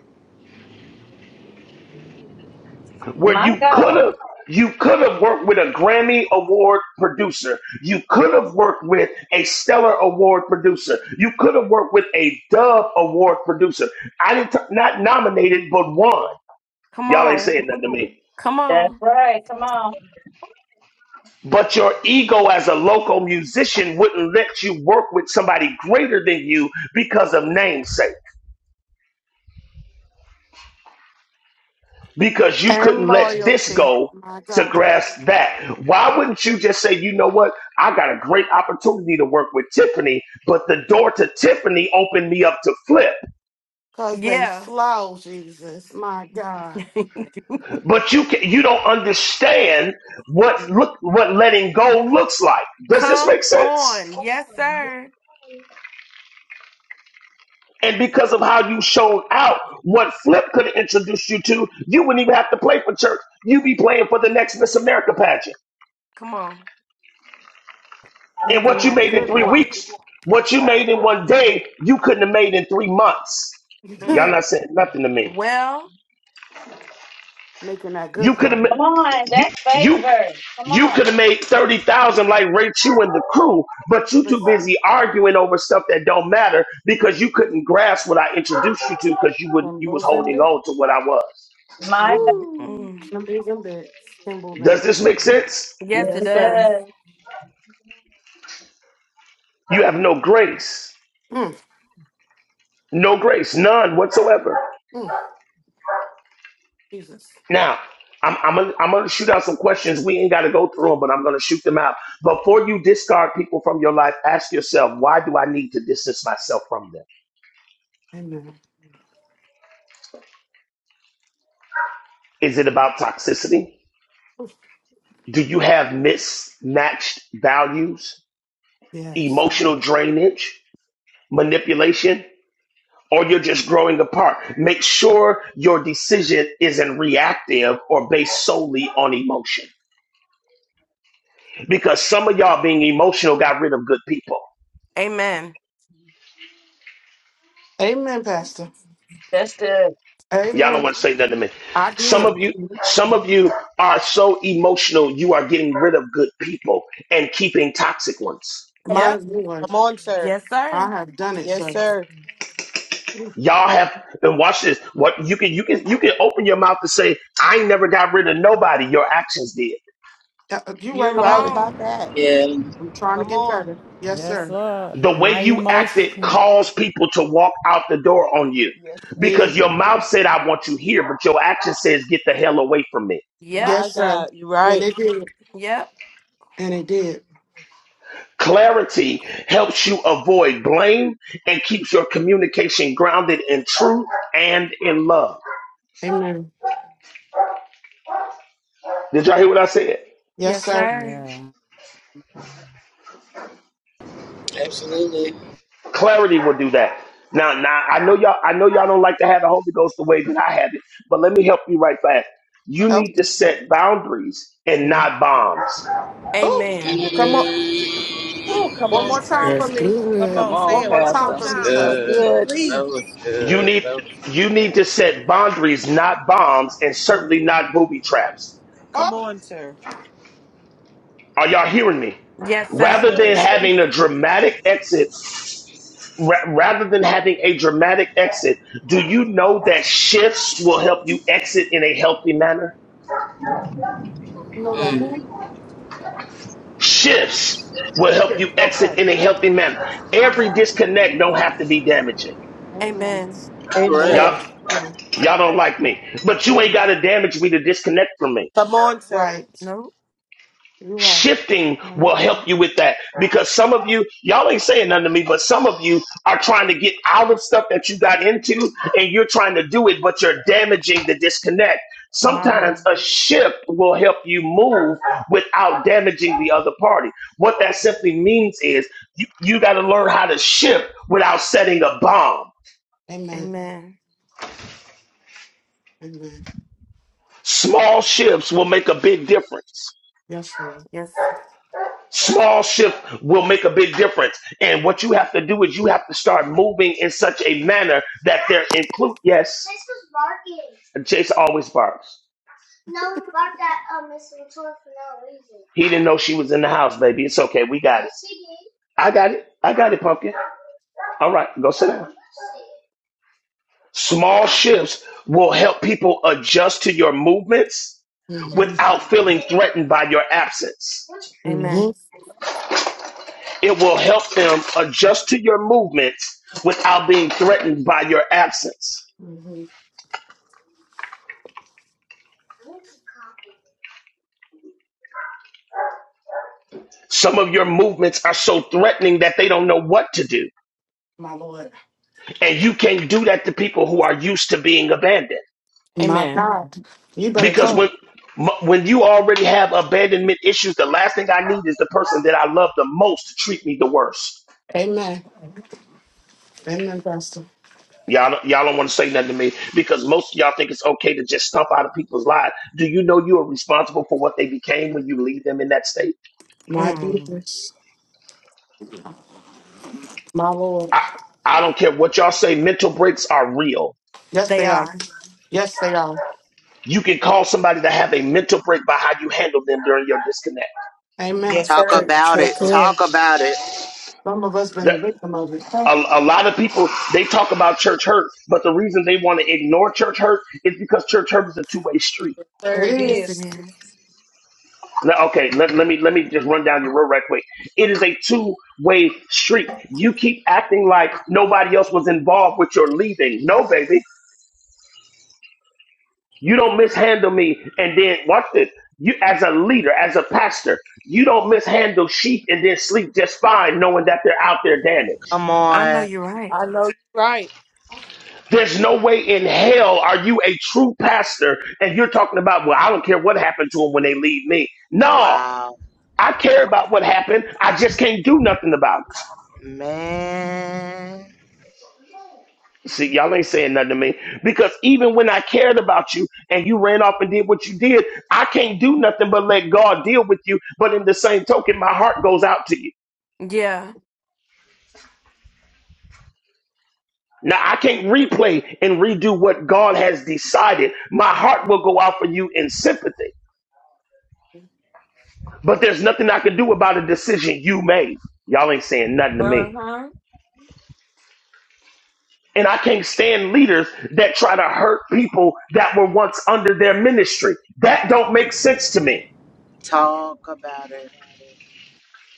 Where
My
you could
God.
have, you could have worked with a Grammy Award producer. You could have worked with a Stellar Award producer. You could have worked with a Dove Award producer. I didn't t- not nominated, but won.
Come
Y'all ain't
on.
saying nothing to me.
Come
That's
on.
right. Come on.
But your ego as a local musician wouldn't let you work with somebody greater than you because of namesake. because you
And
couldn't let this
loyalty.
go
My
to
God.
grasp that. Why wouldn't you just say, you know what? I got a great opportunity to work with Tiffany, but the door to Tiffany opened me up to flip.
Because they
Yeah.
slow, Jesus. My God.
(laughs)
But you can, you don't understand what look what letting go looks like. Does this
come
make sense?
on. Yes, sir.
And because of how you showed out, what Flip could have introduced you to, you wouldn't even have to play for church. You'd be playing for the next Miss America pageant.
Come on.
And
Making
what you
that
made in
good
three
guap.
weeks, what you made in one day, you couldn't have made in three months. Y'all
(laughs)
Mm.
not saying nothing to me.
Well,
Making that good
You could have,
guap.
Come
ma-
on.
you
That's
you
favor. Come
you could
on.
have made thirty thousand like Ray Chu and the crew, but you too
Listen,
busy arguing over stuff that don't matter because you couldn't grasp what I introduced you to because you would you was
Kimbles and
holding
bits.
on to what I was.
My God.
mm,
Woo.
mm.
Kimbles and bits. Kimbles and
Does
bits.
this make sense?
yes,
Yes,
it
Yes,
it
sir.
does.
does.
You have no grace,
Mm,
no grace, none whatsoever.
mm, Jesus.
Now, I'm I'm gonna, I'm gonna shoot out some questions. We ain't got to go through them, but I'm gonna shoot them out. Before you discard people from your life, ask yourself, why do I need to distance myself from them?
Amen.
Is it about toxicity? Do you have mismatched values,
Yes.
emotional drainage, manipulation, or you're just growing apart? Make sure your decision isn't reactive or based solely on emotion, because some of y'all being emotional got rid of good people.
Amen.
Amen, Pastor.
That's good.
Y'all
Amen.
don't want to say nothing to me.
I
Some
did.
of you, some of you are so emotional, you are getting rid of good people and keeping toxic ones.
Come
My
on.
Yep.
Lord,
Come on, sir.
Yes, sir.
I have done it,
Yes,
sir.
sir.
Y'all have and watch this. What you can you can you can open your mouth to say, I ain't never got rid of nobody. Your actions did.
Uh, uh, You right
You
Come
right
about it.
about
on.
that.
Yeah,
I'm trying to
Come
get
on.
better. Yes,
Yes,
sir.
Lord.
The way
My
you acted
emotions.
caused people to walk out the door on you.
Yes.
Because
Did.
your mouth said, I want you here, but your action says, get the hell away from me.
Yep.
Yes,
My
sir.
God, you are
And
right.
it did.
Yep.
And it did.
Clarity helps you avoid blame and keeps your communication grounded in truth and in love.
Amen.
Did y'all hear what I said?
Yes,
Yes,
sir.
sir.
Yeah.
absolutely.
Clarity will do that. Now, now I know y'all. I know y'all don't like to have the Holy Ghost the way that I have it, but let me help you right back. You
Help.
need to set boundaries and not bombs.
Oh,
Amen.
Come on. Oh, come
Mm.
one
on,
more time
sir.
for
That's
me.
Come
good.
Come
on, say
on,
One
it
more
one more
time
Pastor.
for
It's
me,
time for
sir.
That's
good.
me,
good.
That
please.
was
You
good.
need
That was
you
good.
need to set boundaries, not bombs, and
Mhm.
certainly not booby traps.
Come
Oh,
on, sir.
Are y'all hearing me?
Yes,
Yes,
let's
sir.
Rather than
sir.
That's it.
having a dramatic exit, ra- rather than having a dramatic exit, do you know that shifts will help you exit in a healthy manner?
Oh, my
know that
God.
Mm,
who?
Shifts will help
Yes.
you exit
Okay.
in a healthy manner.
My
Every
God.
disconnect don't have to be damaging.
Amen.
Amen.
correct.
Y'all,
Amen.
Amen.
y'all don't like me, but you ain't
Mhm.
got to damage me to disconnect from me.
Come on, sir.
Right.
Nope.
You're right.
Shifting
No, you
will help
don't.
you with that because some of you, y'all ain't saying nothing to me, but some of you are trying to get out of stuff that you got into and you're trying to do it, but you're damaging the disconnect.
My
My
Lord.
Sometimes
Lord.
a shift will help you move without damaging the other party. What that simply means is you, you got to learn how to shift without setting a bomb.
Amen.
Amen.
Amen.
Small shifts will make a big difference.
Yes, Lord.
Yes.
Small shift will make a big difference. And what you have to do is you have to start moving in such a manner that they're include. Yes. And Chase always barks. He didn't know she was in the house, baby. It's okay. We got it. I got it. I got it, pumpkin. All right, go sit down. Small shifts will help people adjust to your movements
hmm
without feeling threatened by your absence.
hmm
Amen.
It will help them adjust to your movements without being threatened by your absence.
hmm
Some of your movements are so threatening that they don't know what to do.
My Lord.
And you can't do that to people who are used to being abandoned.
My
Amen.
God, you better
Because
talk.
when when you already have abandonment issues, the last thing I need is the person that I love the most to treat me the worst.
Amen. Amen, Pastor.
Y'all, y'all don't want to say nothing to me because most of y'all think it's okay to just stomp out of people's lives. Do you know you are responsible for what they became when you leave them in that state?
My
Mm.
goodness. my Lord.
I, I don't care what y'all say, mental breaks are real.
Yes,
They
they are.
are.
Yes, they are.
You can call somebody to have a mental break by how you handle them during your disconnect.
Amen.
Yes,
Talk
sir. It
about
Sure
it.
can.
Talk about it.
Some of us been a
That-
victim of it. Hey,
a, a lot of people, they talk about church hurt, but the reason they want to ignore church hurt is because church hurt is a two-way street.
Sir, it
It
Yes,
is.
it
is.
is.
Now, okay, let, let me let me just run down your road right quick. It is a two-way street. You keep acting like nobody else was involved with your leaving. No, baby, You don't mishandle me. And then watch this. You as a leader, as a pastor, you don't mishandle sheep and then sleep just fine, knowing that they're out there damaged.
Come
I know
on.
you're right.
I know you're right.
There's no way in hell are you a true pastor and you're talking about, well, I don't care what happened to them when they leave me. No,
Wow.
I care about what happened. I just can't do nothing about it.
Man.
See, y'all ain't saying nothing to me because even when I cared about you and you ran off and did what you did, I can't do nothing but let God deal with you. But in the same token, my heart goes out to you.
Yeah.
Now I can't replay and redo what God has decided. My heart will go out for you in sympathy, but there's nothing I can do about a decision you made. Y'all ain't saying nothing to
Uh
me.
huh.
And I can't stand leaders that try to hurt people that were once under their ministry. That don't make sense to me.
Talk about it.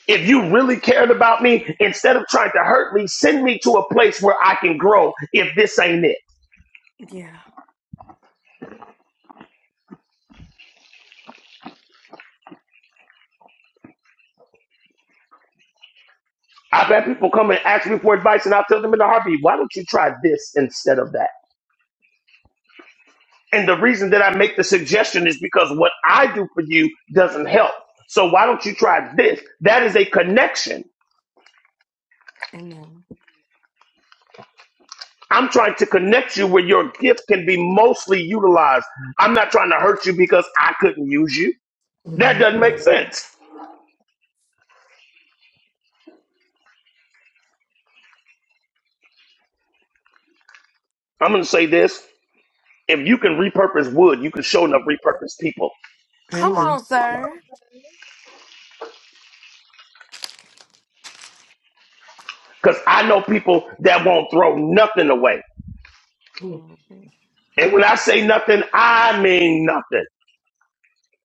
If you really cared about me, instead of trying to hurt me, send me to a place where I can grow if this ain't it.
Yeah.
I've had people come and ask me for advice, and I'll tell them in a heartbeat, why don't you try this instead of that? And the reason that I make the suggestion is because what I do for you doesn't help. So why don't you try this? That is a connection.
Amen.
I'm trying to connect you where your gift can be mostly utilized. I'm not trying to hurt you because I couldn't use you. That
Mm.
doesn't make sense. I'm going to say this. if you can repurpose wood, you can show enough repurpose people.
Come
Amen.
on, sir.
Because I know people that won't throw nothing away.
Mm,
hmm
And when I say nothing, I mean nothing.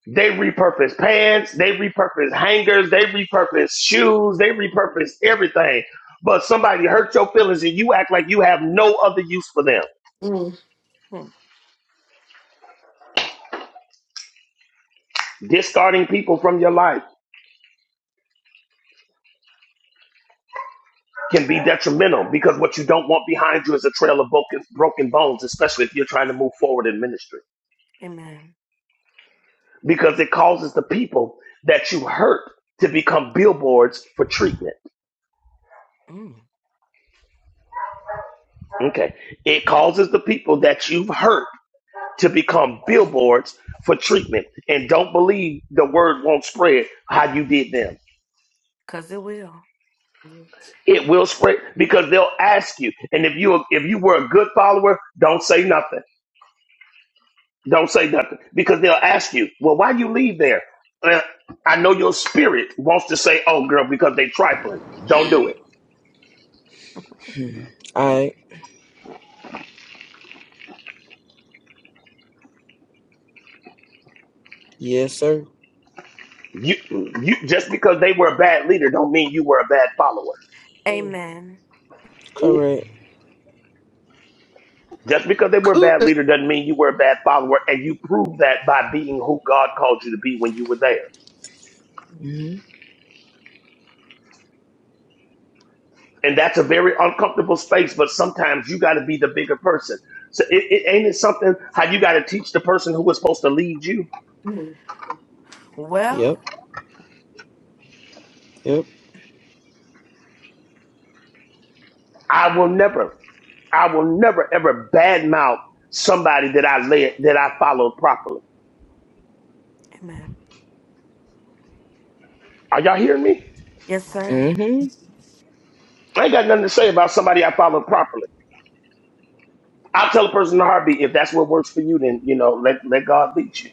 They repurpose pants, they repurpose hangers, they repurpose shoes, they repurpose everything. But somebody hurt your feelings and you act like you have no other use for them.
mm,
Discarding people from your life can be detrimental because what you don't want behind you is a trail of broken, broken bones, especially if you're trying to move forward in ministry.
Amen.
because it causes the people that you hurt to become billboards for treatment.
Mm.
Okay. It causes the people that you've hurt to become billboards for treatment. And don't believe the word won't spread how you did them.
Cause it will.
It will spread because they'll ask you. And if you if you were a good follower, don't say nothing. Don't say nothing because they'll ask you, "Well, why you leave there?" Uh, I know your spirit wants to say, "Oh, girl," because they trifling. Don't do it.
All right. Yes, sir.
You, you just because they were a bad leader don't mean you were a bad follower.
mm,
Amen.
Ooh,
Correct.
Just because they were a bad
good.
leader doesn't mean you were a bad follower, and you proved that by being who God called you to be when you were there.
Mm-hmm.
And that's a very uncomfortable space, but sometimes you got to be the bigger person. So it, it ain't it something how you got to teach the person who was supposed to lead you.
mm,
Well,
Yep. Yep.
I will never I will never ever badmouth somebody that I led that I followed properly.
amen.
Are y'all hearing me?
Yes, sir.
Mm-hmm.
I ain't got nothing to say about somebody I followed properly. I'll tell a person in a heartbeat if that's what works for you. Then you know, let let God lead you.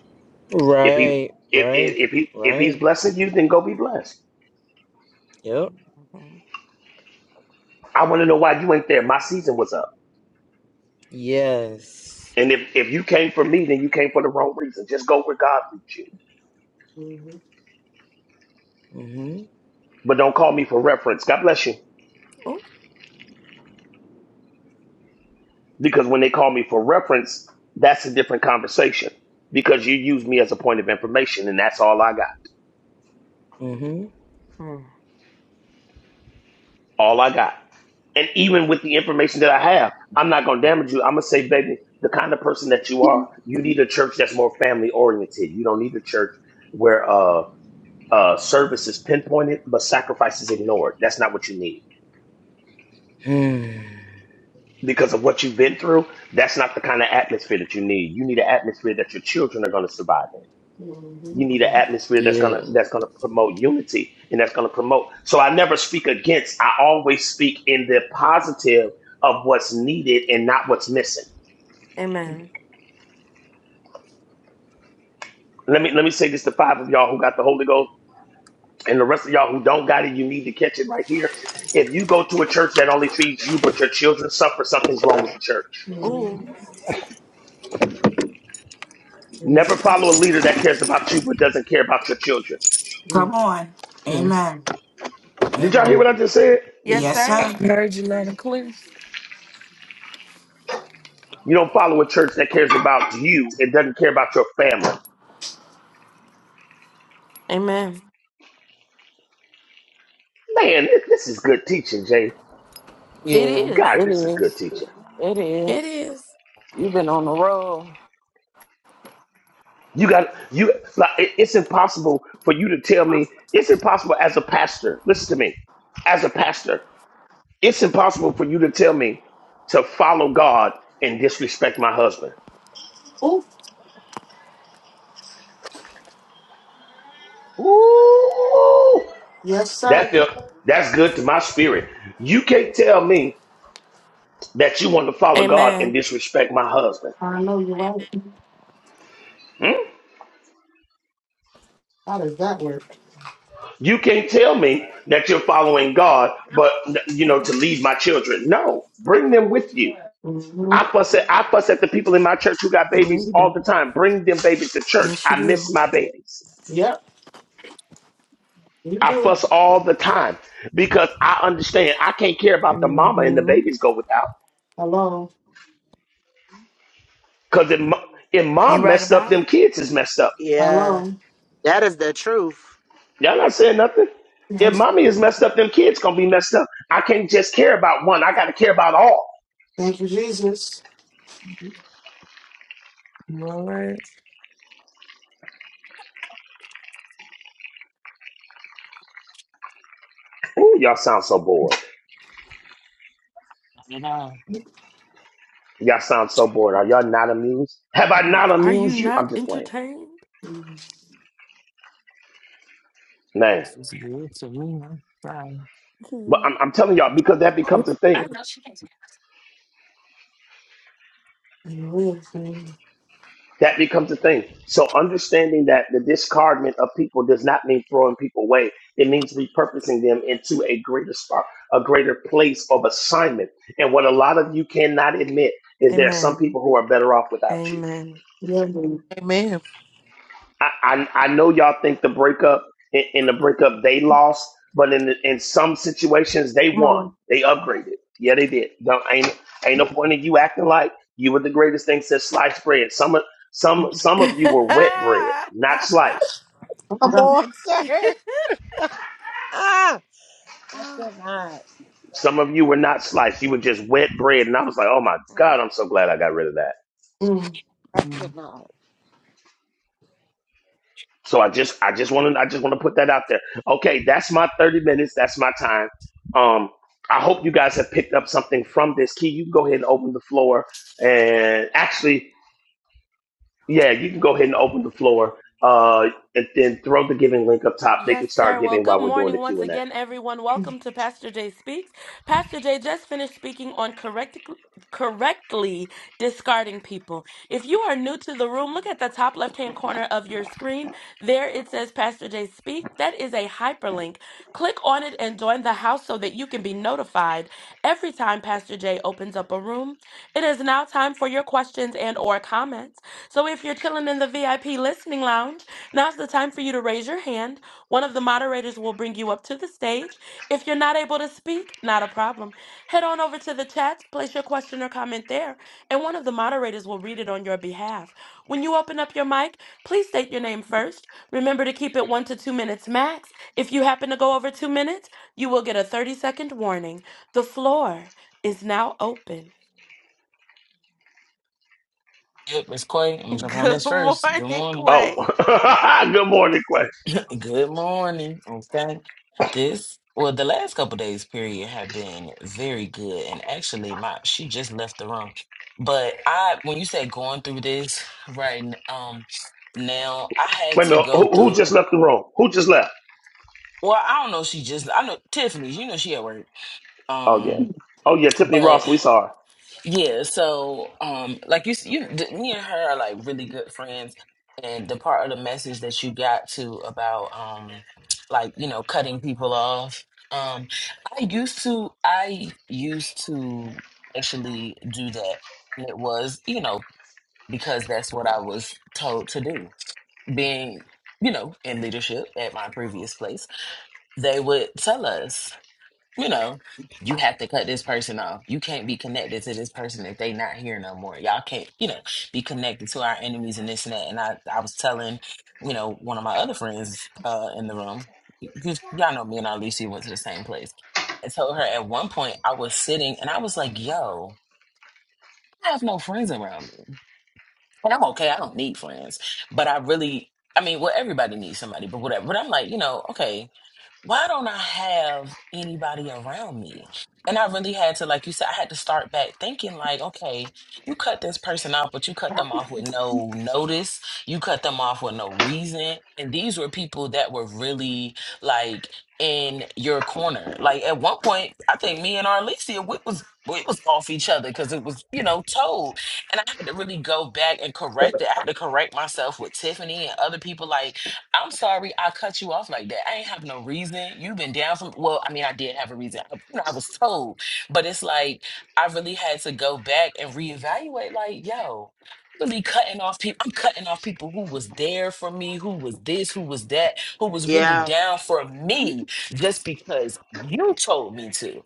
If he
Right.
if
Right.
if, if he if
Right.
he's blessing you, then go be blessed.
Yep.
Mhm.
I want to know why you ain't there. My season was up,
Yes.
and if if you came for me, then you came for the wrong reason. Just go where God leads you,
mm,
Mmm.
but don't call me for reference. God bless you,
Ooh.
because when they call me for reference, that's a different conversation. Because you use me as a point of information, and that's all I got.
Mm-hmm. (sighs)
All I got. And even with the information that I have, I'm not going to damage you. I'm going to say, baby, the kind of person that you are, you need a church that's more family oriented. You don't need a church where uh, uh, service is pinpointed but sacrifice is ignored. That's not what you need.
Mm.
Because of what you've been through, that's not the kind of atmosphere that you need. You need an atmosphere that your children are going to survive in. You
mm,
need
Mm-hmm.
an atmosphere that's gonna
Yeah.
that's gonna promote unity and that's gonna promote. So I never speak against. I always speak in the positive of what's needed and not what's missing.
Amen.
Let me let me say this to five of y'all who got the Holy Ghost, and the rest of y'all who don't got it. You need to catch it right here. If you go to a church that only feeds you, but your children suffer, something's wrong with the church.
Ooh.
mm, mm,
Never follow a leader that cares about you but doesn't care about your children.
mm,
Come on.
Mm.
Amen.
Did y'all hear
Amen.
what I just said?
Yes,
mm.
Yes,
sir.
sir.
Heard you loud and clear.
You don't follow a church that cares about you and doesn't care about your family.
Amen.
Man, this this is good teaching, Jay.
It
Yeah.
is.
God,
It
this is good
is.
teaching.
It is.
It is.
You've been on the road.
You got you like it- it's impossible for you to tell me. It's impossible as a pastor. Listen to me as a pastor. It's impossible for you to tell me to follow God and disrespect my husband.
Oh,
Ooh,
yeah. I
that feel, that's good to my spirit. You can't tell me that you want to follow God and
Amen.
disrespect my husband.
know you're right.
Hmm?
How does that work?
You can't tell me that you're following God, but you know to lead my children. No, bring them with you.
hmm
I fuss at I fuss at the people in my church who got
Mm,
babies
You
all the
do.
time. Bring them babies to church.
Yes, you
I miss
do.
my babies.
Yep, you
I
do.
fuss all the time because I understand I can't care about the mama and the
hmm
babies go without.
Hello,
Because if, mo- if
You
mom
right
messed up,
about it.
them kids is messed up.
Yeah.
hello.
That is the truth.
Y'all not saying nothing. If
Yes.
mommy is messed up, them kids gonna be messed up. I can't just care about one. I gotta care about all.
Thank you, Jesus.
You all right?
Ooh, y'all sound so bored.
Yeah,
Y'all sound so bored. Are y'all not amused? Have I
Hmm.
not
Are you
amused you? I'm
not
just playing,
entertained?
man.
this is good to me. I'm fine.
But
(laughs)
I'm, I'm telling y'all because that becomes a thing.
Mhm.
And the real thing.
That becomes a thing. So understanding that the discardment of people does not mean throwing people away. It means repurposing them into a greater spot, a greater place of assignment. And what a lot of you cannot admit is there are some
Amen.
people who are better off without you.
Amen.
Yeah, man.
Amen.
I, I I know y'all think the breakup in, in the breakup they lost, but in the, in some situations they
Come
won. They upgraded. Yeah, they did. Don't ain't ain't no point in you acting like you were the greatest thing since sliced bread. Some of some
on.
some of you were wet bread,
(laughs)
not sliced.
Oh my
Come
God.
on, (laughs) sir. Ah, I
Ah.
cannot.
Some of you were not sliced. You were just wet bread, and I was like, oh my god, I'm so glad I got rid of that.
Mm.
I
Mm.
cannot.
So I just I just want to I just want to put that out there. Okay, that's my 30 minutes. That's my time. Um, I hope you guys have picked up something from this. Key, you can go ahead and open the floor. And actually, yeah, you can go ahead and open the floor. Uh, and then throw the giving link up top. They
Yes,
can
sir.
start
Well,
giving
good
while we're doing
morning
the
once
Q and A.
again, everyone. Welcome to Pastor Jay Speaks. Pastor Jay just finished speaking on correct, correctly discarding people. If you are new to the room, look at the top left hand corner of your screen. There it says Pastor Jay Speak. That is a hyperlink. Click on it and join the house so that you can be notified every time Pastor Jay opens up a room. It is now time for your questions and or comments. So if you're chilling in the VIP listening lounge, now's the time for you to raise your hand one of the moderators will bring you up to the stage. If you're not able to speak, not a problem. Head on over to the chat, place your question or comment there, and one of the moderators will read it on your behalf. When you open up your mic, please state your name first. Remember to keep it one to two minutes max. If you happen to go over two minutes, you will get a 30 second warning. The floor is now open.
Yep, Miss Quay. I'm gonna
(laughs)
jump on
Good
this first. Good
morning,
morning.
Oh,
Quay.
(laughs) good morning, Quay.
Good morning. Okay. This, well, the last couple days period have been very good. And actually my she just left the room. But I when you said going through this right n- um now, I had
Wait a
to
minute.
go
Who, who
through
just left the room? Who just left?
well, I don't know, she just I know Tiffany, you know she at work.
Oh yeah.
Um
Oh yeah, Tiffany Ross.
but
We saw her.
Yeah, so um, like you, s- you, th- me and her are like really good friends, and the part of the message that you got to about um, like you know, cutting people off. Um, I used to, I used to actually do that, and it was you know because that's what I was told to do. Being you know in leadership at my previous place, they would tell us you know, you have to cut this person off. You can't be connected to this person if they not here no more. Y'all can't, you know, be connected to our enemies and this and that. And I, I was telling, you know, one of my other friends uh, in the room, because y'all know me and Alicia went to the same place. I told her at one point I was sitting and I was like, yo, I have no friends around me. And I'm okay, I don't need friends. But I really, I mean, well, everybody needs somebody, but whatever. But I'm like, you know, okay, why don't I have anybody around me? And I really had to, like you said, I had to start back thinking, like, okay, you cut this person off, but you cut them off with no notice. You cut them off with no reason. And these were people that were really like in your corner. Like at one point, I think me and Arlesia, we was we was off each other because it was, you know, told. And I had to really go back and correct it. I had to correct myself with Tiffany and other people. Like I'm sorry I cut you off like that. I ain't have no reason. You've been down from, well, I mean, I did have a reason. I, you know, I was told, but it's like I really had to go back and reevaluate like, yo, I'm really cutting off people. I'm cutting off people who was there for me, who was this, who was that, who was really
Yeah.
down for me just because you told me to.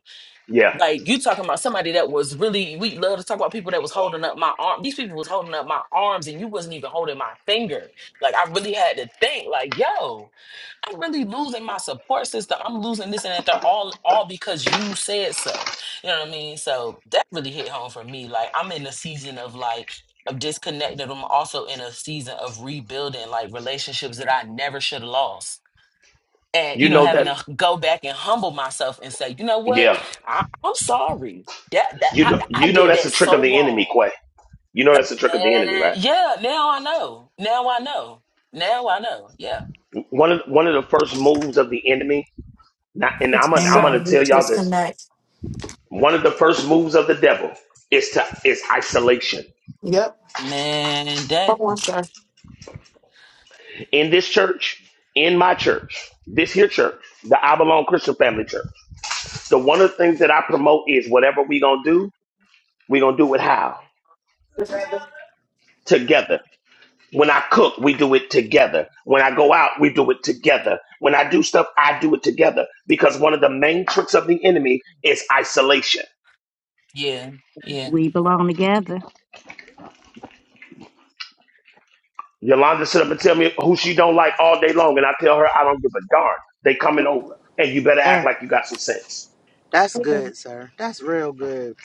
Yeah,
Like you talking about somebody that was really we love to talk about people that was holding up my arm. These people was holding up my arms and you wasn't even holding my finger. Like I really had to think, like, yo, I'm really losing my support system. I'm losing this and that. They're all all because you said so. You know what I mean? So that really hit home for me. Like I'm in a season of like of disconnected. I'm also in a season of rebuilding like relationships that I never should have lost and
you
you know
know
Mm.
having
that.
to go back and humble myself and say you know what
Yeah,
I, i'm sorry that, that
you know
I, I
you know
did
that's
that
a trick of
so
the enemy,
wrong
Quay. You know that's the trick of the enemy,
man
right?
yeah now i know now i know now i know yeah
One of one of the first moves of the enemy, not, and
It's
I'm
a
gonna, I'm gonna
second
Amen.
tell
winter.
y'all this.
Disconnect.
One of the first moves of the devil is to is isolation.
Yep.
man
Come
that
on, sir.
In this church, in my church, this here church, the I belong Christian Family Church. So one of the things that I promote is whatever we gonna do, we gonna do it how
Because
together. When I cook, we do it together. When I go out, we do it together. When I do stuff, I do it together. Because one of the main tricks of the enemy is isolation.
yeah yeah
We belong together.
Yolanda sit up and tell me who she don't like all day long, and I tell her I don't give a darn. They coming over, and you better act
Mm.
like you got some sense.
That's good, sir. That's real good.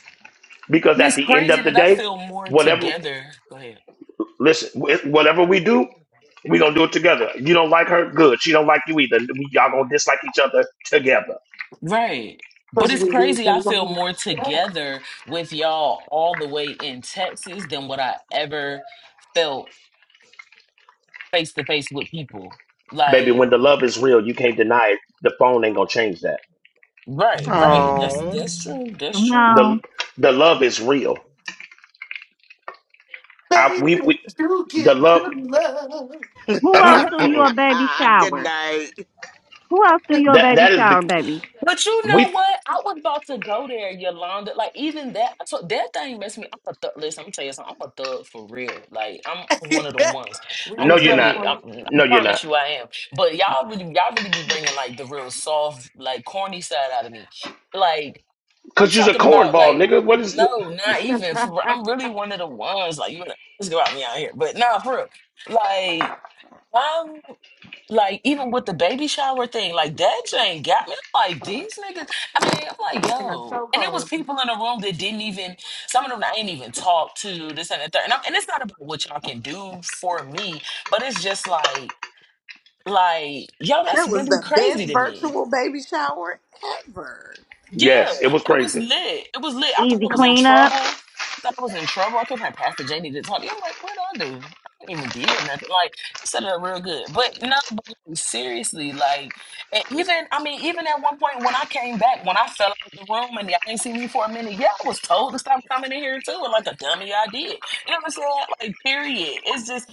Because
and
at
it's
the end
crazy
of the
that i
day,
feel more
whatever,
together go ahead
listen, wh- whatever we do, we gonna do it together. You don't like her, good. She don't like you either. We, y'all gonna dislike each other together,
right but it's
we need
crazy i feel
the
more
Lord.
together with y'all all the way in texas than what i ever felt face to face with people
baby.
like
When the love is real, you can't deny it. The phone ain't gonna change that.
Right, right. That's
Oh.
that's true. That's
Come
true.
on.
the The love is real. I, we,
Baby,
we
you
the
give
love.
good look.
(laughs)
Who
Uh
else
but
do
uh-uh,
(laughs)
you
uh.
a baby
Good
shower?
night.
Who else do you
(laughs)
a
That
baby
that is the
shower, baby?
you know
we.
what? I was about to go there, Yolanda. Like even that, I took that thing messed me. I'm a thug. Listen, I'm gonna tell you something. I'm a thug for real. Like I'm one of the ones.
we
No,
can
I'm
you're
tell
not.
really.
for
i
the
I
No, you're not.
promise you, I am. But y'all really, y'all really be bringing like the real soft, like corny side out of me. Like I'm
Cause you's a
talking about
cornball,
like
nigga. What is the?
no, not
(laughs)
even. For, real. I'm really one of the ones. Like you, let's go out me out here. But nah, for real. Like. Like even with the baby shower thing, like that Jane got me. I'm like these niggas. I mean, I'm like,
and I'm
yo.
so
And it was
cold.
people in the room that didn't even. Some of them I ain't even talked to. This and the third. And, I'm, and it's not about what y'all can do for me, but it's just like, like, yo,
That
that's
was
really
the
crazy
best
to me.
virtual baby shower ever.
Yeah,
Yes, it was
it was
crazy.
lit. It was lit. I thought I
Easy
was in
cleanup.
trouble. I thought I was in trouble. I kept having Pastor Janie to talk to me. I'm like, what did I do? I didn't even did nothing. Like, you set it up real good. But no, but like, seriously, like, and even, I mean, even at one point when I came back, when I fell out of the room and y'all ain't seen me for a minute, yeah, I was told to stop coming in here too. And like a dummy, I did. You know what I'm saying? Like, period. It's just,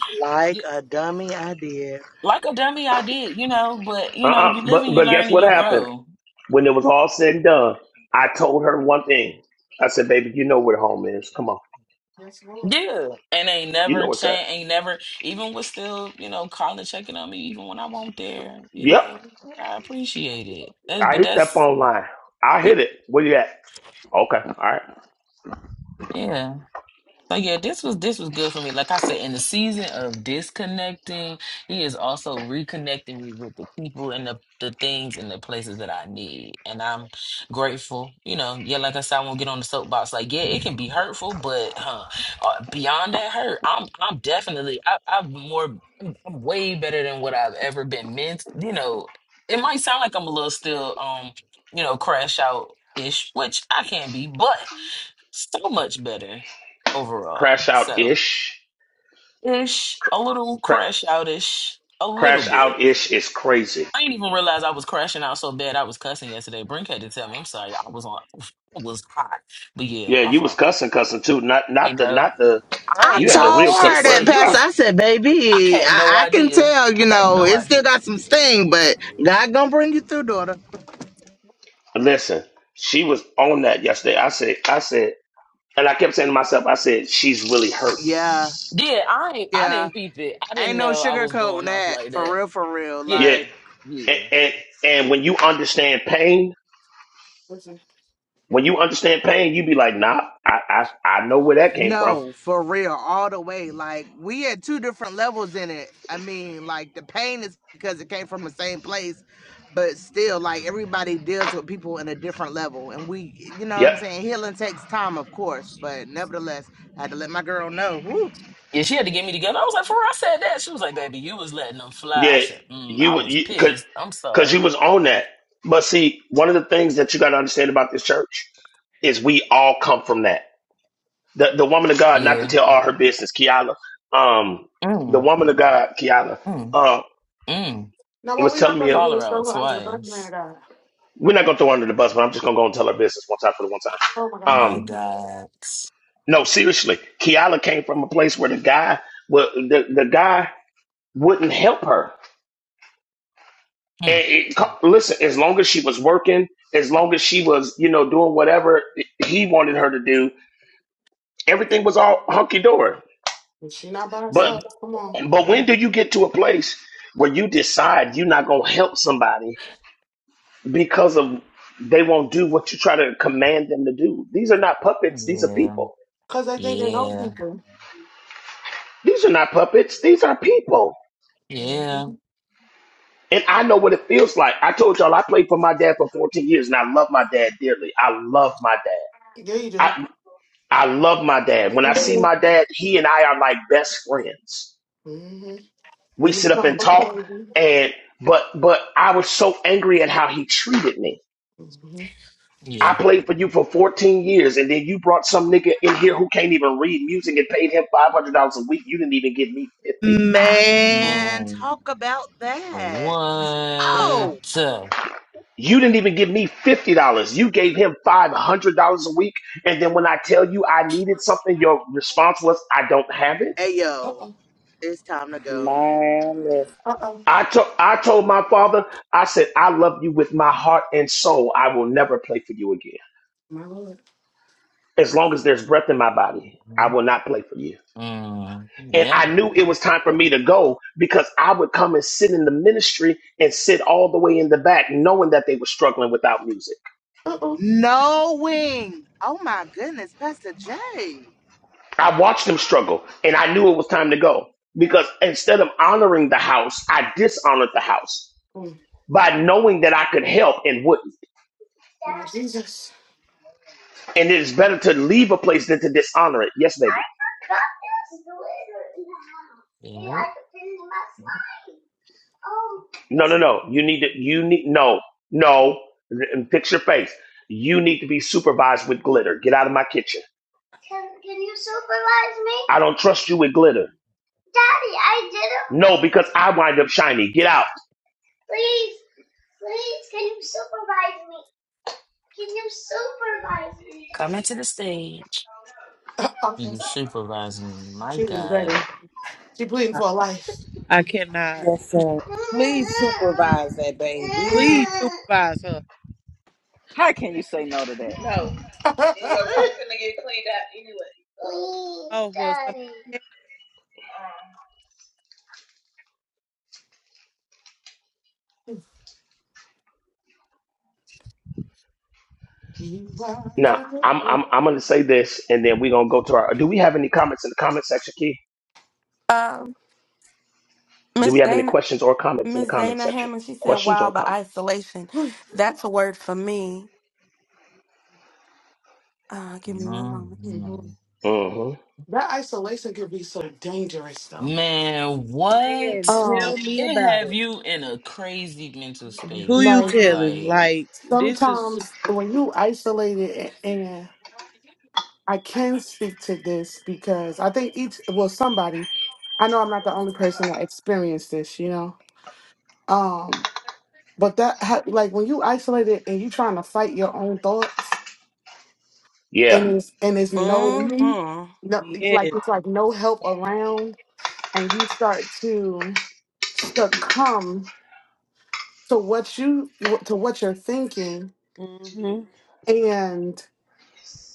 y-
Like a dummy, I did.
like a dummy, I did, you know, but,
Uh,
you know, you
uh
live
but
and you
but
learn
guess
and
what
you
happened
grow.
when it was all said and done? I told her one thing. I said, "Baby, you know where the home is. Come on,
Yes, Lord.
Yeah, and ain't
you know
never
what's at."
change. Ain't never even was still you know calling checking on me even when I won't there. You
Yep,
know I appreciate it. That's
I
but
hit that
that's
phone line. I
yeah,
hit it. Where you at? Okay, all right.
yeah. So yeah, this was this was good for me. Like I said, in the season of disconnecting, he is also reconnecting me with the people and the, the things and the places that I need. And I'm grateful. You know, yeah, like I said, I won't get on the soapbox. Like, yeah, it can be hurtful, but huh, uh, beyond that hurt, I'm I'm definitely I, I'm more I'm way better than what I've ever been meant. You know, it might sound like I'm a little still um, you know, crash out ish, which I can be, but so much better overall.
Crash out
So
ish.
ish, a little
Cra-
crash outish, a little
crash
bit.
out ish is crazy.
I didn't even realize I was crashing out so bad. I was cussing yesterday. Brink had to tell me. I'm sorry. I was on. I was hot. But yeah,
Yeah,
my
you was
fault.
cussing, cussing too. Not
I
not
ain't
the
know.
not the.
I
I
ain't
You had the
know.
real
told
She
cuss
her that,
said
words.
you
I
Pastor.
was.
s-
I said,
I
baby,
had no
I, I can
idea.
tell, you
I had
know,
no
it still
idea.
got some sting, but God gonna bring you through, daughter.
listen. She was on that yesterday. I said. I said. And I kept saying to myself, I said, she's really hurt.
Yeah,
Yeah, I ain't. I
yeah.
didn't peep it. I didn't
Ain't no
know I was
sugarcoating
going off
that.
like
For
that.
real, for real.
Yet,
Yeah,
Like,
and,
yeah.
and, and when you understand pain,
Listen.
when you understand pain, you be like, nah, I, I, I know where that came from.
No, for real, all the way. Like we had two different levels in it. I mean, like the pain is because it came from the same place, but still, like everybody deals with people in a different level, and we, you know what
Yep.
I'm saying. Healing takes time, of course, but nevertheless, I had to let my girl know. Woo.
Yeah, she had to get me together. I was like, for real, I said that. She was like, baby, you was letting them fly. I
Yeah.
said, mm,
You
I
would,
was
you could,
pissed. I'm
cause
sorry.
you was on that. But see, one of the things that you got to understand about this church is we all come from that. The, the woman of God, not to
Yeah.
tell all her business, Kiala, um, the
Mm,
woman of God, Kiala,
mm,
uh,
mm.
Now, what
was
we're not
telling
going
me,
to
uh,
Call
do
her
is throw
out
her under the bus, man of
twice.
God.
we're not going to throw her under the bus, but I'm just going to go and tell her business one time for the one time.
Oh, my God.
Um,
My God.
No, seriously, Kiala came from a place where the guy, well, the, the guy wouldn't help her. And
Mm.
it, co- listen, as long as she was working, as long as she was, you know, doing whatever he wanted her to do, everything was all hunky dory. Yeah.
And she not by herself.
But
Come on.
but when do you get to a place where you decide you're not gonna help somebody because of they won't do what you try to command them to do? These are not puppets. These are
Yeah.
people.
Cause they think they're old
Yeah.
people.
These are not puppets. These are people.
Mhm.
Yeah.
And I know what it feels like. I told y'all I played for my dad for 14 years and I love my dad dearly. I love my
Yeah, you
dad.
do.
I I love my dad. When I see
You
my dad, he and I are like best friends.
Mm-hmm.
We
And you
sit up
become
and
a
talk
old.
and but but I was so angry at how he treated me.
Mm-hmm.
Yeah.
I played for you for 14 years and then you brought some nigga in here who can't even read music and paid him $500 a week. You didn't even give me 50.
Yeah.
Man,
Man.
talk about that.
What?
That's right.
Oh,
You didn't even give me $50. You gave him $500 a week. And then when I tell you I needed something, your response was, I don't have it.
hey
Uh
yo,
oh.
it's time to go.
Man, listen.
Uh oh.
I, to- I told my father, I said, I love you with my heart and soul. I will never play for you again.
My Lord.
As long as there's breath in my body, I
Mhm.
will not play for you.
Mm.
And I
Yeah.
knew it was time for me to go because I would come and sit in the ministry and sit all the way in the back, knowing that they were struggling without music.
Uh oh.
Knowing. Oh my goodness, Pastor J.
I watched them struggle and I knew it was time to go because instead of honoring the house, I dishonored the house by knowing that I could help and wouldn't.
My Jesus.
And it is better to leave a place than to dishonor it. Yes, baby.
Yeah.
No, no, no. You need to, you need, no, no. And Fix your face. You need to be supervised with glitter. Get out of my kitchen. Can can you supervise me? I don't trust you with glitter. No, because I wind up shiny. Get out.
Come into the stage.
Uh oh.
You supervising me. My
She is
God.
better. She pleading for a life.
I cannot.
Yes, sir. Please supervise that baby.
Mhm.
Please supervise her.
How can you say no to that?
(laughs)
Oh, well, somebody,
you are
Now,
good.
I'm, I'm, I'm going to say this and then we're going to go to our. Do we have any comments in the comment section, Key?
Um,
Do we
Miss
have any
Dana.
questions or comments in the
Miss
comment
Dana
section?
Hammond, she said,
Questions
Wow,
or
the
comments?
isolation. That's a word for me. Uh, give me one moment.
hmm
Mhm.
hmm
That isolation can be so dangerous, though.
Man,
man,
what?
Um,
tell me
It
about it.
have you in a crazy mental
Who
space,
you
like
telling?
like.
Like this is
sometimes when you isolate it, and I can speak to this because I think each well somebody. I know I'm not the only person that experienced this, you know. Um, but that ha- like when you isolated and you trying to fight your own thoughts
Yeah.
and it's and it's no
Mm-hmm.
no
yeah,
like it's like no help around and you start to succumb to what you to what you're thinking
Mm-hmm.
and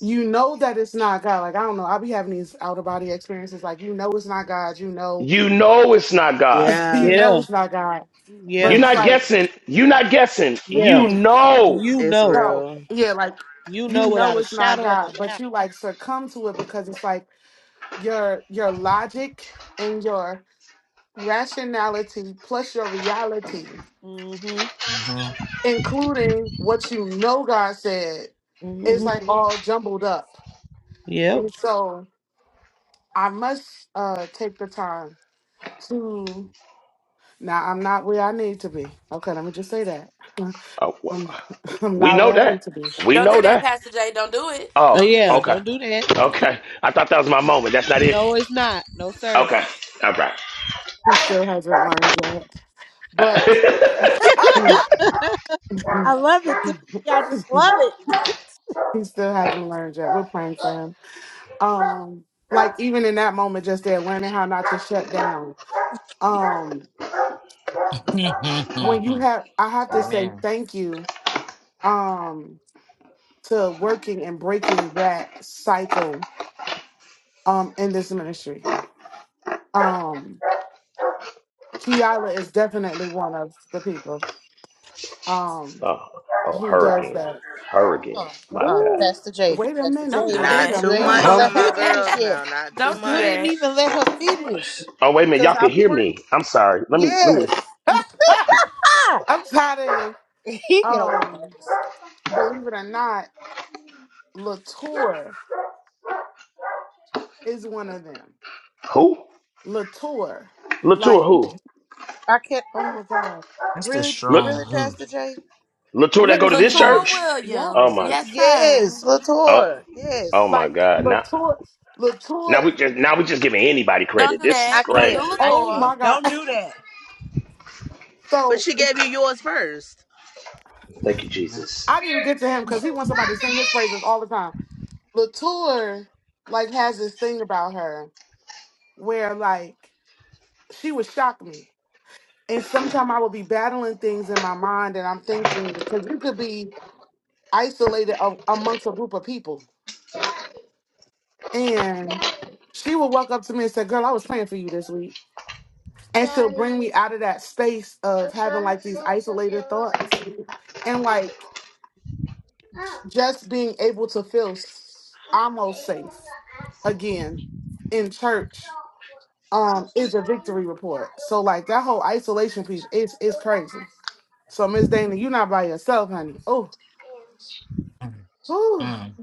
you know that it's not God. Like I don't know, I'll be having these out of body experiences. Like you know it's not God. You know
You know it's not God.
(laughs) you
Yeah,
know
yeah,
it's not God. But
You're
yeah,
it's
not
like
guessing. You're not guessing.
yeah.
You know.
You
it's
know,
No,
real.
yeah, like
you
you
know without
know
a
it's not
shadow of a
God, but
doubt.
you like succumb to it because it's like your your logic and your rationality plus your reality,
Mm-hmm.
Mhm.
including what you know God said, is
Mm-hmm.
like Mhm. all jumbled up.
Yep.
And so I must uh take the time to now I'm not where I need to be. Okay, let me just say that. (laughs)
Oh,
I'm
wh-
(laughs) I'm
we
not
know
where I need to
that.
be.
We
Don't
know
do that,
that.
Pastor J. Don't do it.
Oh
Oh,
Don't do
yeah.
that.
okay.
Don't do that.
Okay. I thought that was my moment. That's not it.
No, it's not. No, sir.
Okay. All right.
He still hasn't learned yet. But
(laughs) I
(laughs)
love it too. Y'all just love it.
He still hasn't learned yet. We're praying for him. Um, like even in that moment, just there, learning how not to shut down. Um,
Mhm.
when you
(laughs)
have, I have to say
Amen.
thank you. Um, to working and breaking that cycle. Um, in this ministry. Um, Kiara is definitely one of the people. Um,
Oh, oh
who
her
does
again.
that?
Her again.
Uh
My
uh,
God.
Ooh,
Pastor J,
wait a
Pastor
Don't
minute.
J,
do
Wait
Not
a
that.
you
too
ain't
(laughs)
minute.
even
much
Huh?
on
Don't
let
do
her
my
finish
girls
that.
yet.
now. Not too
Don't do
You
much.
didn't
that.
even let her finish,
Oh, wait a minute.
cause
Y'all can
I
hear
put
me. I'm sorry. Let me, let me.
yes. (laughs)
(laughs)
Ah,
I'm tired of him.
he get on my
Um,
nerves.
believe it or not, Latour. is one of them.
Who?
Latour,
Latour,
like,
who?
I can't
oh my God,
That's the
really,
Look.
strong
really,
who.
Pastor Jay.
Latour that
what
go
is
to this
Latour
happening?
church?
Yeah,
Oh
Williams.
my
Yes, sir.
Yes,
oh
Latour.
oh
Yes,
my
like
God. Now
Latour,
now we
Latour,
just now we just giving anybody
Don't
credit.
do
This is
I
that. Don't do
crazy.
can't. I
oh
can't.
Latour.
my God.
Don't
(laughs)
do that.
But
So
she gave you yours first.
Thank you,
Mhm.
Jesus.
I didn't even get to him because he wants somebody to sing his praises all the time. Latour, like, has this thing about her where, like, she would shock me. And sometimes I would be battling things in my mind and I'm thinking, because you could be isolated a- amongst a group of people. And she would walk up to me and say, Girl, I was praying for you this week. and she'll bring me out of that space of having like these isolated thoughts and like just being able to feel s- almost safe again in church um is a victory report so like that whole isolation piece is is crazy so miss dana you're not by yourself honey oh oh
Mhm.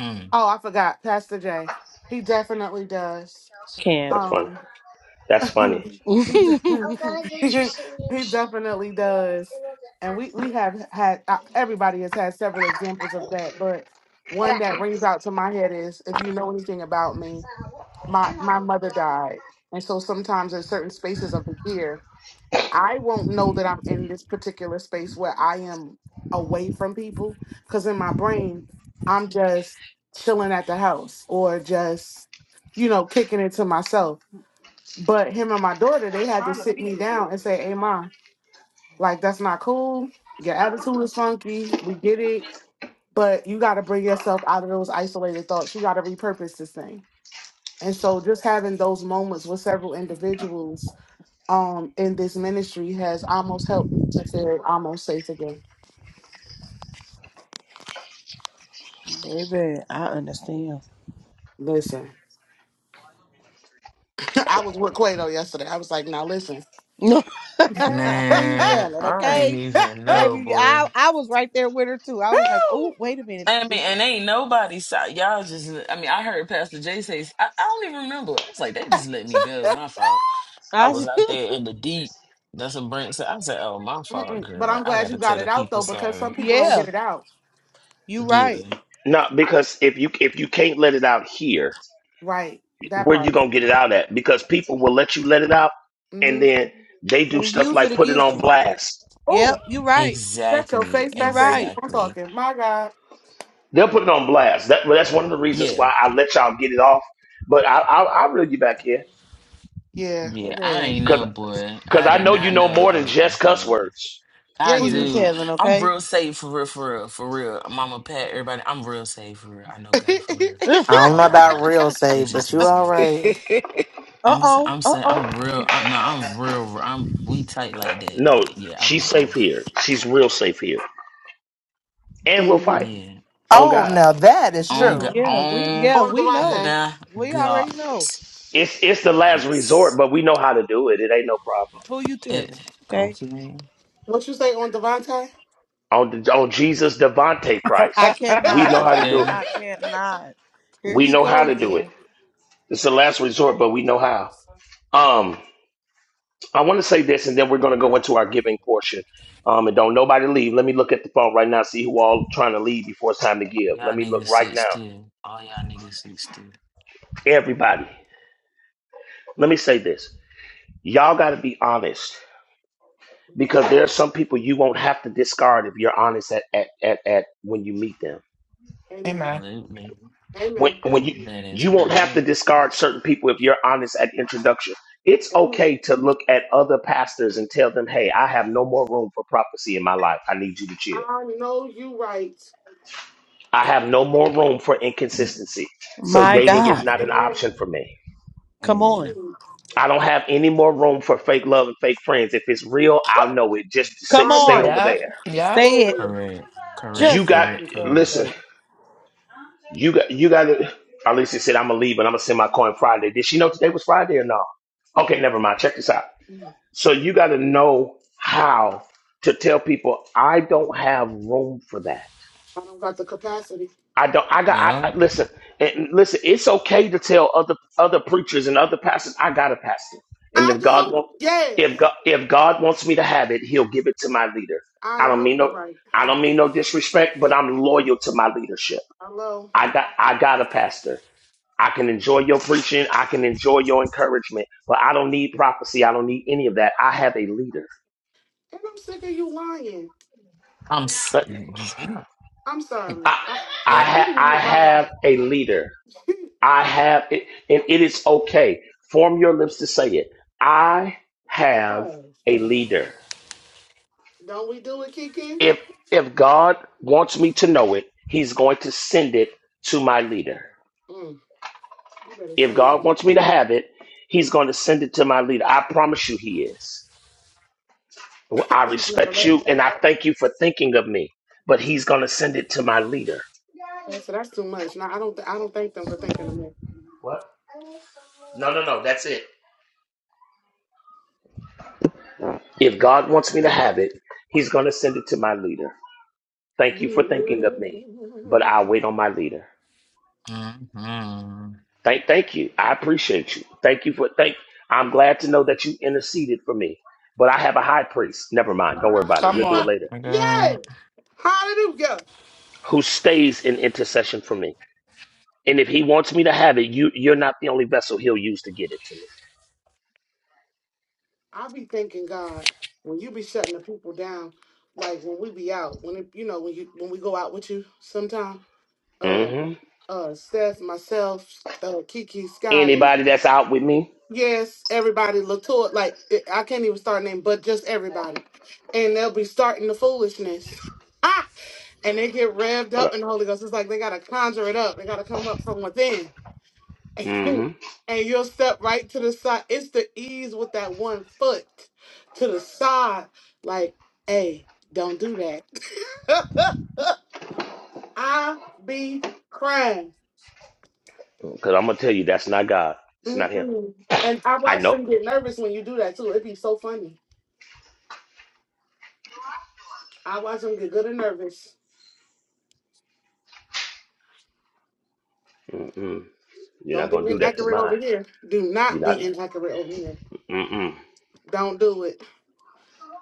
Mhm.
oh i forgot pastor j he definitely does
Can't.
That's funny.
Um,
That's
(laughs)
funny.
he
(laughs)
de- (laughs) he definitely does, and we we have had uh, everybody has had several examples of that, but one that rings out to my head is if you know anything about me, my my mother died, and so sometimes in certain spaces of the year, I won't know that I'm in this particular space where I am away from people because in my brain I'm just chilling at the house or just you know kicking it to myself but him and my daughter, they had to sit me down and say, Hey, Ma, like, that's not cool. Your attitude is funky. We get it. But you got to bring yourself out of those isolated thoughts. You got to repurpose this thing. And so, just having those moments with several individuals um, in this ministry has almost helped me to feel almost safe again.
Baby, I understand.
Listen, (laughs) I was with Quato yesterday. I was like, Now, listen.
No, (laughs) who you
Man,
telling?
I ain't
Okay,
even know,
baby,
boy.
I I was right there with her too. I was like, oh,
woo."
wait a minute,
I mean,
this is-
and ain't nobody saw y'all. Just, I mean, I heard Pastor Jay say, I, I don't even remember. I was like, they just let me go. My fault. I
I
was
s-
out
(laughs)
there in the deep. That's what Brent said. I said, oh, my fault,
Mm-mm. But
girl.
I'm
I
glad
got
you
to tell
got
the
it out,
people
though, because
sorry.
some people don't
yeah,
get it out.
you right,
Yeah.
No, because if you if you can't let it out here,
Right. That
where you
part.
gonna get it out at? Because people will let you let it out and
Mm-hmm.
then they
and
do stuff
use it
like put it
against
on
you.
blast.
Oh,
Yep, you right,
That's your
Exactly,
face
you
fast and
right,
keep on
exactly.
talking. My God.
They'll put it on blast. That, well, that's one of the reasons
Yeah,
why I let y'all get it off. But I, I, I'll reel you back in
Yeah.
yeah. I
baby.
ain't know, boy.
because
I
I
did
know you
not
know
know
more
I
than
was out
just cuss
there.
words.
Yeah,
I
Who
you
you
do.
do.
telling?
I'm
Okay.
real safe for real, for real, for real. Mama, Pat, everybody. I'm real safe for real. I know God for
(laughs)
real.
(laughs) uh
I don't
I
know about
promise.
real
It
save,
just
but you
was
all
um.
(laughs)
right.
I'm s-
oh,
I'm
uh
saying
oh.
I'm real. I'm no. I'm real. I'm we tight like that.
No,
But yeah, I
she's
was
safe
off.
here. She's real safe here. And we'll
hmm
fight.
Yeah.
On
Oh,
God.
now that is
On
Yeah,
true.
God.
yeah, we
On
yeah,
On
we know.
Devontae.
We
God.
already know.
It's it's the last resort,
Yes.
but we know how to do it. It ain't no problem.
Who you telling?
It.
Okay.
Okay.
What you say on Devontae?
On the, on Jesus Devante
I
Christ.
(laughs)
We
cannot.
know how to do
Okay.
it.
I cannot. Here
We
he
know
go
how to do it.
again.
It's the last resort, but we know how. Um, I want to say this and then we're gonna go into our giving portion. Um, and don't nobody leave. Let me look at the phone right now, see who all trying to leave before it's time to give. Let
Y'all
me look
niggas
right
sit
now.
still. All y'all niggas sit still.
Everybody. Let me say this. Y'all gotta be honest because there are some people you won't have to discard if you're honest at at at, at when you meet them.
Amen.
Amen.
Absolutely.
When
Amen.
when you
That is
you won't have to
correct.
discard certain people if you're honest at introduction. It's
Amen.
okay to look at other pastors and tell them, "Hey, I have no more room for prophecy in my life. I need you to chill.
I know you right.
I have no more room for inconsistency. So
My
dating
(laughs)
is
God.
not an
Amen.
option for me.
Come on.
yeah.
Mm.
I don't have any more room for fake love and fake friends. If it's real, I'll know it. Just stay
Come
I
stay
on.
am
over
Yep.
there.
Yep.
Say it.
glory
Correct.
You
Correct.
Just said
got
Correct.
this the other
Correct.
listen.
day.
You got you got to Alicia said, I'm gonna leave and I'm gonna send my coin Friday. Did she know today was Friday or no? Okay, never mind. Check this out. So you gotta know how to tell people I don't have room for that.
capacity.
I don't I got I, I
Yep.
listen and listen, it's okay to tell other other preachers and other pastors, I got a pastor. And
I
if God
do.
wants if
Yes.
God if God wants me to have it, he'll give it to my leader.
I
I don't
know
mean
you
no
right.
I don't mean no disrespect, but I'm loyal to my leadership.
Hello.
I got I got a pastor. I can enjoy your preaching. I can enjoy your encouragement, but I don't need prophecy. I don't need any of that. I have a leader.
And I'm sick of you lying.
I'm. s-
But
Yeah.
I'm sorry.
I,
I,
I
Yep.
let
have,
me
I
mute my
have
mic.
a leader. I have it, and it is okay. Form your lips to say it. I have
Oh.
a leader.
Don't we do it, Kiki?
If if God wants me to know it, He's going to send it to my leader.
Mm. You better
If
say that.
God wants me to have it, He's going to send it to my leader. I promise you, He is. Well, I
He's never
respect
left.
you and I thank you for thinking of me, but he's going to send it to my leader.
I said that's too much. Now I don't. Th- I don't thank them for thinking of me.
What? No, no, no, that's it. If God wants me to have it, he's going to send it to my leader. Thank you for thinking of me, but
You
I'll wait on my leader.
Mm-hmm.
Thank thank you. I appreciate you. Thank you for thank I'm glad to know that you interceded for me. But I have a high priest. Never mind. Don't worry about it.
(laughs)
Come
We'll do it
on.
later.
I
Yay! Hallelujah!
Who stays in intercession for me. And if he wants me to have it, you you're not the only vessel he'll use to get it to me.
I be thanking God when you be shutting the people down, like when we be out, when it, you know when you when we go out with you sometime. Uh,
Mm-hmm.
uh, Steph, myself, uh, Kiki, Skylar.
Anybody that's out with me,
Yes, everybody, Latour, like it- I can't even start a name, but just everybody, and they'll be starting the foolishness, (laughs) ah, and they get revved
what
up
up?
in the Holy Ghost. It's like they gotta conjure it up. They gotta come up from within, (laughs) and
Mm-hmm.
you'll step right to the side. It's the ease with that one foot to the side. Like, hey, don't do that. (laughs) I be crying,
Because I'm gonna tell you, that's not God. It's not Him.
Mm-mm. and I
I
watch
know.
them get nervous when you do that too. It'd be so funny. I watch them get good and nervous.
Mm-mm. You're not
Don't be
gonna do that to
inaccurate
mine.
over here. Do
You're
not be
not.
inaccurate over here.
Mm-mm.
Don't do it.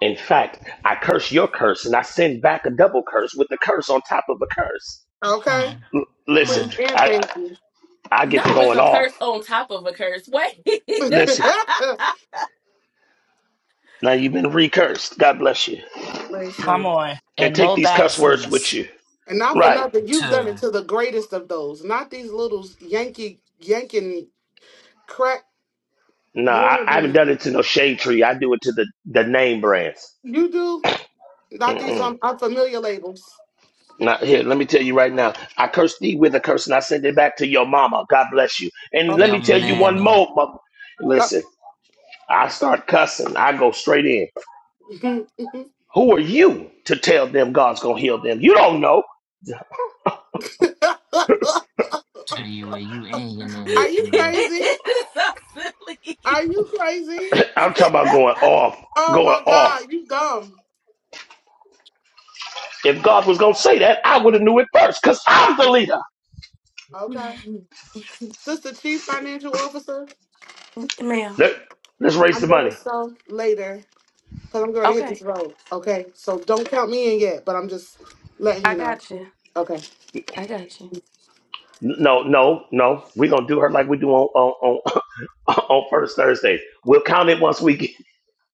In fact, I curse your curse, and I send back a double curse with a curse on top of a curse.
Okay?
Mm-hmm.
L- listen,
Please and
I
thank you.
I I
No,
get to
it's
going
a
off.
curse on top of a curse. Wait. (laughs)
(laughs)
Listen, now you've been recursed. God bless you,
Come
Listen.
on.
and
And
take
no
these cuss words with
backseas.
you.
And not for
Right?
nothing, you've done it
To
to the greatest of those, not these little Yankee, yanking crack
Nah, I, I haven't done
wannabe.
it to no shade tree. I do it to the the name brands.
You do? Not these
Mm-mm.
um, unfamiliar labels.
Now, here, let me tell you right now. I cursed thee with a curse, and I send it back to your mama. God bless you. And let
Okay.
your
me tell you one
mammy.
more. mama.
Uh,
Listen, I start cussing. I go straight in.
(laughs)
Who are you to tell them God's gonna heal them? You don't know.
Are you a you and your man
Are you
making love?
crazy?
it's so
Are
silly.
you
Close.
(clears throat)
crazy?
I'm talking about going off,
Oh
going
my
off.
God, you dumb.
If God was gonna say that, I would have knew it first, cause I'm the leader.
Okay.
(laughs)
Sister Chief Financial Officer,
Ma'am.
Let, let's raise
I'm
the
gonna
money.
sell later because I'm going to hit this
Okay.
road. Okay, so don't count me in yet, but I'm just letting
I
you know.
got you.
Okay.
I got you.
N- No, no, no. We're gonna do her like we do on on on, (laughs) on first Thursdays. We'll count it once we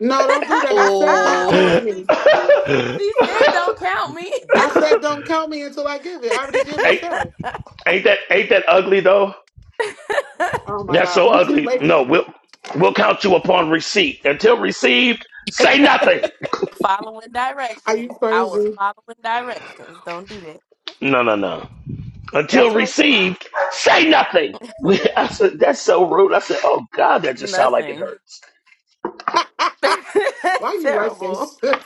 No, don't do that. I said don't
(laughs)
Oh.
count
Once
get.
we
me.
get it,
(laughs)
she said, "Don't count me."
I said don't count me until I give it. I already did
eight
myself.
Ain't that ain't that ugly though?
(laughs)
Oh my
That's
God,
so
you too
ugly.
late.
No, we'll we'll count you upon receipt. Until received,
(laughs)
say nothing.
following
Are you
directions. I was
crazy?
following directions. Don't do that.
No, no, no.
That's
Until
right.
received, say nothing. (laughs) We, I said, that's so rude. I said, oh God, that just sound like it
Nothing.
hurts.
(laughs)
(laughs) Why
That's
you like this? (laughs)
terrible.
oh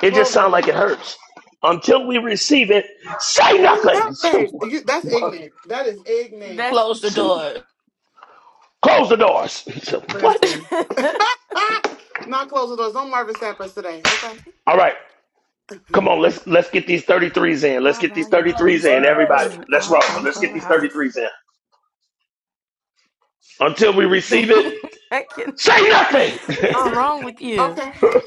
It just
my
sound like it
God.
hurts. Until we receive it, say
Turn that
nothing. (laughs) So,
face.
what,
You, that's
what?
ignorant. That is ignorant.
That's
Close the
So,
door.
Close the doors. (laughs) So, what?
Listen.
(laughs)
(laughs) Not closing doors. No Marvin Sappers today. Okay.
All right. Come on, let's let's get these 33s in. Let's
my
get these
volume keeps
33s in,
going in
everybody.
and
Let's roll.
out on
Let's get these
Clubhouse.
33s in. Until we
(laughs)
receive it,
I cannot.
say nothing.
What's
Oh,
wrong with you?
okay.
(laughs)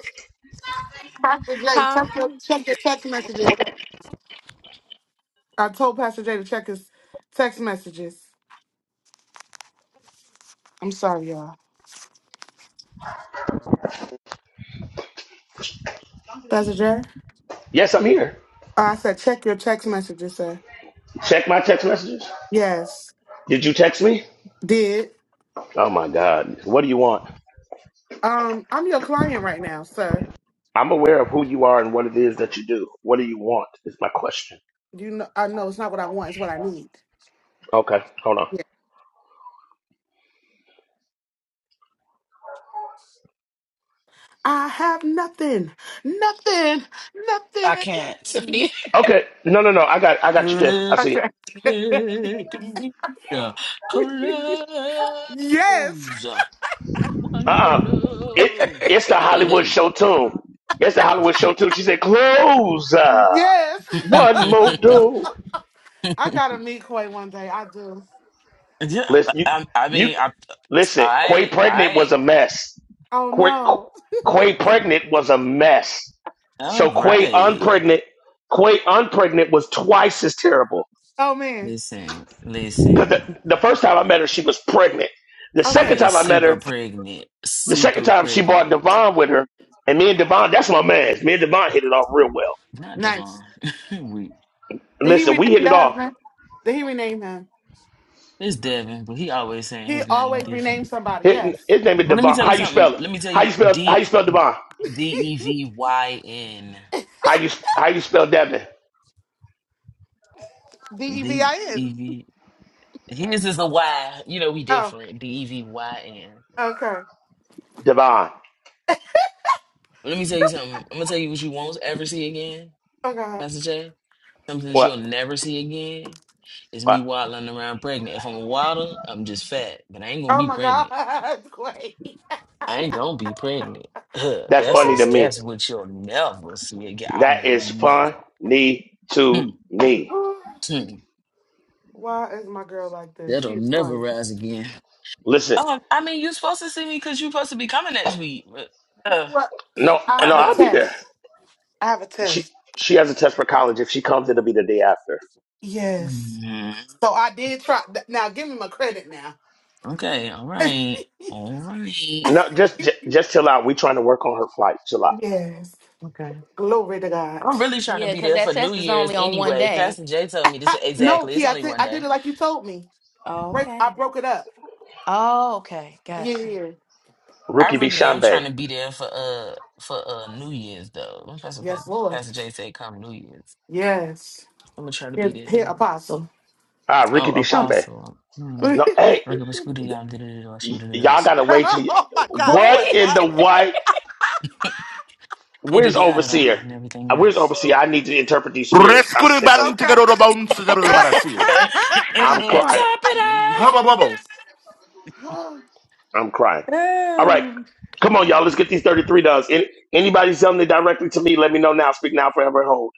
Pastor Jay,
Huh?
check your, check your text messages. I told Pastor Jay to check his text messages. I'm sorry, y'all. Pastor Jay?
yes, I'm here.
Oh, I said check your text messages, sir.
Check my text messages.
Yes.
Did you text me?
Did.
Oh my God. What do you want?
Um, I'm your client right now, sir.
I'm aware of who you are and what it is that you do. What do you want? Is my question.
You know I know it's not what I want, it's what I need.
Okay, hold on.
Yeah. I have nothing. Nothing.
I
Nothing. (laughs)
can't. Tiffany.
Okay, no, no, no. I got, I got you, Tiff. I see it.
Okay. Yes.
Uh,
One more
uh it,
door.
(laughs)
it's the Hollywood
Hey,
show tune. It's the Hollywood
hey.
show tune. She said, "Close uh,
Yes.
one more
(laughs)
(laughs)
door."
I gotta meet Quay one day. I do.
yeah,
Listen, you
I, I
you
mean, I,
listen. Quay
I,
pregnant was
I,
a mess.
Oh
Quay,
no.
Quay pregnant was a mess.
all
So Quay
right.
unpregnant, Quay unpregnant was twice as terrible.
Oh man.
Listen,
Because
listen.
the, the first time I met her, she was pregnant. The
I
second
Okay.
mean,
time I met
super
her,
pregnant,
the second
super
time she brought
pregnant.
Devon with her, and me and Devon, that's my man. Me and Devon hit it off real well.
Not Devon.
Nice.
(laughs) we,
Did he
Listen,
rename
we hit it
your
off.
husband? Did he rename him?
it's Devin, but he always saying
He
his name
always
different.
renames somebody.
His,
Yes.
his name is
But let me
Devon.
tell you
How you
something.
spell it?
Let me tell
How you
you
spell? How you
D
spell Devon?
D E V Y N
How you how you spell Devon?
D E V
D
I N.
E V. His is a Y. You know we
Oh.
different. D E V Y N.
Okay.
Devon.
But let me tell you something. I'm gonna tell you what you won't ever see again,
Oh God.
Pastor J. Something that you'll
What?
never see again is me
What?
waddling around pregnant. If I'm a waddle, I'm just fat, but I ain't gonna
Oh
be
my
pregnant.
God. (laughs) Quay.
I ain't gonna be pregnant. (clears throat)
That's
that's
Quay.
a,
funny to me.
that's what you'll never see again. I
That is
mean, never.
funny
Hmm,
to me.
(sighs)
hmm.
Why is my girl like this? She
That'll
is
never
funny.
rise again.
Listen,
Um, I mean, you're supposed to see me because you're supposed to be coming next week. But, uh,
Well,
no,
I
no,
have a
uh,
I'll be there.
test. I have a
She
test.
she has a test for college. If she comes, it'll be the day after.
Yes.
Mhm.
So I did try. th- Now give him a credit. Now.
Okay, all right, all right.
No, just j- just chill out. We trying to work on her flight. Chill out.
Yes.
Okay,
Glory to God.
I'm really trying to
Yeah,
be
because
there
that
for New
test is
Year's
only on one
anyway.
day.
Pastor Jay told me this
I, no,
exactly. It's
T, I
only
thi-
one
I did
day.
it like you told me. Break. I
Okay.
broke it up.
Oh, okay.
Yeah,
Gotcha.
yeah. yeah.
I
Rookie B.
really am trying to be there for uh for uh New Year's though. When Pastor Pa-
Yes, Lord.
Pastor Jay said come New Year's.
Yes.
I'm gonna try to
Here,
be there
here
then.
apostle.
Ah,
Oh,
Ricky B.
Apostle.
(laughs)
Hmm.
oh
No, hey,
Regular school, da- da- da- da- da- da- da- da- da- da- da-
y- y'all gotta wait till. Y-
my God,
what
Clay.
Wait
in the
What?
white?
da-
Where's
da- da- da-
overseer?
and everything
Uh, Where's
else.
overseer? I need to interpret these spirits. I'm
Rescue
sick of it.
band
Okay.
together the bones together
(sighs)
(laughs)
I'm
oh,
and
crying.
top it up.
Hubba bubble.
Ah.
I'm crying. All right. Come on, y'all. Let's get these 33 does. Any, anybody selling it directly to me, let me know now. Speak now, forever hold.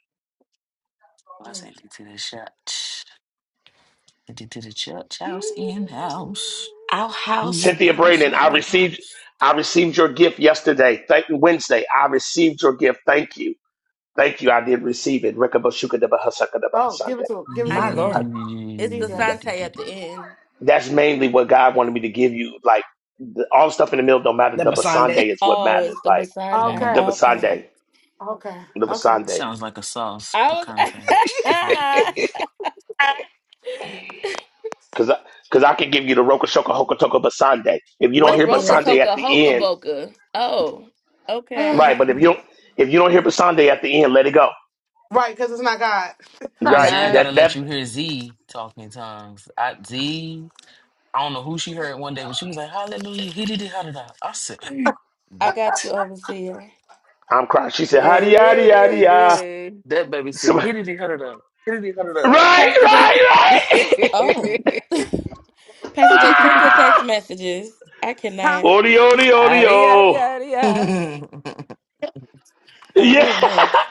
I sent it to the church. Sent you to the church house, in house,
Our house,
blue
Cynthia
house,
Braden, I
out
received
house.
I received your gift yesterday. Thank Wednesday. I received your gift. Thank you. Thank you. I did receive it.
oh, give
Rekabashukadabahasakadabahasande.
it to him. Give it
I
to
my
him.
I-
can't.
Lord,
Mm,
It's the
that-
Jesus.
Sante at the end.
That's mainly what God wanted me to give you. Like the, all the stuff in the middle don't matter.
that
The
was Sunday.
Basande is what
Oh,
matters.
it's the
Like
Basande.
the
Okay.
Basande.
Okay.
Okay.
The
Okay.
Basande.
sounds like a sauce
I
picante. Something like
was
that.
Cause I, cause I can give you the Rokushoka Hokotoko Basande. If you
(laughs)
don't
the
Wait a
hear
Roka
minute.
Basande at
Toka
the
Hoka
end,
Boka. Oh, okay.
right?
(sighs)
But if you don't, if you don't hear Basande at the end, let it go.
right, because it's not God.
My
DJ,
Right?
I
God.
gotta
That
let
that
you hear Z talking tongues. I, Z, I don't know who she heard one day, but she was like, Hallelujah, he did it, how did I? I said,
I got you,
What?
Overseer.
I'm crying. She said,
Yeah,
"Hadi
yeah,
yadi yadi
yeah,
ya."
yeah.
That baby said,
Some, (laughs) right,
He did it, how did I? He did it, how did
Pastor J.
(laughs)
right, right.
Oh. (laughs)
(laughs)
Pastor J,
I?
check
(laughs)
your text
ah!
messages. I
Huh?
cannot.
Odi odi odi
Adi, adi,
oh.
adi, adi.
(laughs)
A
Yeah.
whole mess.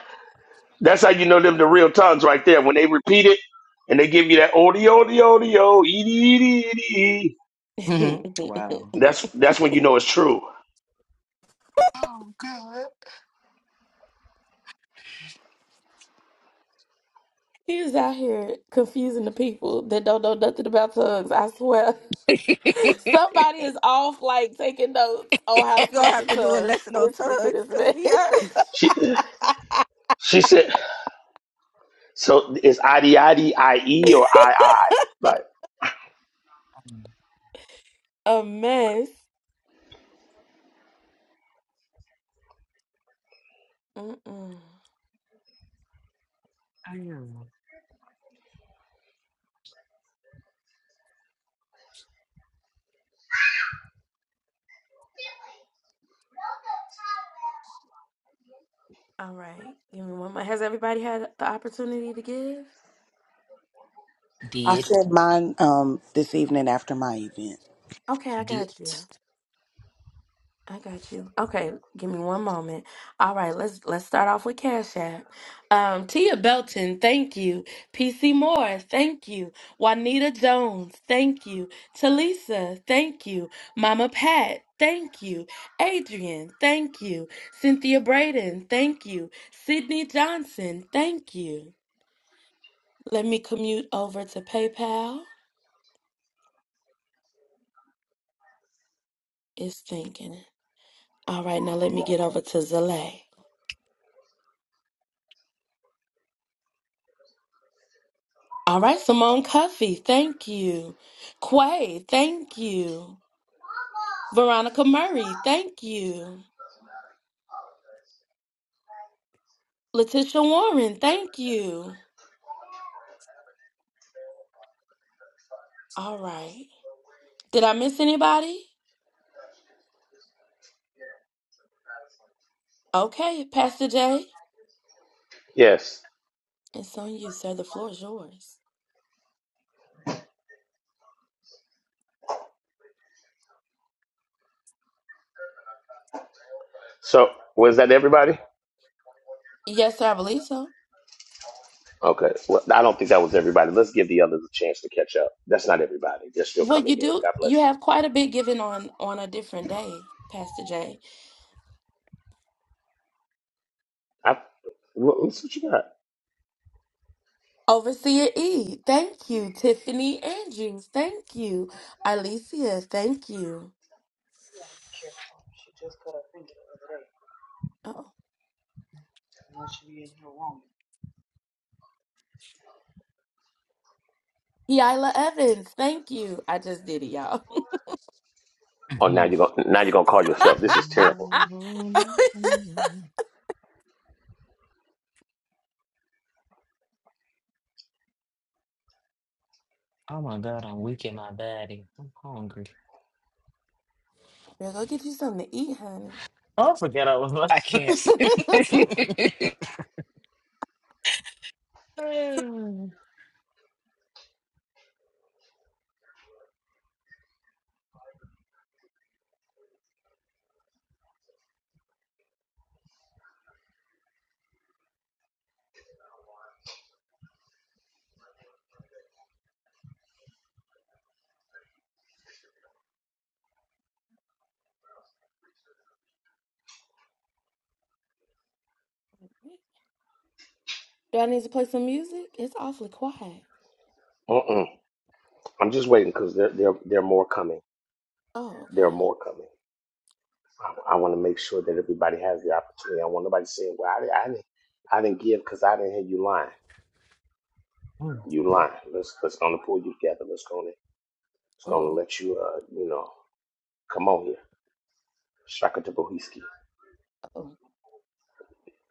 (laughs) That's how you know them the real tongues right there. When they repeat it and they give you that odi odi odi oh, edi edi edi.
wow.
(laughs)
That's that's when you know it's true.
Oh, good.
He was out here confusing the people that don't know nothing about tongues. I swear. (laughs) Somebody is off, like taking notes on how to
You gonna
speak
have
in
to do a
tongues,
lesson on
listening to
tugs,
this
cause we are
mess.
She she said. So is I D I D I E or I I? Right.
Mm.
(laughs) A mess. Mm-mm.
I know.
All right, give me one. More. Has everybody had the opportunity to give?
I
Did,
said mine um this evening after my event.
Okay, I
did.
got you. I got you. Okay, give me one moment. All right, let's let's start off with Cash App. Um, Tia Belton, thank you. PC Moore, thank you. Juanita Jones, thank you. Talisa, thank you. Mama Pat, thank you. Adrian, thank you. Cynthia Braden, thank you. Sydney Johnson, thank you. Let me commute over to PayPal. It's thinking. All right, now let me get over to Zale. All right, Simone Cuffy, thank you. Quay, thank you. Veronica Murray, thank you. Letitia Warren, thank you. All right. Did I miss anybody? Okay, Pastor Jay,
Yes.
it's on you, sir. The floor is yours.
So was that everybody?
Yes, sir, I believe so.
Okay. Well, I don't think that was everybody. Let's give the others a chance to catch up. That's not everybody. They're still
Well,
coming
you
in.
do.
God
You
bless you.
have quite a bit given on on a different day, Pastor Jay.
I, what, what's what you got?
Overseer E, thank you. Tiffany Andrews, thank you. Alicia, thank you. Yaila Evans, thank you. I just did it, y'all.
Oh, now
Mhm.
you're gonna now you're gonna call yourself. This is
(laughs)
terrible.
Oh my God, I'm weak in my body. I'm hungry.
Girl, go get you something to eat, honey.
Oh, I forget I was
I
like,
can't.
(laughs)
(laughs)
(laughs) Mm.
Do I need to play some music? It's awfully quiet.
Mm-mm. I'm just waiting because there there there are more coming.
Oh,
There are
okay.
more coming. I, I want to make sure that everybody has the opportunity. I want nobody saying, "Well, I, di- I didn't I didn't give because I didn't hear you lying." You lying. Let's let's gonna pull you together. Let's go in. It's gonna
Ooh,
let you, uh, you know, come on here, Shaka Tabahiski.
oh,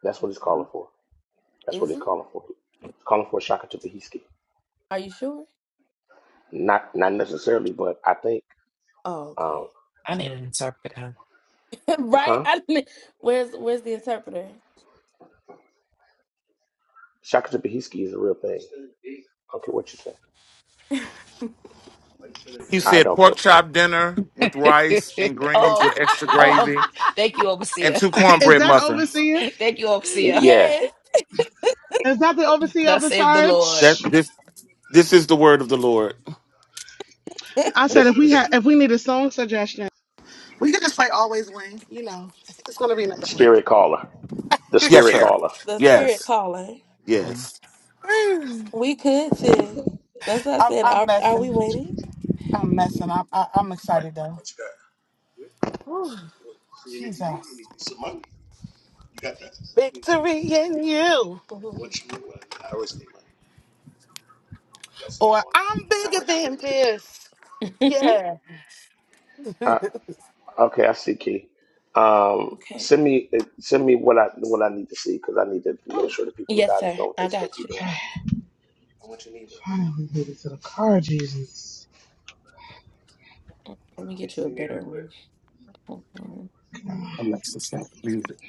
That's what it's
mm.
calling for. That's what
is
it's
it?
calling for. It's calling for Shaka Tabahiski.
Are you sure?
Not, not necessarily, but I think,
Oh,
uh,
okay.
I need an interpreter.
(laughs) right?
huh?
I mean, (laughs) where's where's the interpreter?
Shaka Tabahiski is a real thing. I don't care what you say.
He
I
said
don't care.
pork
What,
chop dinner with rice and
(laughs)
greens
oh,
with extra
oh,
gravy
thank you,
and
Overseer.
two
Is
cornbread
that
muffins.
overseer?
Thank you,
(laughs)
Overseer.
yeah,
Yes,
Is that the overseer of
Thus
the
save the Lord.
That
charge?
this this is the word of the Lord.
(laughs)
I said
this,
if we had
this
if we need a song suggestion. We could just play Always Win. You know, it's gonna be another.
spirit caller, the
Yes,
spirit
sir.
caller.
the spirit
Yes.
calling.
mm,
Yes.
(sighs) I'm,
We could too.
mm.
That's what I said.
I'm
Are are we
messing.
waiting?
I'm messing. I'm, I, I'm excited though. Jesus. Victory in you. Or I'm bigger than this. Yeah.
I, Okay, I see, Key.
(laughs)
Um,
okay.
send me eh, send me what I what I need to see because I need to make sure the people of
Yes,
God is
sir.
doing what they're
I
supposed to
got
be
you.
doing. I want your email.
Finally made it to the car, Jesus.
Let me get you a better one. Hold on.
All
Alexis got muted.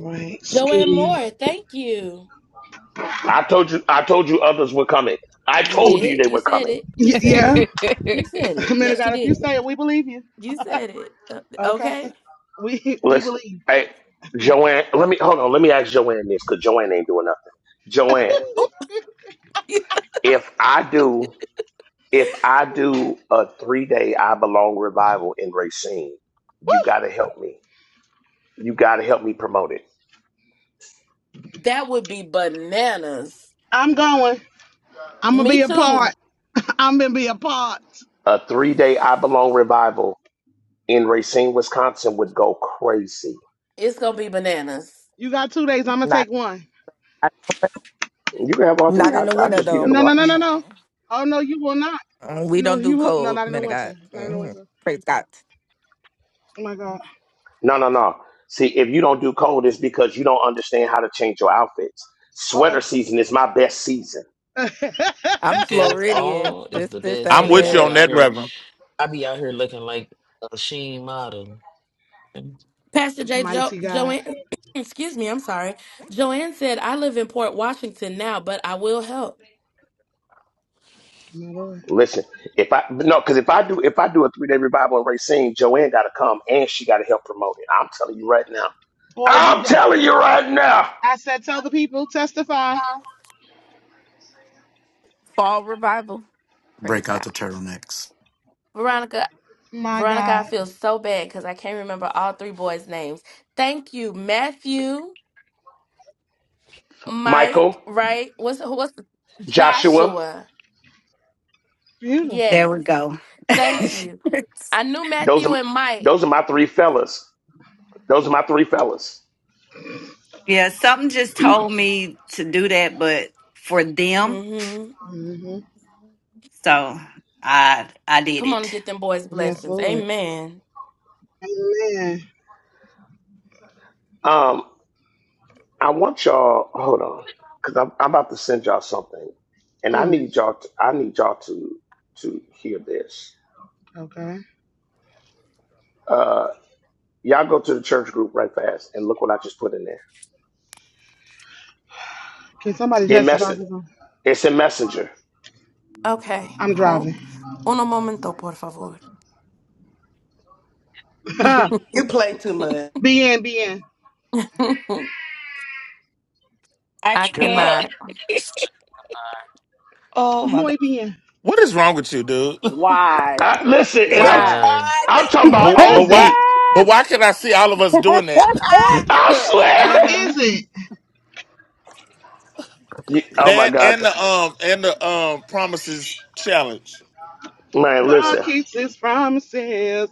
right,
Joanne
Scooty.
Moore, thank you.
I told you. I told you others were coming. I
You
told you
did.
they
You
were
said
coming.
it.
Y-
You
(laughs)
said
yeah,
it. You said
(laughs)
it.
Man of
Yes, you
God, if you
did.
say it, we believe you.
You said it. Uh,
Okay,
okay.
we we
Let's.
believe.
Hey, Joanne. Let me hold on. Let me ask Joanne this because Joanne ain't doing nothing.
(laughs)
Joanne,
Oh,
if I do, if I do a three day I belong revival in Racine, you got to help me. You got to help me promote it.
(laughs) that would be bananas.
I'm going. I'm gonna be
Me
a
too.
part. I'm gonna be a part.
A three day I belong revival in Racine, Wisconsin would go crazy.
It's gonna be bananas.
You got two days. I'm
(laughs)
gonna
not
take one.
You can have all three.
not
I,
in the
I'd
winter
just be there
though.
to
No, no, no, no,
watch.
Mm-mm.
no. Oh no, you will not.
Mm, We
No,
don't
he
do
will. No,
cold,
not in
man
the
of God.
winter. Not in the
hmm
winter.
Praise God.
Oh my God.
No, no, no. See, if you don't do cold, it's because you don't understand how to change your outfits.
Uh
Sweater season is my best season.
oh.
I'm
Okay,
Floridian.
fall is
This
the
this
best,
I'm
ain't
baby.
with
I'll
you
be
it.
on
out
that,
here.
Reverend.
I'll be out here looking like a sheen model.
Pastor
(laughs)
J. Jo-
Mighty God.
Joanne, (clears throat) excuse me. I'm sorry. Joanne said, "I live in Port Washington now, but I will help."
My Lord.
Listen, if I no, because if I do if I do a three day revival in Racine, Joanne got to come and she got to help promote it. I'm telling you right now.
Born do new
I'm telling you right now,
I said, tell the people, testify.
Fall revival. Praise
Break out
God.
the turtlenecks.
Veronica,
My
Veronica, I
God.
feel so bad because I can't remember all three boys' names. Thank you, Matthew. Mike,
Michael,
right? What's what's
Joshua,
Joshua?
There
Beautiful.
Yes.
we go. (laughs)
Thank you. I knew
those
Matthew
are
and Mike.
those are my three fellas. Those are my three fellas.
yeah, something just told me to do that, but for them,
Mm-hmm.
hmm
so I I did
Come on,
it.
get them boys
Yes,
blessings.
Lord.
Amen.
Amen.
Um. I want y'all hold on because I'm, I'm about to send y'all something, and I
Mm.
need y'all. To, I need y'all to to hear this.
Okay.
Uh, y'all go to the church group right fast and look what I just put in there.
Can somebody
In
testify?
message,
'Cause I'm
it's in messenger.
Okay.
I'm
Hope.
driving.
Uno momento, por favor.
(laughs)
You play too
(laughs)
much.
be in, be in.
I
I
can't.
Goodbye.
cannot.
(laughs) Oh my
Muy
God.
bien.
What is wrong with you, dude? (laughs)
Why?
I,
(laughs)
listen, and
It's
I'm
Why?
Goodbye.
I'm talking
(laughs)
Friday.
about
What
But, but
is
on
it?
why
beat.
but why can I see all of us doing that? (laughs)
Ah!
I
Good-
What
swear. (laughs)
Uh-huh.
is it?
You, oh my
That
God,
and the um and the um promises challenge.
man!
God
Listen,
keeps his promises.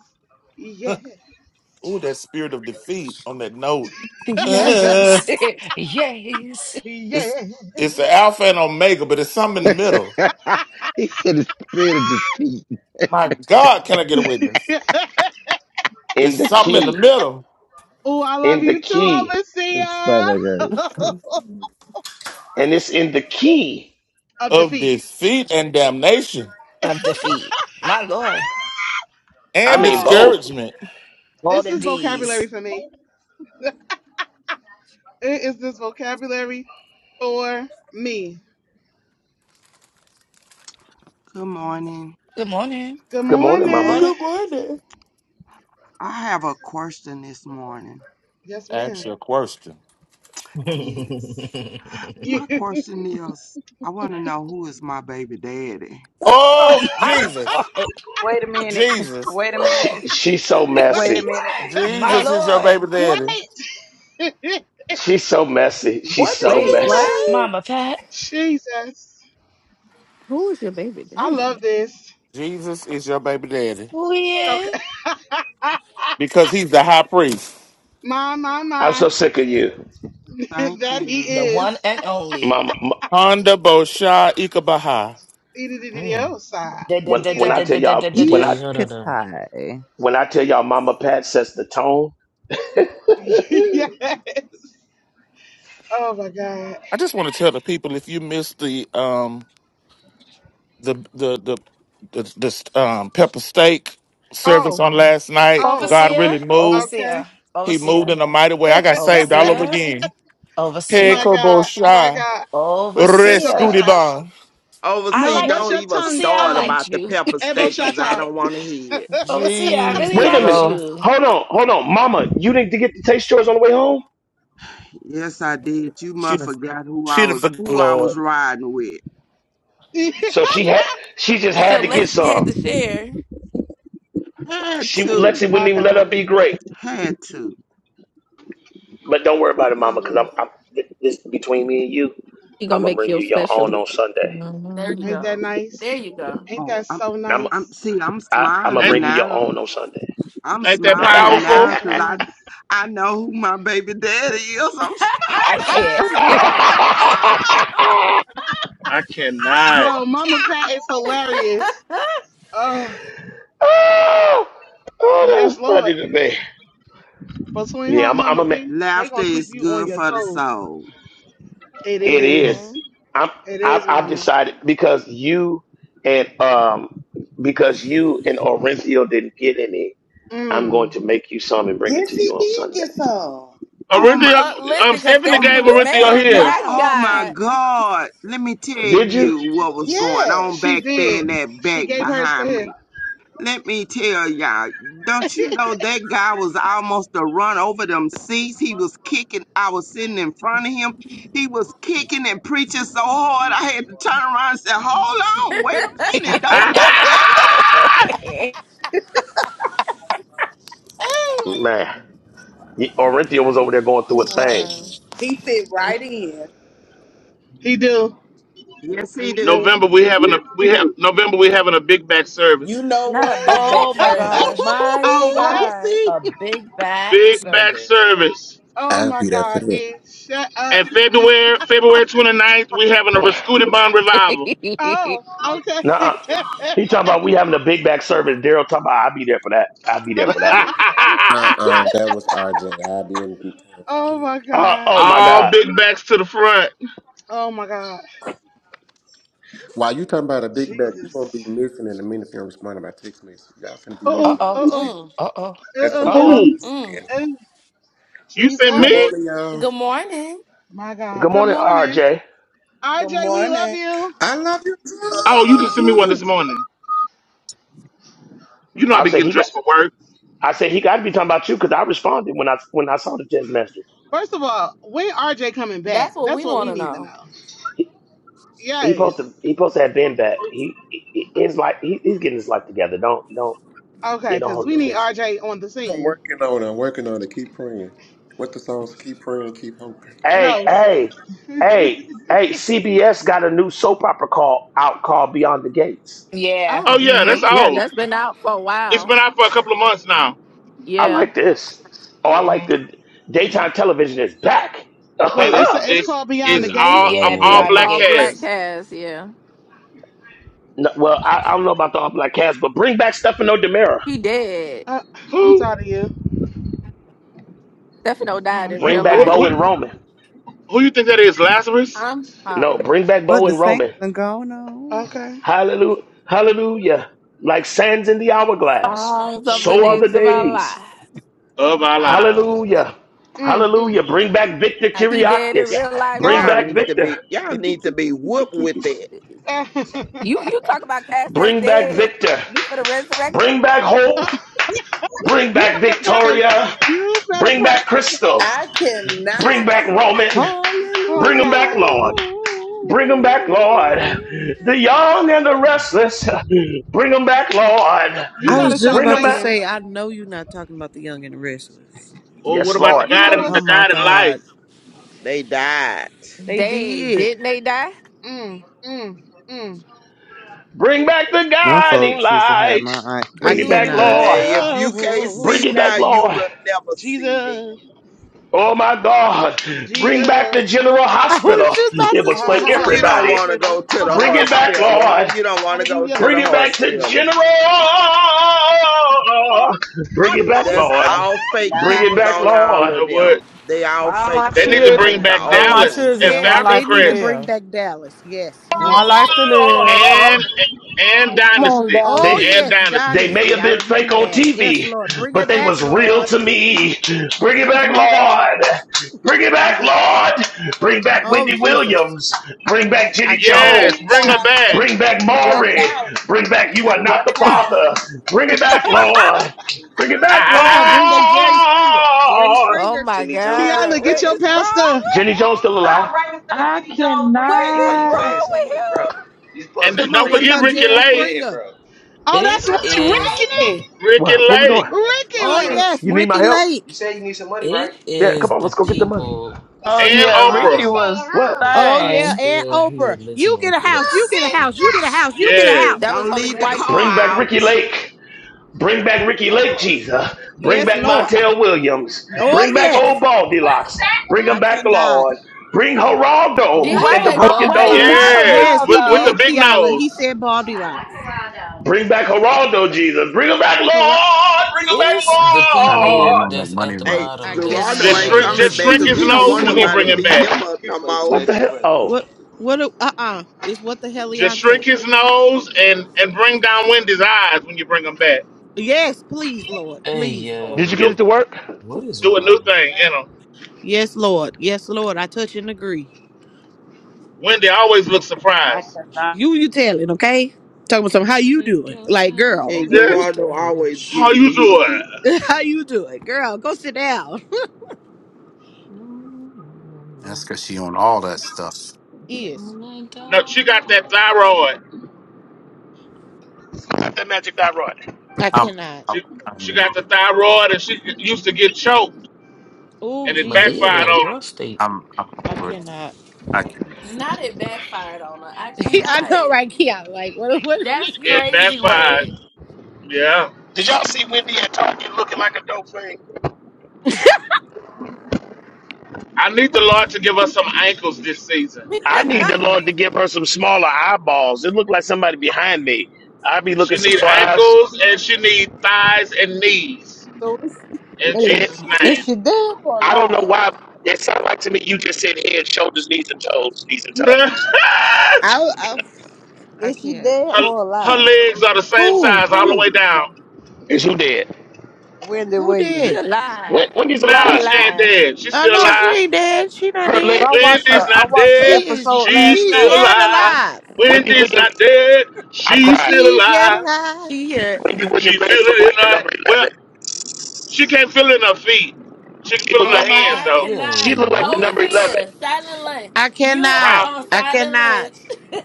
Yes.
Ooh, that spirit of defeat on that note.
(laughs)
(laughs)
Yes. (laughs) Yes.
It's
yes.
it's the alpha and omega, but it's something in the middle.
(laughs) he said the spirit of defeat.
My God, can I get a
(laughs)
witness?
in
It's
the
something in the
key,
middle
oh, I love
in the
you too,
key,
(laughs) His
overseer
stomach hurt.
(laughs)
and it's in the key.
of
of
defeat. (sighs)
defeat and damnation
(laughs)
Of defeat. My Lord.
I
and
mean
it's
both.
discouragement.
All the
this vocabulary
D's.
for me. It is this vocabulary for me.
Good morning.
Good morning.
Good
Good morning,
Good
Mama.
morning.
morning.
Good morning.
I have a question this morning.
Yes, ma'am.
Ask your question.
(laughs) mm.
Yes. My
(laughs) Wait.
question is I want to know who is my baby daddy.
(laughs) Oh,
Oh,
my
Jesus,
Lord.
Wait a minute. (laughs)
Jesus,
Wait a
Ooh.
She,
minute.
she's so
Wait a
messy.
minute.
My
Jesus is your
Lord,
baby
(laughs)
daddy.
Wait. (laughs)
She's so messy. She's
What did she
so
Wait, what?
messy.
say?
Ooh,
Mama Pat,
Jesus.
Who is your baby
I love
daddy?
this.
Jesus is your baby daddy
who he
Okay.
is?
(laughs)
because he's the high priest.
my, my,
I'm
my.
so sick of you,
(laughs)
Thank
that he
you.
The one
is.
and only.
Mama. m-
Honda Bosha Ikabaha.
E D D D O side.
Da- da-
When
da-
See
da-
when I
da-
that?
tell
da- da-
y'all
da- da-
when
EDD,
da.
I
Yeesh,
hold on. now.
Katai.
when I tell y'all, Mama Pat sets the tone. (laughs)
(laughs)
Wait
yes. Oh my God.
I just want to tell the people if you missed the um the the the the, the um, pepper steak service
Oh,
on last night.
oh,
God
Overseer,
really moved.
okay.
overseer,
He moved
overseer,
in a mighty way. I got saved all over
overseer,
again.
(laughs)
Hey,
my
overseer,
Kobo
God, my
Shy.
God. Head to
overseer.
Rescooty
Boshai.
Bar.
I
Oversee,
No,
like,
what's
don't
your
even
tongue?
overseer, I
start
Um,
about
liked
the
you.
pepper
(laughs)
Ebo
steak because I
Shatta.
don't want to hear it.
overseer, I really
Jesus,
a
liked
minute.
God.
you.
Hold on. Hold on, Mama. You didn't get the taste yours on the way home.
Yes, I did. You
She
must
done,
forgot who I
she done
was
forgot,
who I
Lord.
was riding with.
So
(laughs)
she had. She just
So
had to get
Lex, she had to
some.
share.
Had
She
to.
Lexi
my
wouldn't even let her
God,
be great.
Had to.
But don't worry about it,
my
Mama, because I'm,
Lord.
I'm. This between me and you.
He
I'm
gonna
gonna
make
bring
you
you your own
special.
on Sunday.
There you
hmm
Ain't that
go. There
nice?
you go.
Ain't
Oh,
that
I'm
so
I'm.
I'm
nice?
see, I'm
I, I'm gonna
smiling
Ain't,
bring you your
now.
own on Sunday.
I'm
ain't that
smiling
Ain't
(laughs)
that
now
powerful?
so
because I
nice?
I know who my baby daddy is.
(laughs)
I'm
I
smiling.
can't.
(laughs) oh,
(laughs)
(laughs)
I cannot.
Oh,
Yo, Mama
yeah.
Pat is hilarious. Oh,
oh, that was
yes, Lord.
funny to me.
Between her
Yeah,
and
I'm. I'm
Mama
a. ma-
B, they
Laughter
gonna
is
keep you on
good
your
for the
toes.
soul.
It
It is.
Mhm.
hmm
is.
I'm.
It
I,
is,
I
Mama.
decided because you and um because you and Orenthio didn't get any. I'm going
Mm.
to make you some and bring it
Yes,
to
he
you on
did
Sunday.
get some.
Oh my,
Orinthia,
Uh, listen,
um,
because
Stephanie
oh,
Stephanie
gave
was mad at the
Orinthia his.
My
house.
oh my
God.
God. Let me tell
Did you?
you what was going
Yes.
on
She
back there in
did.
that
She
back
gave hers to
behind me.
him.
Let me tell y'all, don't you know that guy was almost to run over them seats? He was kicking. I was sitting in front of him. He was kicking and preaching so hard I had to turn around and say, Hold on, wait a minute, don't
(laughs)
(laughs)
go now.
(laughs)
Man, y- Orenthio was over there going
he
through a thing.
was
He fit right in.
He do.
Yes, he
He
do.
do.
November we having a we have November we having a big back
You
service.
know
(laughs)
not a big
what?
oh
back
my
(laughs)
service.
gosh,
oh
Mighty
I will
what?
God.
see.
a big back
Big back
service.
service.
Oh
I'll
my
be there for
God.
that.
E, shut up.
And February February 29th, we're having a Rascuti
(laughs) uh
revival.
Oh, okay.
Nah, he
(laughs)
talking about we having a big back service. Daryl talking about I'll be there for that. I'll be there
(laughs)
for that.
Uh uh that was RJ. I'll be in the town for
oh
that.
my
Uh,
God.
oh my
All
God.
big backs to the front.
Oh my God.
While you talking about a big back, you're
Jesus.
gonna be missing in a minute if you don't respond to my text message. Y'all finna be
Uh oh.
missing
oh,
Uh
on see.
oh.
Mm,
uh oh,
That's
Uh
coming
uh oh.
Who?
from me.
mm.
oh.
You sent
Good
Jesus.
me?
morning, y'all.
Good morning.
My
Good
God. Good
morning,
morning.
RJ.
Good
RJ, we love
morning.
you.
I love you
Oh, you can send me one this
too.
morning. You know I
I
be
say
getting
he got.
dressed for work.
I said he got to be talking about you because I responded when I when I saw the text master.
First of all, when RJ coming back?
That's what
That's
we
what
want
we
to
need to know.
know.
He, he
Yes.
posted he posted had been back. He, he his life he, he's getting his life together. Don't don't
Okay,
you don't
because
hold
we
it
need
against him.
RJ on the
I'm
scene.
working on it. I'm working on it. Keep praying. What the songs? Keep praying. Keep hoping.
Hey
No.
hey hey hey! CBS got a new soap opera call out called Beyond the Gates.
Yeah.
Oh
Oh,
yeah, that's
Mm-hmm.
Yeah,
all.
that's been out for a
It's
while.
been out for a couple of months now.
I
Yeah.
like this. Oh, I
hmm
like the daytime television is back.
wait.
And
(laughs)
It's
it's
the it's
it's
called Beyond the
it's
Good
all
Gates.
of
Yeah,
Lord.
all
beyond the
black
All
gates.
black
cast.
cast, yeah.
No, well, I, I don't know about the all black cast, but bring back Stefano Demira.
He dead.
Uh, I'm
Who?
tired of you.
Stefano
I-
died
am
in
You
real
Bring
tired of
back
who,
you.
life.
Bo
who
and Roman.
who you think that is? Lazarus
I'm
No,
hollering.
bring back
But
Bo
the
and
saints
Roman.
done gone on.
Okay.
Hallelujah. Hallelujah. Like sands in the hourglass.
At the
Songs of
babies
the
So
of
are
our
Mm,
the
days of our lives.
days.
lives.
of our lives.
That-
Hallelujah.
mm, mm.
Hallelujah. Bring back Victor
I
He
cannot.
dead in
Kiriakis.
Yeah,
real life
Bring
y'all
Oh.
too.
back
need to
Victor.
be y'all
Ippy,
need to
keep,
be
keepy,
whooped with
keepy.
it.
You you
(laughs)
talk about cast that's
Bring back
dead.
Victor.
You for the resurrection?
Bring back hope. Bring
you
back
better pray.
Victoria.
You better
Bring
pray.
back Crystal.
I cannot.
Bring back Roman.
Hallelujah.
Oh
Bring them
God.
back, Lord. Bring them back, Lord. The young and the restless. Bring them back, Lord.
You
I was
gotta
just
stop
Bring them
about to
back.
playing.
say, I know you're not talking about the young and the restless.
Or what
Yes,
about
No.
the
Lord.
You
God
know
in
Oh
the
what's.
my
God in life?
God.
They died.
They
They
did.
Didn't they die?
Mm, mm, mm.
Bring back the
No,
guiding
folks used to have
light.
my
I
Bring it
aunties
Do
back,
it,
cannot.
stressed
Lord.
Hey, if
out.
you can't
Lord.
Bring
see
it back,
now, you
Lord.
will never see
Jesus,
then.
Oh my God. Bring back
Jesus.
the general
(laughs) I was
hospital.
just about
It
to
Ah,
was for
say
ha,
You
ha,
you
General
don't
everybody.
want to
Hospital.
go to the
Bring
ha,
it
ha.
back,
hospital.
Lord.
You don't want to go
Hallelujah.
to
Bring
the
it back to
hospital.
general. Bring it back,
That's
I
Lord.
all fake
Bring
cannot.
it
peoples
back,
on
You
all
Lord.
of
know what?
them. They all
All
fake.
my
They
They
need
ain't
to
like
bring
children.
the
back
All
old
my
Dallas
ones.
and
children.
Yes,
One
Falcon
they
life to
need to
Crest
bring
live.
back Dallas. Yes,
One
yes.
Mm,
life to live.
and and
Come on,
Dynasty
Oh,
They
Dallas.
and
yes,
Dynasty.
they may
dynasty.
have
I
been fake
remember
on
that. Yes,
TV,
Lord. Bring
but
it
they
back,
was real
Lord.
to me. Bring it back,
My God,
Lord. Bring it back,
Jesus.
Lord. Bring back
Oh,
Wendy
Jesus.
Williams. Bring back Jenny
I cannot.
Wait
Yes,
Jones.
bring her
now.
back. (laughs)
Wait.
Bring back
You running
Maury.
out.
Bring back You
You
Are Not the
running
(laughs)
out.
Father. Bring it back, Lord. Bring it
Ha,
back,
ha,
Oh,
ha,
no.
ha.
Bring back Jerry Springer. Jerry
Lord.
Oh
Springer.
my God.
Kiala, get
What
your
is wrong with
pastor.
Jenny
him?
Jones still alive.
I
What is
cannot.
wrong with him?
and
Come on.
don't
What
forget
about
Ricky
Jerry
Lake,
Springer?
Oh, that's
It
right,
is
Ricky.
the
Ricky
What? Where we
Lake,
going?
Ricky
Oh,
Lake.
yes.
You need my
Ricky
help?
Lake.
it
Yeah, come
is
on,
the
let's go get the money.
people
Oh
at
and
the
Excuse
yeah,
me,
Oprah.
you
Ricky
bottom
stay at
was
home. What?
that
Oh,
are
yeah.
thing.
And
still here
Oprah. You get
listening
a
to
house. You
this
get a house. You get a
foolishness.
house. You get a house.
That
Yes,
was
Don't
only
leave the
white
car
Bring
people.
back
out.
Ricky Lake. Bring back Ricky Lake, Jesus. Bring
Yes,
back
Lord.
Montel Williams.
Oh,
Bring back
yes.
old Baldy Locks. Bring
I
them back,
cannot.
Lord. Bring Geraldo
Did he
and the
Wait,
say
broken nose.
wait,
Boldilocks?
not a
yes,
Yes, he
with, with
Geraldo.
the
did,
big
Kiala. He
nose.
said Baldy Locks.
Bring back Geraldo, Jesus. Bring him back,
Hurrah.
Lord. Bring him back,
It's the
I need in
people
Lord.
on that
that's
money
at the
Hey,
run.
I
bottom that's
Gerardo
Just
ain't
still
cannot.
shrink,
coming
just
back
listening
shrink
to
because
his
he don't
nose
(laughs)
want
Where
this.
we
when
I
you
going?
nobody
bring him
mean,
beating
back.
him up no more.
What the hell? Oh,
What? What? Uh uh Is what the
Just
heliante?
shrink his nose and and bring down Wendy's eyes when you bring him back.
Yes, please, Lord.
hey
Please, Lord.
did you get
yo.
Do
it to work?
What is
do a new
wrong?
thing in him.
Yes, Lord. Yes, Lord. I touch and agree.
Wendy always looks
I
surprised.
cannot.
You, you telling? Okay. Talking about something. How
Is it
you
a
doing?
good
Like, girl.
and
time?
Okay,
What's the
Gerardo always
rush?
How
getting
you
beat up.
doing?
(laughs) How you doing, girl? Go sit down.
That's because she on all that stuff.
Yes,
No, she got that thyroid.
That magic
I'm
dot rod.
I
I'm
cannot.
She she
I'm
got the thyroid, and she used to get choked,
Oh,
and it
Jesus,
Medea
backfired
got a
on her.
prostate.
I'm, I'm
I
over it.
cannot.
I can't.
Not it backfired on her. I
(laughs) I
cannot.
know, right? Yeah. Like, what? What?
That's
It
crazy
backfired.
word.
Yeah.
Did y'all see Wendy at Target looking like a dope thing?
I need the Lord to give us some ankles this season.
I
(laughs) I
need the
(laughs)
Lord to
can't.
give her some smaller eyeballs. It looked like somebody behind me. I'd be
She
looking
need
surprised.
ankles, and she need thighs and knees.
So is,
In
is,
Head
Jesus'
is
name.
she dead or
I don't know
alive?
why that sounds like to me. You just said head, shoulders, knees, and toes, knees and
(laughs) her,
toes.
I. I, I
Is she
can't.
dead or
her
alive?
legs are the same
Who?
size all the
Who?
way down.
Is who dead?
Wendy
Who
Williams.
She
dead?
alive.
Wen- Wendy's
He
Now
alive.
she ain't
alive.
dead. She's
Oh
still
She,
no, she
alive.
ain't dead. She not
her
dead.
leg,
But I watched her.
Wendy's
her
I
not
watched the
dead.
She is
episode
She's
last
she's
still
night.
yet
alive.
alive.
Wendy
Wendy's
Williams.
not dead.
I
She's
cried.
still
She's yet
alive.
alive.
She here.
Wendy Williams
She feel
legs look
it
like the
in
number
her well,
eleven.
she can't feel it in her feet. She can
She
feel
look
it in
Oh
like
her
my
hands
I
God.
though.
Yo,
cannot.
she look like the number
what?
eleven.
Overseer, silent lunch.
I
You
cannot.
Huh?
are on
I
silent
cannot.
lunch.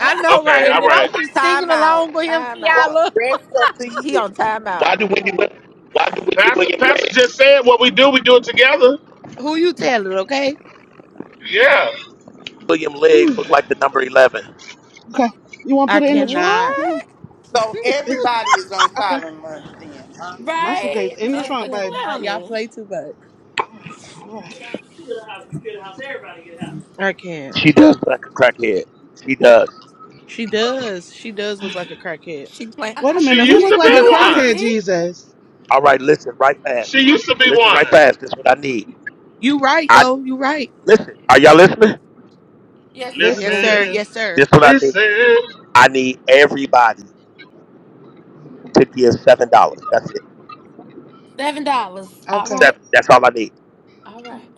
(laughs)
know,
Okay,
right? And
all
then I'm
right.
just singing
Time out.
along with him,
Time
for
out.
Kiala.
the rest of the
He
year.
on time
Why
out.
do Wendy Wi- Why do Wendy
Pastor
Williams
Pastor
legs?
just said what we do, we do it together.
Who you telling, okay?
Yeah.
William legs
Ooh,
look like the number eleven.
okay. You want to
I
put it in the trunk
cannot.
What?
again?
So
It's
everybody is on
okay.
silent lunch then, huh?
My
right?
suitcase in the
I
Just the
trunk, baby.
cannot. Y'all
clowning.
play too much.
All right.
I can't.
She does look like a crackhead. She does.
She does. She does look like a crackhead.
She playing.
I
Wait a
thought
She
she
minute.
was
Who
used
look
to
sick
like a
be
though. Is she
crackhead,
one.
sick?
Jesus?
All right, listen right fast.
She used to be
Listen right
one.
fast. This is what I need.
You right
I
though. You right.
listen. Are y'all listening?
Yes, sir.
Listening.
Yes,
Listening.
sir. Yes, sir.
This is what I need. I need everybody to give seven dollars. That's it.
Seven dollars. All
Okay.
right.
Seven. That's all I need.
All right.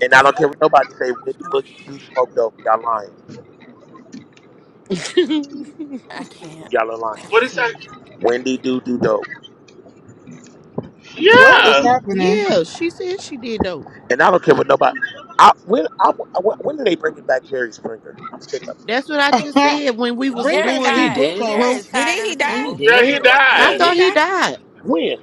And I don't care what nobody say. Wendy Williams
Mhm.
do smoke dope. Y'all lying.
(laughs)
I can't.
Y'all are lying.
I
What is that?
can't.
Wendy do do dope.
Yeah.
What is
That
happening?
yeah, she said she did though.
And I don't care what nobody. I when I when, when are they bring it back Jerry Springer? I'm sick of it.
That's what I just
(laughs)
said when we was
Bring
Jerry
back
Ain't
doing
he
Steve
tired.
dead?
Wilkos.
Jerry
Well,
is tired
Didn't
of the
he
Ain't he
people.
die?
he
dead? Ain't
I
he
Didn't
died.
thought
he
he
dead?
die?
died.
When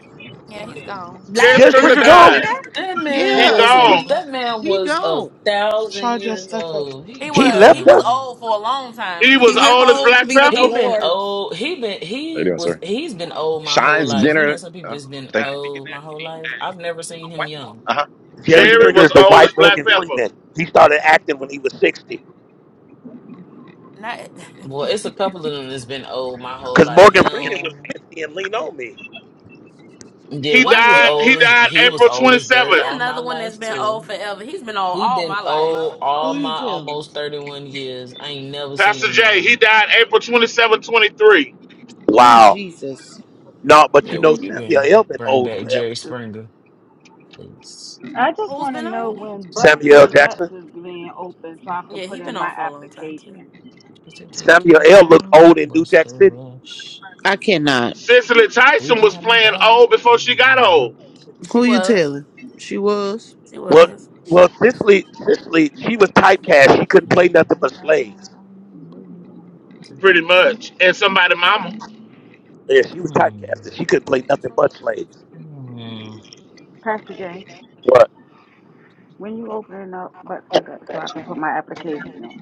Yeah, he's gone.
Jerry
Last
Jerry
He
year,
Springer
Springer
tired.
didn't
gone?
he
died.
die?
That
He's
man
He
tired
Yeah,
of
was
the
a
gone.
people.
that man
he
was a
gone.
thousand
Charge your
years
stuff up.
old. He
He
He
Yeah.
been
was. He
left
was
us.
gone.
old for a long time
He was
He
too.
went
old as
home to
Black
be with the
He
Pepper.
been
Lord.
old. He been
How you
he
doing,
was
sir?
he's been old my whole
Shines
life. You know,
Benner.
some people
Uh,
just been
thank you.
old my whole life. I've never seen him young.
Uh huh.
Jerry
Thank you.
Jerry
Thank you.
Springer
was
is the
old
white
as Black
Morgan
Pepper.
Freeman. He started acting when he was 60.
Not
Well, it's a
(laughs)
couple of them that's been old my whole
Because
life.
Morgan Freeman was
Him,
50 and lean on me.
yeah,
He
he
was
was
died.
he?
He
old as
died
he was
April
old as dirt
He
27th.
all my
another one that's
life
been old
too.
forever. He's been old
He
all
been
my life.
old
Who
all
you
my
telling?
almost thirty one years. I ain't never seen
Pastor
him
J. He
young.
died April 27, 23.
Oh
Wow.
Jesus,
No, but
Yeah,
you know
where you
Samuel
been?
L. been
Bring
old
back
forever
Jerry
too.
Springer, please.
I just
Who's
want to
been
know
old?
when Butts
Samuel L.
and Guts
Jackson.
is being open so I can
Yeah,
put
he been
in my
old for a long time too.
application.
Just to take
Samuel
your
L. looked
time,
old in New
what's
Jack
the
City.
rush?
I cannot.
Cicely Tyson
Baby,
was
I'm a
playing
dog.
old before she
on my a
got old,
She
Who you
was.
telling? She was.
She
Well,
was.
well, Cicely, Cicely, she was typecast. She couldn't play
Baby,
nothing
I'm a
but slaves.
dog. on am
pretty much, and somebody mama.
Yeah, she
a
was typecasted. She couldn't play nothing but slaves.
Hmm. Hmm.
Pastor Jay,
What?
when you opening up butts and guts so I can put my application in?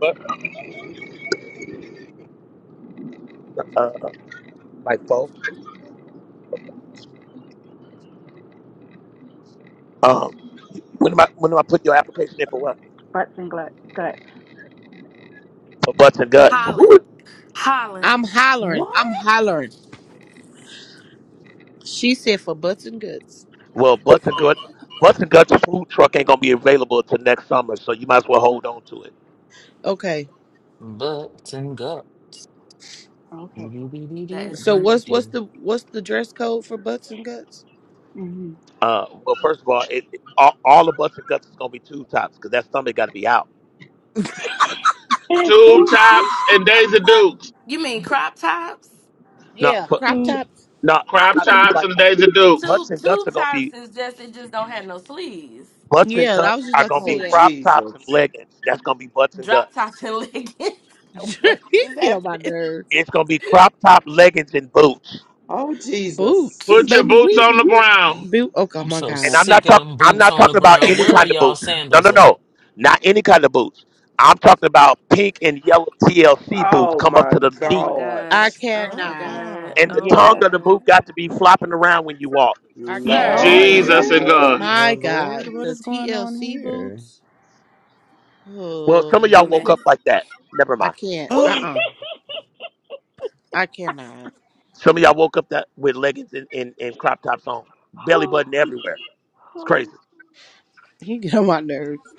But uh, like four. Um, when am I when am I putting your application in for what?
Butts and glut, guts.
For butts and guts.
Mm,
Who? is-
Holland. Holland.
I'm hollering.
What?
I'm hollering. She said for butts and guts.
Well, butts and guts. Butts and guts food truck ain't gonna be available till next summer, so you might as well hold on to it.
Okay.
Butts and guts.
Okay.
That is
So
funny.
what's what's
Do-do-do-do-do-do.
the what's the dress code for butts and guts?
hmm
Uh, well, first of all, it, it- all, all the butts and guts is gonna be tube tops because that stomach got to be out.
Tube
(laughs)
tops and Daisy Dukes,
You mean crop tops?
No,
Yeah,
for.
crop
Tubes.
top.
No, I'm
crop
not gonna be
tops
like
and
Hooters.
Daisy Dukes.
Butts
Two
and guts
two
are gonna
tops
be
is just it just don't have no sleeves.
butts and
Yeah, I was
guts
just
are
about to
gonna be
Oh
say that.
crop tops and
Jesus.
leggings. That's gonna be butts and
Drop
guts.
tops and (laughs) leggings. what
(laughs) you
is
get on my
happening?
nerves.
It's gonna be crop top leggings and boots.
Oh
Boots,
Jesus.
Put your
baby.
boots
We
on the ground,
boot. Okay,
I'm
my
so
And
God.
I'm
sick
not
of
talking.
them
I'm
boots
not
on the
talking about
ground.
any
Where
(coughs)
are
kind of
y'all
boots. No,
sandals
no,
at?
no, not any kind of boots. I'm talking about pink and yellow TLC boots
Oh
come up
my
to the
Oh my
knee,
God.
I
god. Oh my
cannot.
god.
and
Mm-mm.
the
Oh my
tongue
Yes.
of the
god.
boot got to be flopping around when you walk.
I
(laughs)
cannot.
Sir.
Lord help
Jesus
No.
and God.
us.
Well,
My God,
Lord, what
the
is going on
TLC
here? (gasps)
boots.
Well, some of
Oh,
A
y'all woke
mess.
up like that. Never
I
mind.
can't.
Oh,
Uh
Oh,
uh I cannot.
Some of y'all woke up that with leggings and, and, and crop tops on, belly
Oh,
button everywhere. It's
oh!
crazy.
He get on my nerves.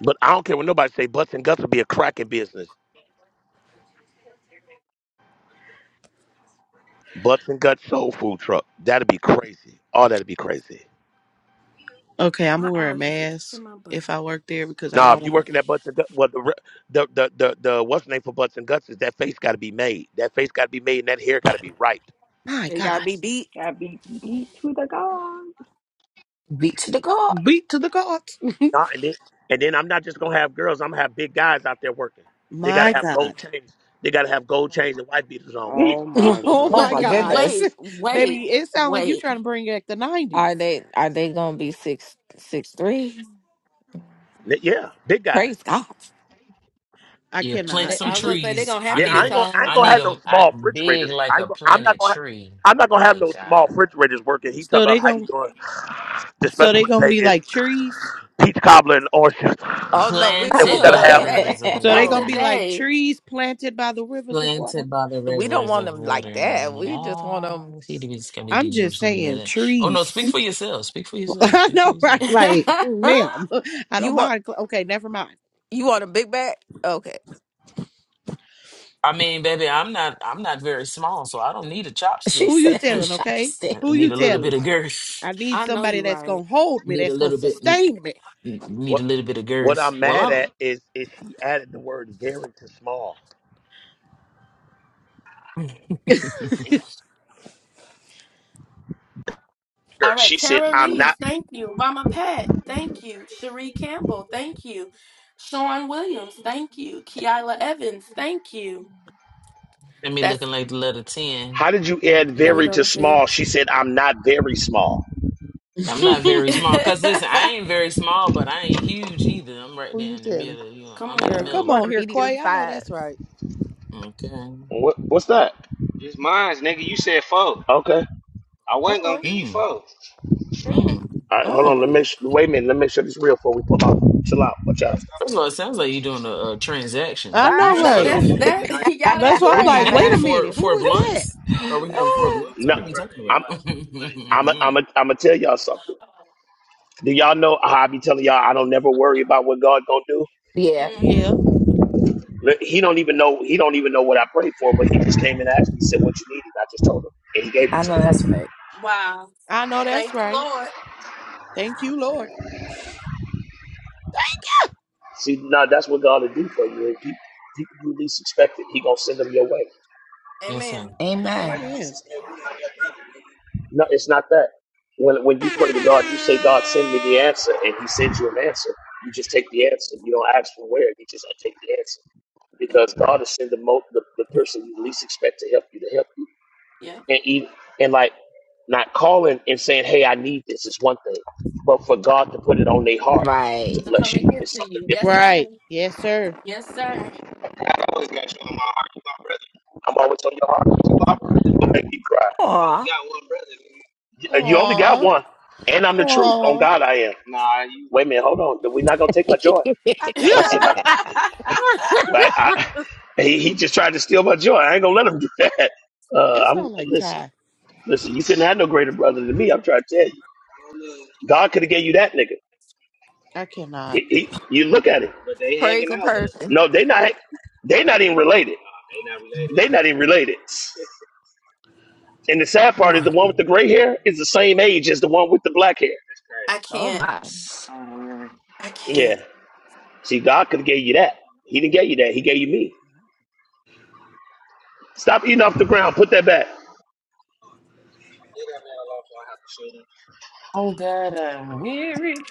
But I don't care what nobody say. Butts and guts would be a cracking business. Butts and guts soul food truck. That'd be crazy. Oh, that'd be crazy.
Okay, I'm
my
gonna wear a
allergies are
mask
kicking my butt.
if I work there because I
Nah,
don't
if you
want.
working at butts and guts, well, the, re- the the the the what's the name for butts and guts is that face got to be made. That face got to be made, and that hair got to be right.
My
They gotta
God,
be beat.
I beat beat to the gods.
Be to the God.
beat to the gods.
Nah, and then and then I'm not just gonna have girls. I'm gonna have big guys out there working. They gotta
My
have
God.
gold chains. They gotta have gold chains and white beaters on with
(laughs)
they.
Oh
(laughs)
my
Oh
Oh
What?
my
my
n-
God.
gosh,
goodness.
Wait,
(laughs)
wait,
baby, it sounds like you
wait.
trying to bring back the
Are
'90s.
they are they gonna be six six three?
Yeah, big guys.
Praise God.
I
Yeah,
Yeah,
plant
cannot.
they,
some
I was gonna say they're
trees.
gonna
I
have to
Yeah,
need
be
I ain't
them.
gonna I
tall.
ain't
I
gonna
need
have no
them I,
small
big
refrigerators. I
like
ain't
a
gonna, I'm not
planted
gonna
tree.
I'm not gonna have
My
no
God.
small refrigerators working. He talking
So
about
they
how you
gon'
doing. The
so
special
they
for
gonna
today
be
is
like trees.
peach cobbler and orange. juice.
Oh no, we don't
I
And we
want
Planted
them
gotta
by
like
the
have
Ugh,
that.
rivers of
So
can't.
they
(laughs)
No.
Pastor
gonna be
water.
like
J.
trees planted by the rivers of water.
Planted by the
We don't
rivers
want
of
them like
water.
that. We just want
Yeah.
them.
See, the music can be
I'm
deep, you
just
see, you
saying
know. Oh no, speak
trees.
for yourself. Speak for
(laughs)
yourself.
I
Speak for
know,
(laughs)
right?
yourself.
Like,
I
ma'am, (laughs) I
You
don't
want
mind. cl- Okay, never mind.
you want a big bag? Okay.
I mean, baby, I'm not I'm not very small, so I don't need a
She
chopstick.
Who you
said
(laughs)
(laughs)
telling? Okay,
chopstick.
I
who
need
you
a little
telling?
bit of girth.
I need
know
somebody
you're
that's
right.
gonna hold me,
Need a
that's gonna
little bit. n-
sustain me.
n- Need a
what
little bit of
what
girth.
I'm
Well,
mad
I'm.
at is is she added the word very to small.
(laughs)
Sure,
All right,
She said
Tara
I'm not.
Reese. thank you. Mama Pat, thank you. Cherie Campbell, thank you. Sean Williams, thank you. Keila Evans, thank you.
and me
That's
looking like the letter ten.
How did you add
let me
very
go
Mm-mm.
to
to
small?
Sam.
She said I'm not very small.
(laughs)
I'm
who
not very small. Cause listen, I
(laughs)
ain't very small, but I ain't huge either. I'm right there
you
in the
telling?
middle. You know,
Come
I'm
on,
in the
Girl,
him.
come
want
middle.
on
a
here,
medium
Quay. I know
size.
that's right.
Okay.
What what's that? Okay.
Uh oh.
Mm,
Oh.
mm.
All right, hold on.
Oh.
Let me make su- wait a minute. Let me make sure this real before we pull out. Chill out. Watch out.
First of all, it sounds like you're doing a, a transaction.
I know,
Mute
No,
right?
Right.
that's
yourself.
that. (laughs)
(laughs)
Y'all,
That's
that's
Like,
why I'm
What are you
like,
Ray.
Wait.
wait
getting?
a
Four
minute. Who
four
was that?
blunts? Are we getting four blunts?
No,
What are we talking
I'm I'm a, I'm
about?
a, I'm gonna tell y'all something. Do y'all know how I be telling y'all I don't never worry about what God gonna do?
yeah,
Mm-hmm.
Yeah,
Look, He don't even know he don't even know what I prayed for, but he just came and asked me, said what you needed. I just told him, and he gave it
I
to
know
me.
that's right.
Wow.
I know
Thank
that's
you,
right.
Lord.
Thank you, Lord.
See, now that's what God will do for you. If He, people you least expect it, he gonna send them your way.
(laughs) yes, sir.
Amen.
Yeah.
Why you
Amen.
be
Amen.
suspended? No, it's not that. When when you pray to God, you say, God, send me the answer, and He sends you an answer. You just take the answer. You don't ask for where. You just take the answer because God is sending the, mo- the the person you least expect to help you to help you,
Yeah.
and even, and like not calling and saying, "Hey, I need this," is one thing, but for God to put it on their heart
Right.
to
To
bless
come and
you
get
is
to
something
you. Yes,
different.
sir.
Right. Yes, sir.
Yes, sir.
I'm always gonna make you cry.
Aw.
Uh, You only got
Aw.
one, and I'm the truth. On
Aw.
God, I am. Wait a minute, hold on. We're not gonna take my
(laughs)
joy.
ah.
(laughs) I said,
(laughs)
Yeah.
I
(laughs)
I, I, (laughs) he, he just tried to steal my joy. I ain't gonna let him do that. Uh,
That
I'm
sounds like
listen,
Ty.
listen. You couldn't have no greater brother than me. I'm trying to tell you, God could have gave you that nigga.
I cannot.
He- he- you look at it.
Crazy person.
No, they not. They not even related. They not even related. And the sad part is the one with the gray hair is the same age as the one with the black hair.
Oh
can't.
my.
I can't.
Yeah. See, God could have gave you that. He didn't give you that. He gave you me. Stop eating off the ground. Put that back.
Weary.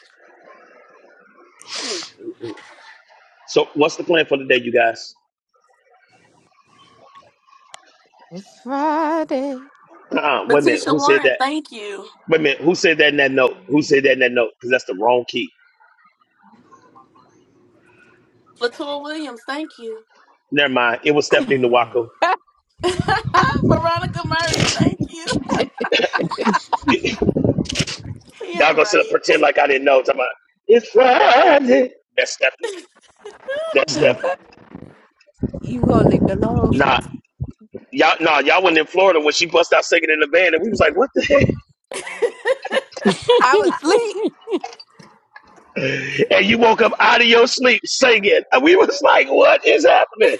So, what's the plan for the day, you guys?
It's Friday.
Uh-uh, wait a minute.
Letitia
Who said
Warren,
that?
thank you.
Wait a minute. Who said that in that note? Who said that in that note? Because that's the wrong key.
Latour Williams, thank you.
Never mind. It was Stephanie Nwaku.
(laughs) Veronica Murray, thank you. He
Y'all
ain't
gonna sit up
right.
pretend like I didn't know. Talking about, it's Friday. That's Stephanie. That's
(laughs)
Stephanie.
You gonna leave me alone?
Nah, y'all, nah, y'all went in Florida when she bust out singing in the van, and we was like, what the heck? (laughs)
(laughs)
I was asleep.
And you woke up out of your sleep singing, and we was like, what is happening?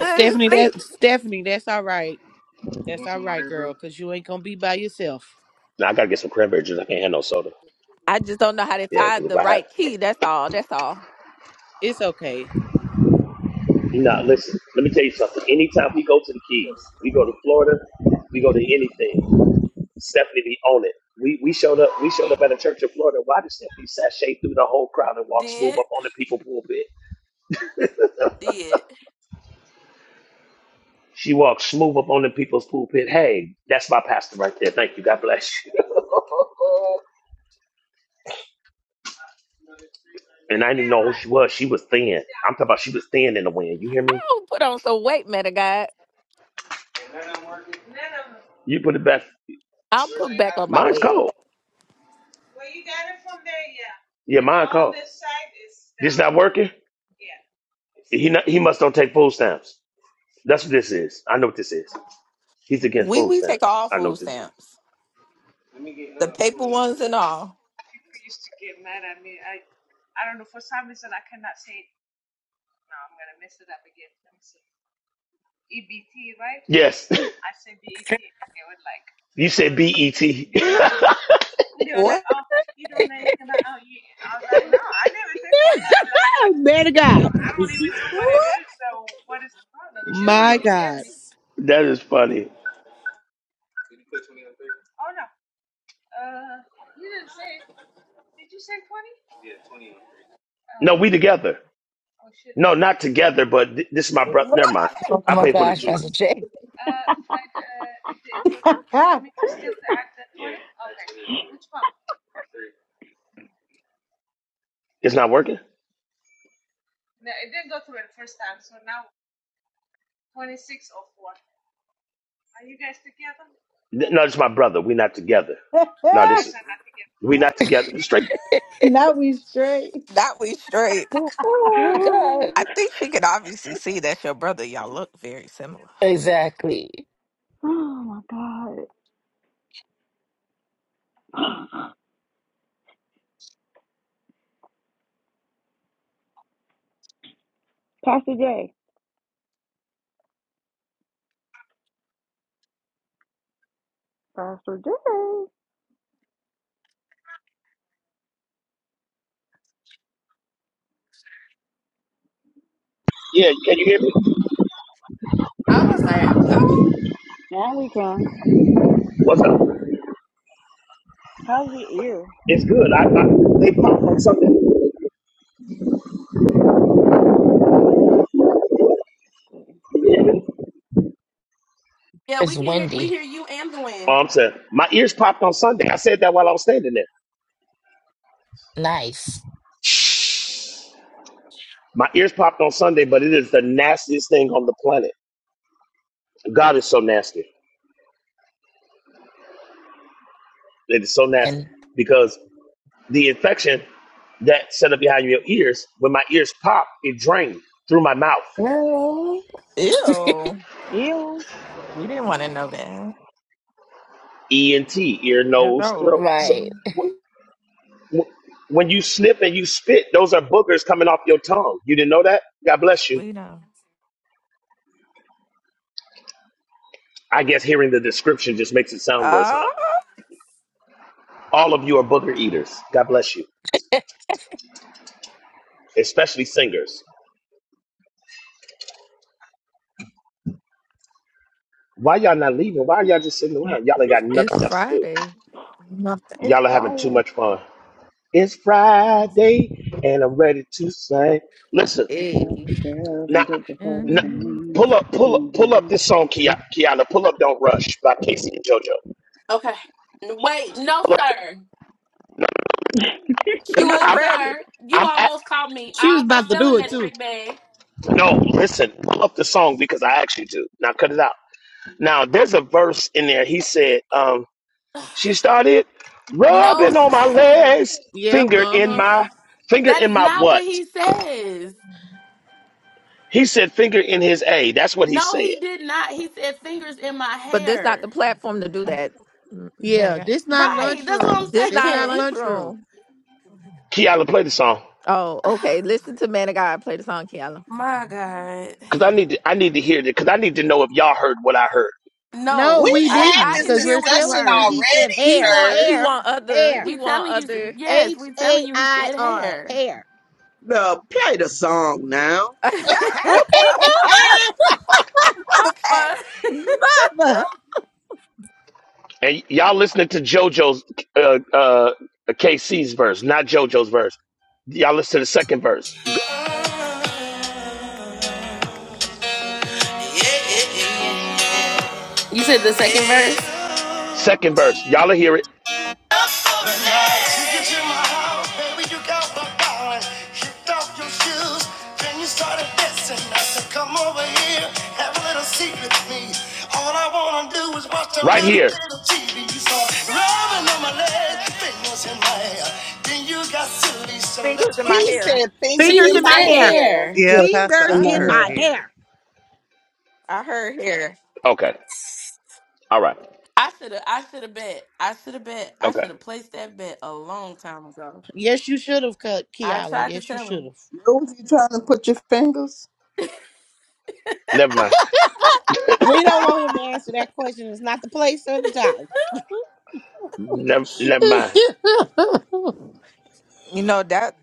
Good as
Stephanie,
sleep.
that Stephanie, that's all right. That's all right, girl, because you ain't gonna be by yourself.
Now I gotta get some cranberry juice. I can't have no soda.
I just don't know how to
Yeah, because
find
if
the
I have,
right key. That's all. That's all.
It's okay.
nah, listen. Let me tell you something. Anytime we go to the Keys, we go to Florida, we go to anything. Stephanie be on it. We we showed up we showed up at a church in Florida. Why did Stephanie sashay through the whole crowd and walk smooth
did.
up on the people's pulpit?
Did.
She walked smooth up on the people's pulpit. Hey, that's my pastor right there. Thank you. God bless you. And I knew she was. She was thin. I'm talking about she was thin in the wind. You hear me?
I'll put on some weight, man of God.
You put it back.
I'll put back on my
Mine's
weight.
cold. Yeah, mine's working. You know, He must don't take food stamps. That's what this is. I know what this is. He's against
We
food
we take
stamps.
all
I know
food
what this is.
stamps, the paper ones and all.
Yes. (laughs) you said B E T. (laughs) that
Oh, man to God.
What?
My God.
is funny. No, we together. No, not together, but th- this is my brother. Never mind.
oh
What?
I
my
pay for the
gosh,
juice.
Pastor Jay.
It's not working? Th- No, it's my brother. We're not together. No, this, we not together. Straight.
now we straight.
That we
(laughs)
straight.
Oh God.
I think she could obviously see that's your brother. Y'all look very similar.
Exactly.
oh my God. Pastor J. Pastor J.
Yeah, can you hear me?
I'm gonna say are you go.
Now we can.
What's up?
How's your ear?
It's good. I, I They popped on Sunday.
Good.
Can you hear me?
Yeah, we
It's
can hear we
windy.
hear you and the
Oh,
wind.
I'm saying my ears popped on Sunday. I said that while I was standing there.
Nice.
My ears popped on Sunday, but it is the nastiest thing on the planet. God is so nasty. It is so nasty
And
because the infection that set up behind your ears, when my ears popped, it drained through my mouth.
no, (laughs)
Ew.
Ew.
We didn't want to know that.
E and T, ear,
It's
nose,
old.
throat. So
right.
Mhm.
wh- wh- when you snip and you spit, those are boogers coming off your tongue. You didn't know that? God bless you.
We know.
I guess hearing the description just makes it sound worse, huh?
Oh,
All of you are booger eaters. God bless you, especially singers. Why y'all not leaving? Why are y'all just sitting
(laughs)
around? Y'all ain't got
It's
nothing else to do.
Friday, nothing.
It's
Y'all are having too
fire.
much fun. It's Friday and I'm ready to sing. Listen,
Pick up the
Hey.
girls
now,
and get before the
now
Mm.
sun
pull up, pull up, pull up this
tonight.
song, Kia- Kiana. Pull up, don't rush by Casey and JoJo.
Okay. N- Wait, no sir.
She
Cause
was
No,
I'm, I,
ready.
sir. You
I'm at,
almost caught me.
She
I
was
almost
about to
fell in
do it
that
too.
trick bag.
no, listen, pull up the song because I asked you to. Now cut it out. Now there's a verse in there. He said, um,
(sighs)
she started
No,
rubbing on my
sir.
legs,
Yep,
finger in
uh-huh.
my, finger
That
in
is
my
not what
what?
he says.
He said finger in his A. That's what he
No,
said.
he did not. He said fingers in my
but this not the
hair.
platform to do that. M- Man of
Yeah,
God,
this not
Right. That's
lunchroom.
what I'm
this
This
not
not
saying.
lunchroom.
lunchroom.
Kiala, play the song.
Oh,
(sighs)
okay. Listen to Man of God play the song, Kiala.
my God.
Cause I need to, I need to hear it. Cause I need to know if y'all heard what I heard.
No,
We've
No,
we
I,
had
didn't,
I
this
didn't
because
hear
we're
what you
discussion
telling you
heard.
he said
already,
He
hair,
want he
sir.
hair,
want other
hair.
he
We
want
telling you,
other.
yes,
H
we telling
A
you he
I
said
R
hair.
hair.
Now play the song now.
(laughs)
(laughs)
Okay,
mama,
Ah,
a pack
mama.
Mama.
And y- y'all listening to JoJo's, uh, uh, KC's verse, not JoJo's verse. Y'all listen to the second verse.
You said the second verse?
Second verse. Y'all will hear it. Right here.
So so
fingers in my
he
hair.
said
See,
fingers
Fingers
in
he
in my
my
said
hair.
hair.
hair.
yeah,
Yes,
Pastor,
Fingers
in
I
my
in
heard
my
hair.
hair.
hair.
I heard hair.
Okay. All right.
I should have. I should have bet. I should have bet. I
Okay.
should have placed that bet a long time ago.
Yes, you should have, Ke-
I
Kiala.
tried to
Yes, you
tell
should
him.
have.
You know you trying to put your fingers?
Never mind. (coughs)
(laughs)
We don't want him to answer that question. It's not the place or the time.
Never, never mind.
you know that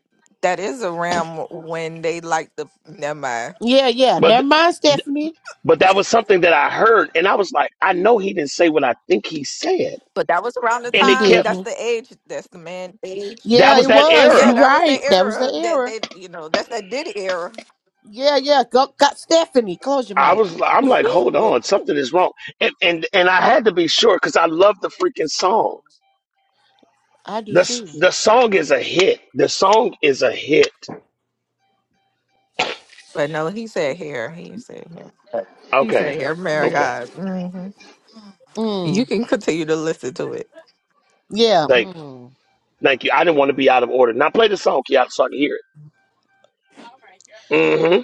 that is around when they like the never mind.
(laughs) yeah, yeah.
But
Never mind, Stephanie.
but that was something that I heard, and I was like, I know he didn't say what I think he said,
But that was around the
and
He
it
time.
kept.
That's
didn't.
the age. That's the man age.
That
Yeah,
was
it
that
was.
Yeah,
era.
You're
that was the
right. That was the
era that
error.
they. You know, that's that did era.
Yeah, yeah. Go, got Stephanie. Close your
I
mic.
was. I'm
(laughs)
like, hold on, something is wrong, and and and I had to be sure because I love the freaking song.
I
The
do
s-
too.
the song is a hit. The song is a hit.
But no, he said hair. He said hair. He
Okay,
said hair. My
Yeah.
okay.
God. hmm You
Mm.
can continue to listen to it.
Yeah.
Thank
Mm.
thank you. I didn't want to be out of order. Now play
The
the
whole
song, Kiata,
song?
so I can hear it.
All right, here I come.
Mm-hmm.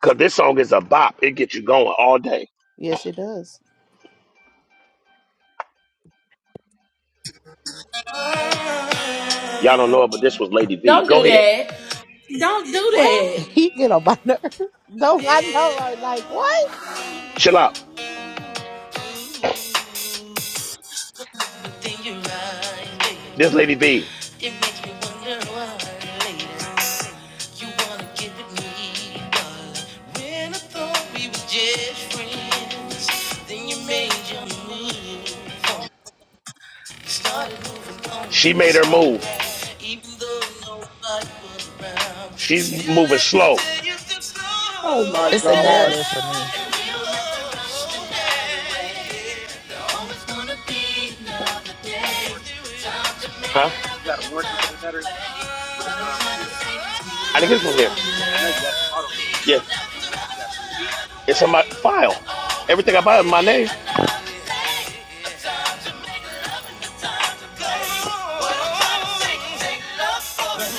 Cause this song is a bop. It gets you going all day.
Yes, it does.
Y'all don't know it, but this was Lady V.
Don't do
Go ahead.
that. Don't do
What?
(laughs)
that.
He get on my (laughs) nerves. No, I know, right? Like what?
Chill out. This Lady V.
And I thought we were just friends. Then you made your move. Started moving on
She made
this
her
whole
move.
ride. Even though nobody was around.
She's
Still
moving
at the
slow.
day you can
Oh
slow
my
It's
it
a
God.
narrative for
down.
me.
And we don't have to rush the Yeah, yeah. Time to
Huh?
play. What I'm trying to say.
I
we
didn't
love
get it from here. Yeah. It's on my file. Everything I buy is my name.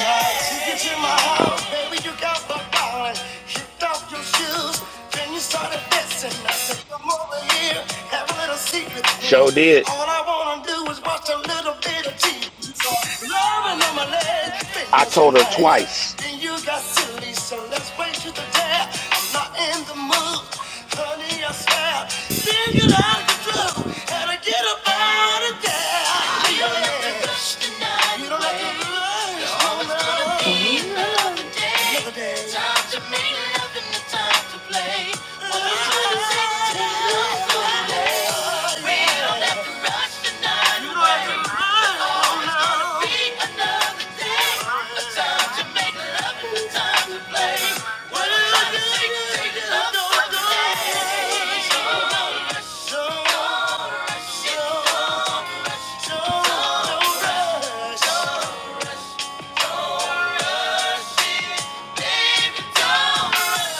Tickets in my house, baby, you got my wallet. Kicked off your shoes, then you started dancing. I said, come over here, have a little seat with me.
Show did.
All I wanna do is watch a little bit of TV. So, on my legs,
I
fingers in
told her
my hair.
twice.
Then you got silly, so let's wait you to dare. I'm not in the mood, honey, I swear. Think it out of control, had to get out of there. You don't let the rush the rush. Another day. Time to make love and the time to play. What was your intention? Love for real. Rush the night You don't have to away. Be another day. A time to make love and a time to play. What was your intention? Love for real. Don't rush. Baby, don't rush.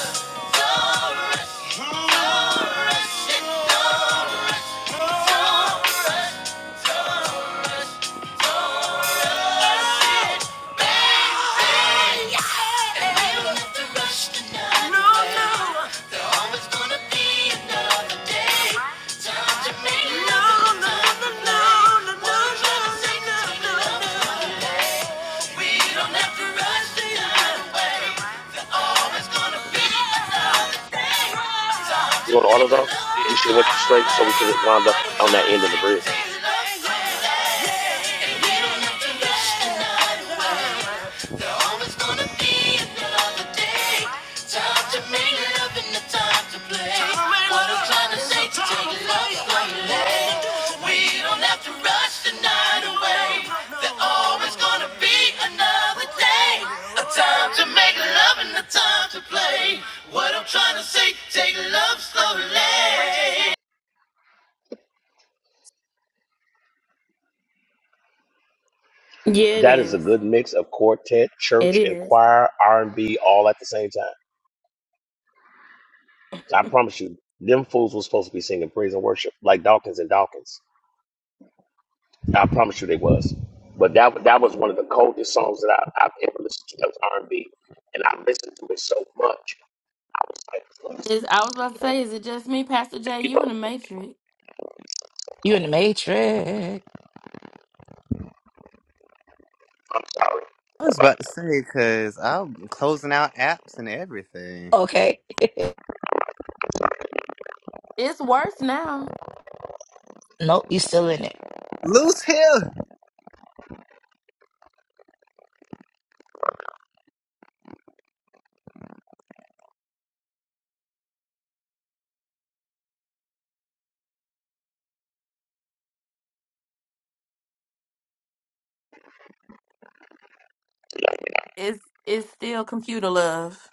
You want to AutoZone? You should have went straight so we could have wound up on that end of the bridge.
Yeah. Yeah, it
That is a
is.
good mix of quartet,
It
church, and
is.
choir, R&B all at the same time. I promise you, them fools was supposed to be singing praise and worship like Dawkins and Dawkins. I promise you they was. But that that was one of the coldest songs that I, I've ever listened to. That was R and B, and I listened to it so much. like,
It's, I was about to say, is it just me, Pastor J? You in the Matrix?
You in the matrix.
I was about to say, because I'm closing out apps and everything.
Okay. (laughs)
It's worse now.
nope, you still in it.
Loose Hill.
It's it's still computer love.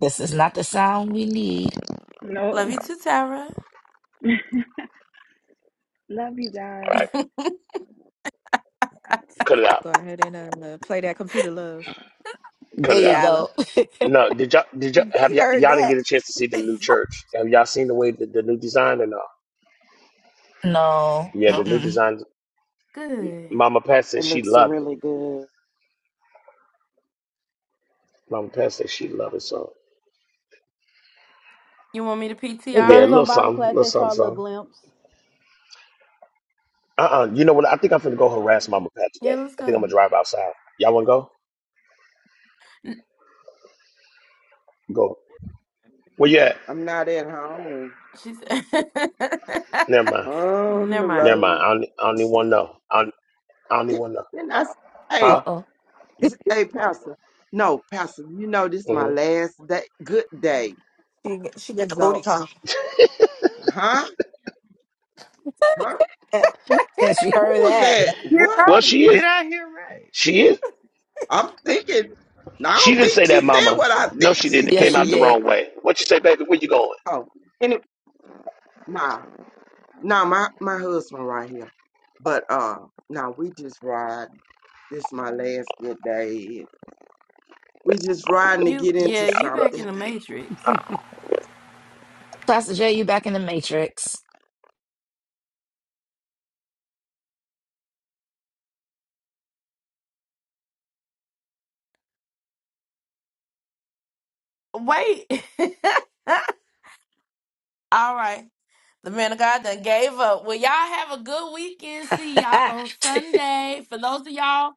This is not the sound we need.
(laughs) No.
Love you too, Tara.
(laughs) Love you
all
guys.
right, cut it out,
Go ahead and uh, play that computer love.
cut
There
it
you
out.
Yeah, I love.
go. (laughs)
No, did y'all
(laughs)
did y'all have
he
y'all,
heard
y'all didn't
that.
get a chance to see the
(laughs)
new church? Have y'all seen the way the, the new design and all?
No.
Yeah, the
Oh,
new
Mm-mm.
design.
Good.
Mama Pat said
It
she
looks
loved it.
really good.
Mama Pat said she loved it. So
You want me to
If they
yeah, a
was
PTR it?
on
little
Bible
something,
class,
little
they
something,
saw a little
something.
glimpse.
Uh-uh. You know what? I think I'm finna go harass Mama Pat
Yeah,
today.
let's
I think I'm
go.
gonna drive outside. Y'all wanna go?
N-
Go. Where you at?
I'm not at home.
She said,
Never mind.
(laughs)
On
"Never
the
Never
mind."
mind.
road.
I don't, I don't even wanna know. I don't, I don't even
Did-
wanna know.
Didn't I s- hey
Huh?
Uh-oh.
s- hey Pastor. No, Pastor, you know this is my
hmm
last day good day.
she, she get the booty
So
call.
huh? Huh?
Eh, Yes, you
Who
heard
was
that.
that?
You're
What?
Well,
right.
she
Did
is.
I hear right?
She is.
I'm thinking, no, I
She
don't
didn't
think
say
she
that,
said
Mama.
what I think
No, she
she
didn't. It came
Yes, you
out the
said.
did.
wrong way. What you say, baby? Where you going?
Oh, and it, nah, nah, my my husband right here. But uh, now we just ride. This my last good day. We just riding to
You
get into
yeah, you back
something.
in the matrix.
Pastor J, you back in the matrix.
Wait. (laughs) All right. The man of God done gave up. Well, y'all have a good weekend. See y'all on
(laughs)
Sunday. For those of y'all,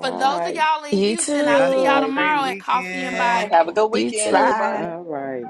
for those of y'all in
you
Houston, I'll
Yeah,
All
see y'all
too.
great
tomorrow
righty.
at Coffee and
All
weekend.
right. Have a
Bible.
good
You
weekend,
too.
Bye.
everybody.
All right.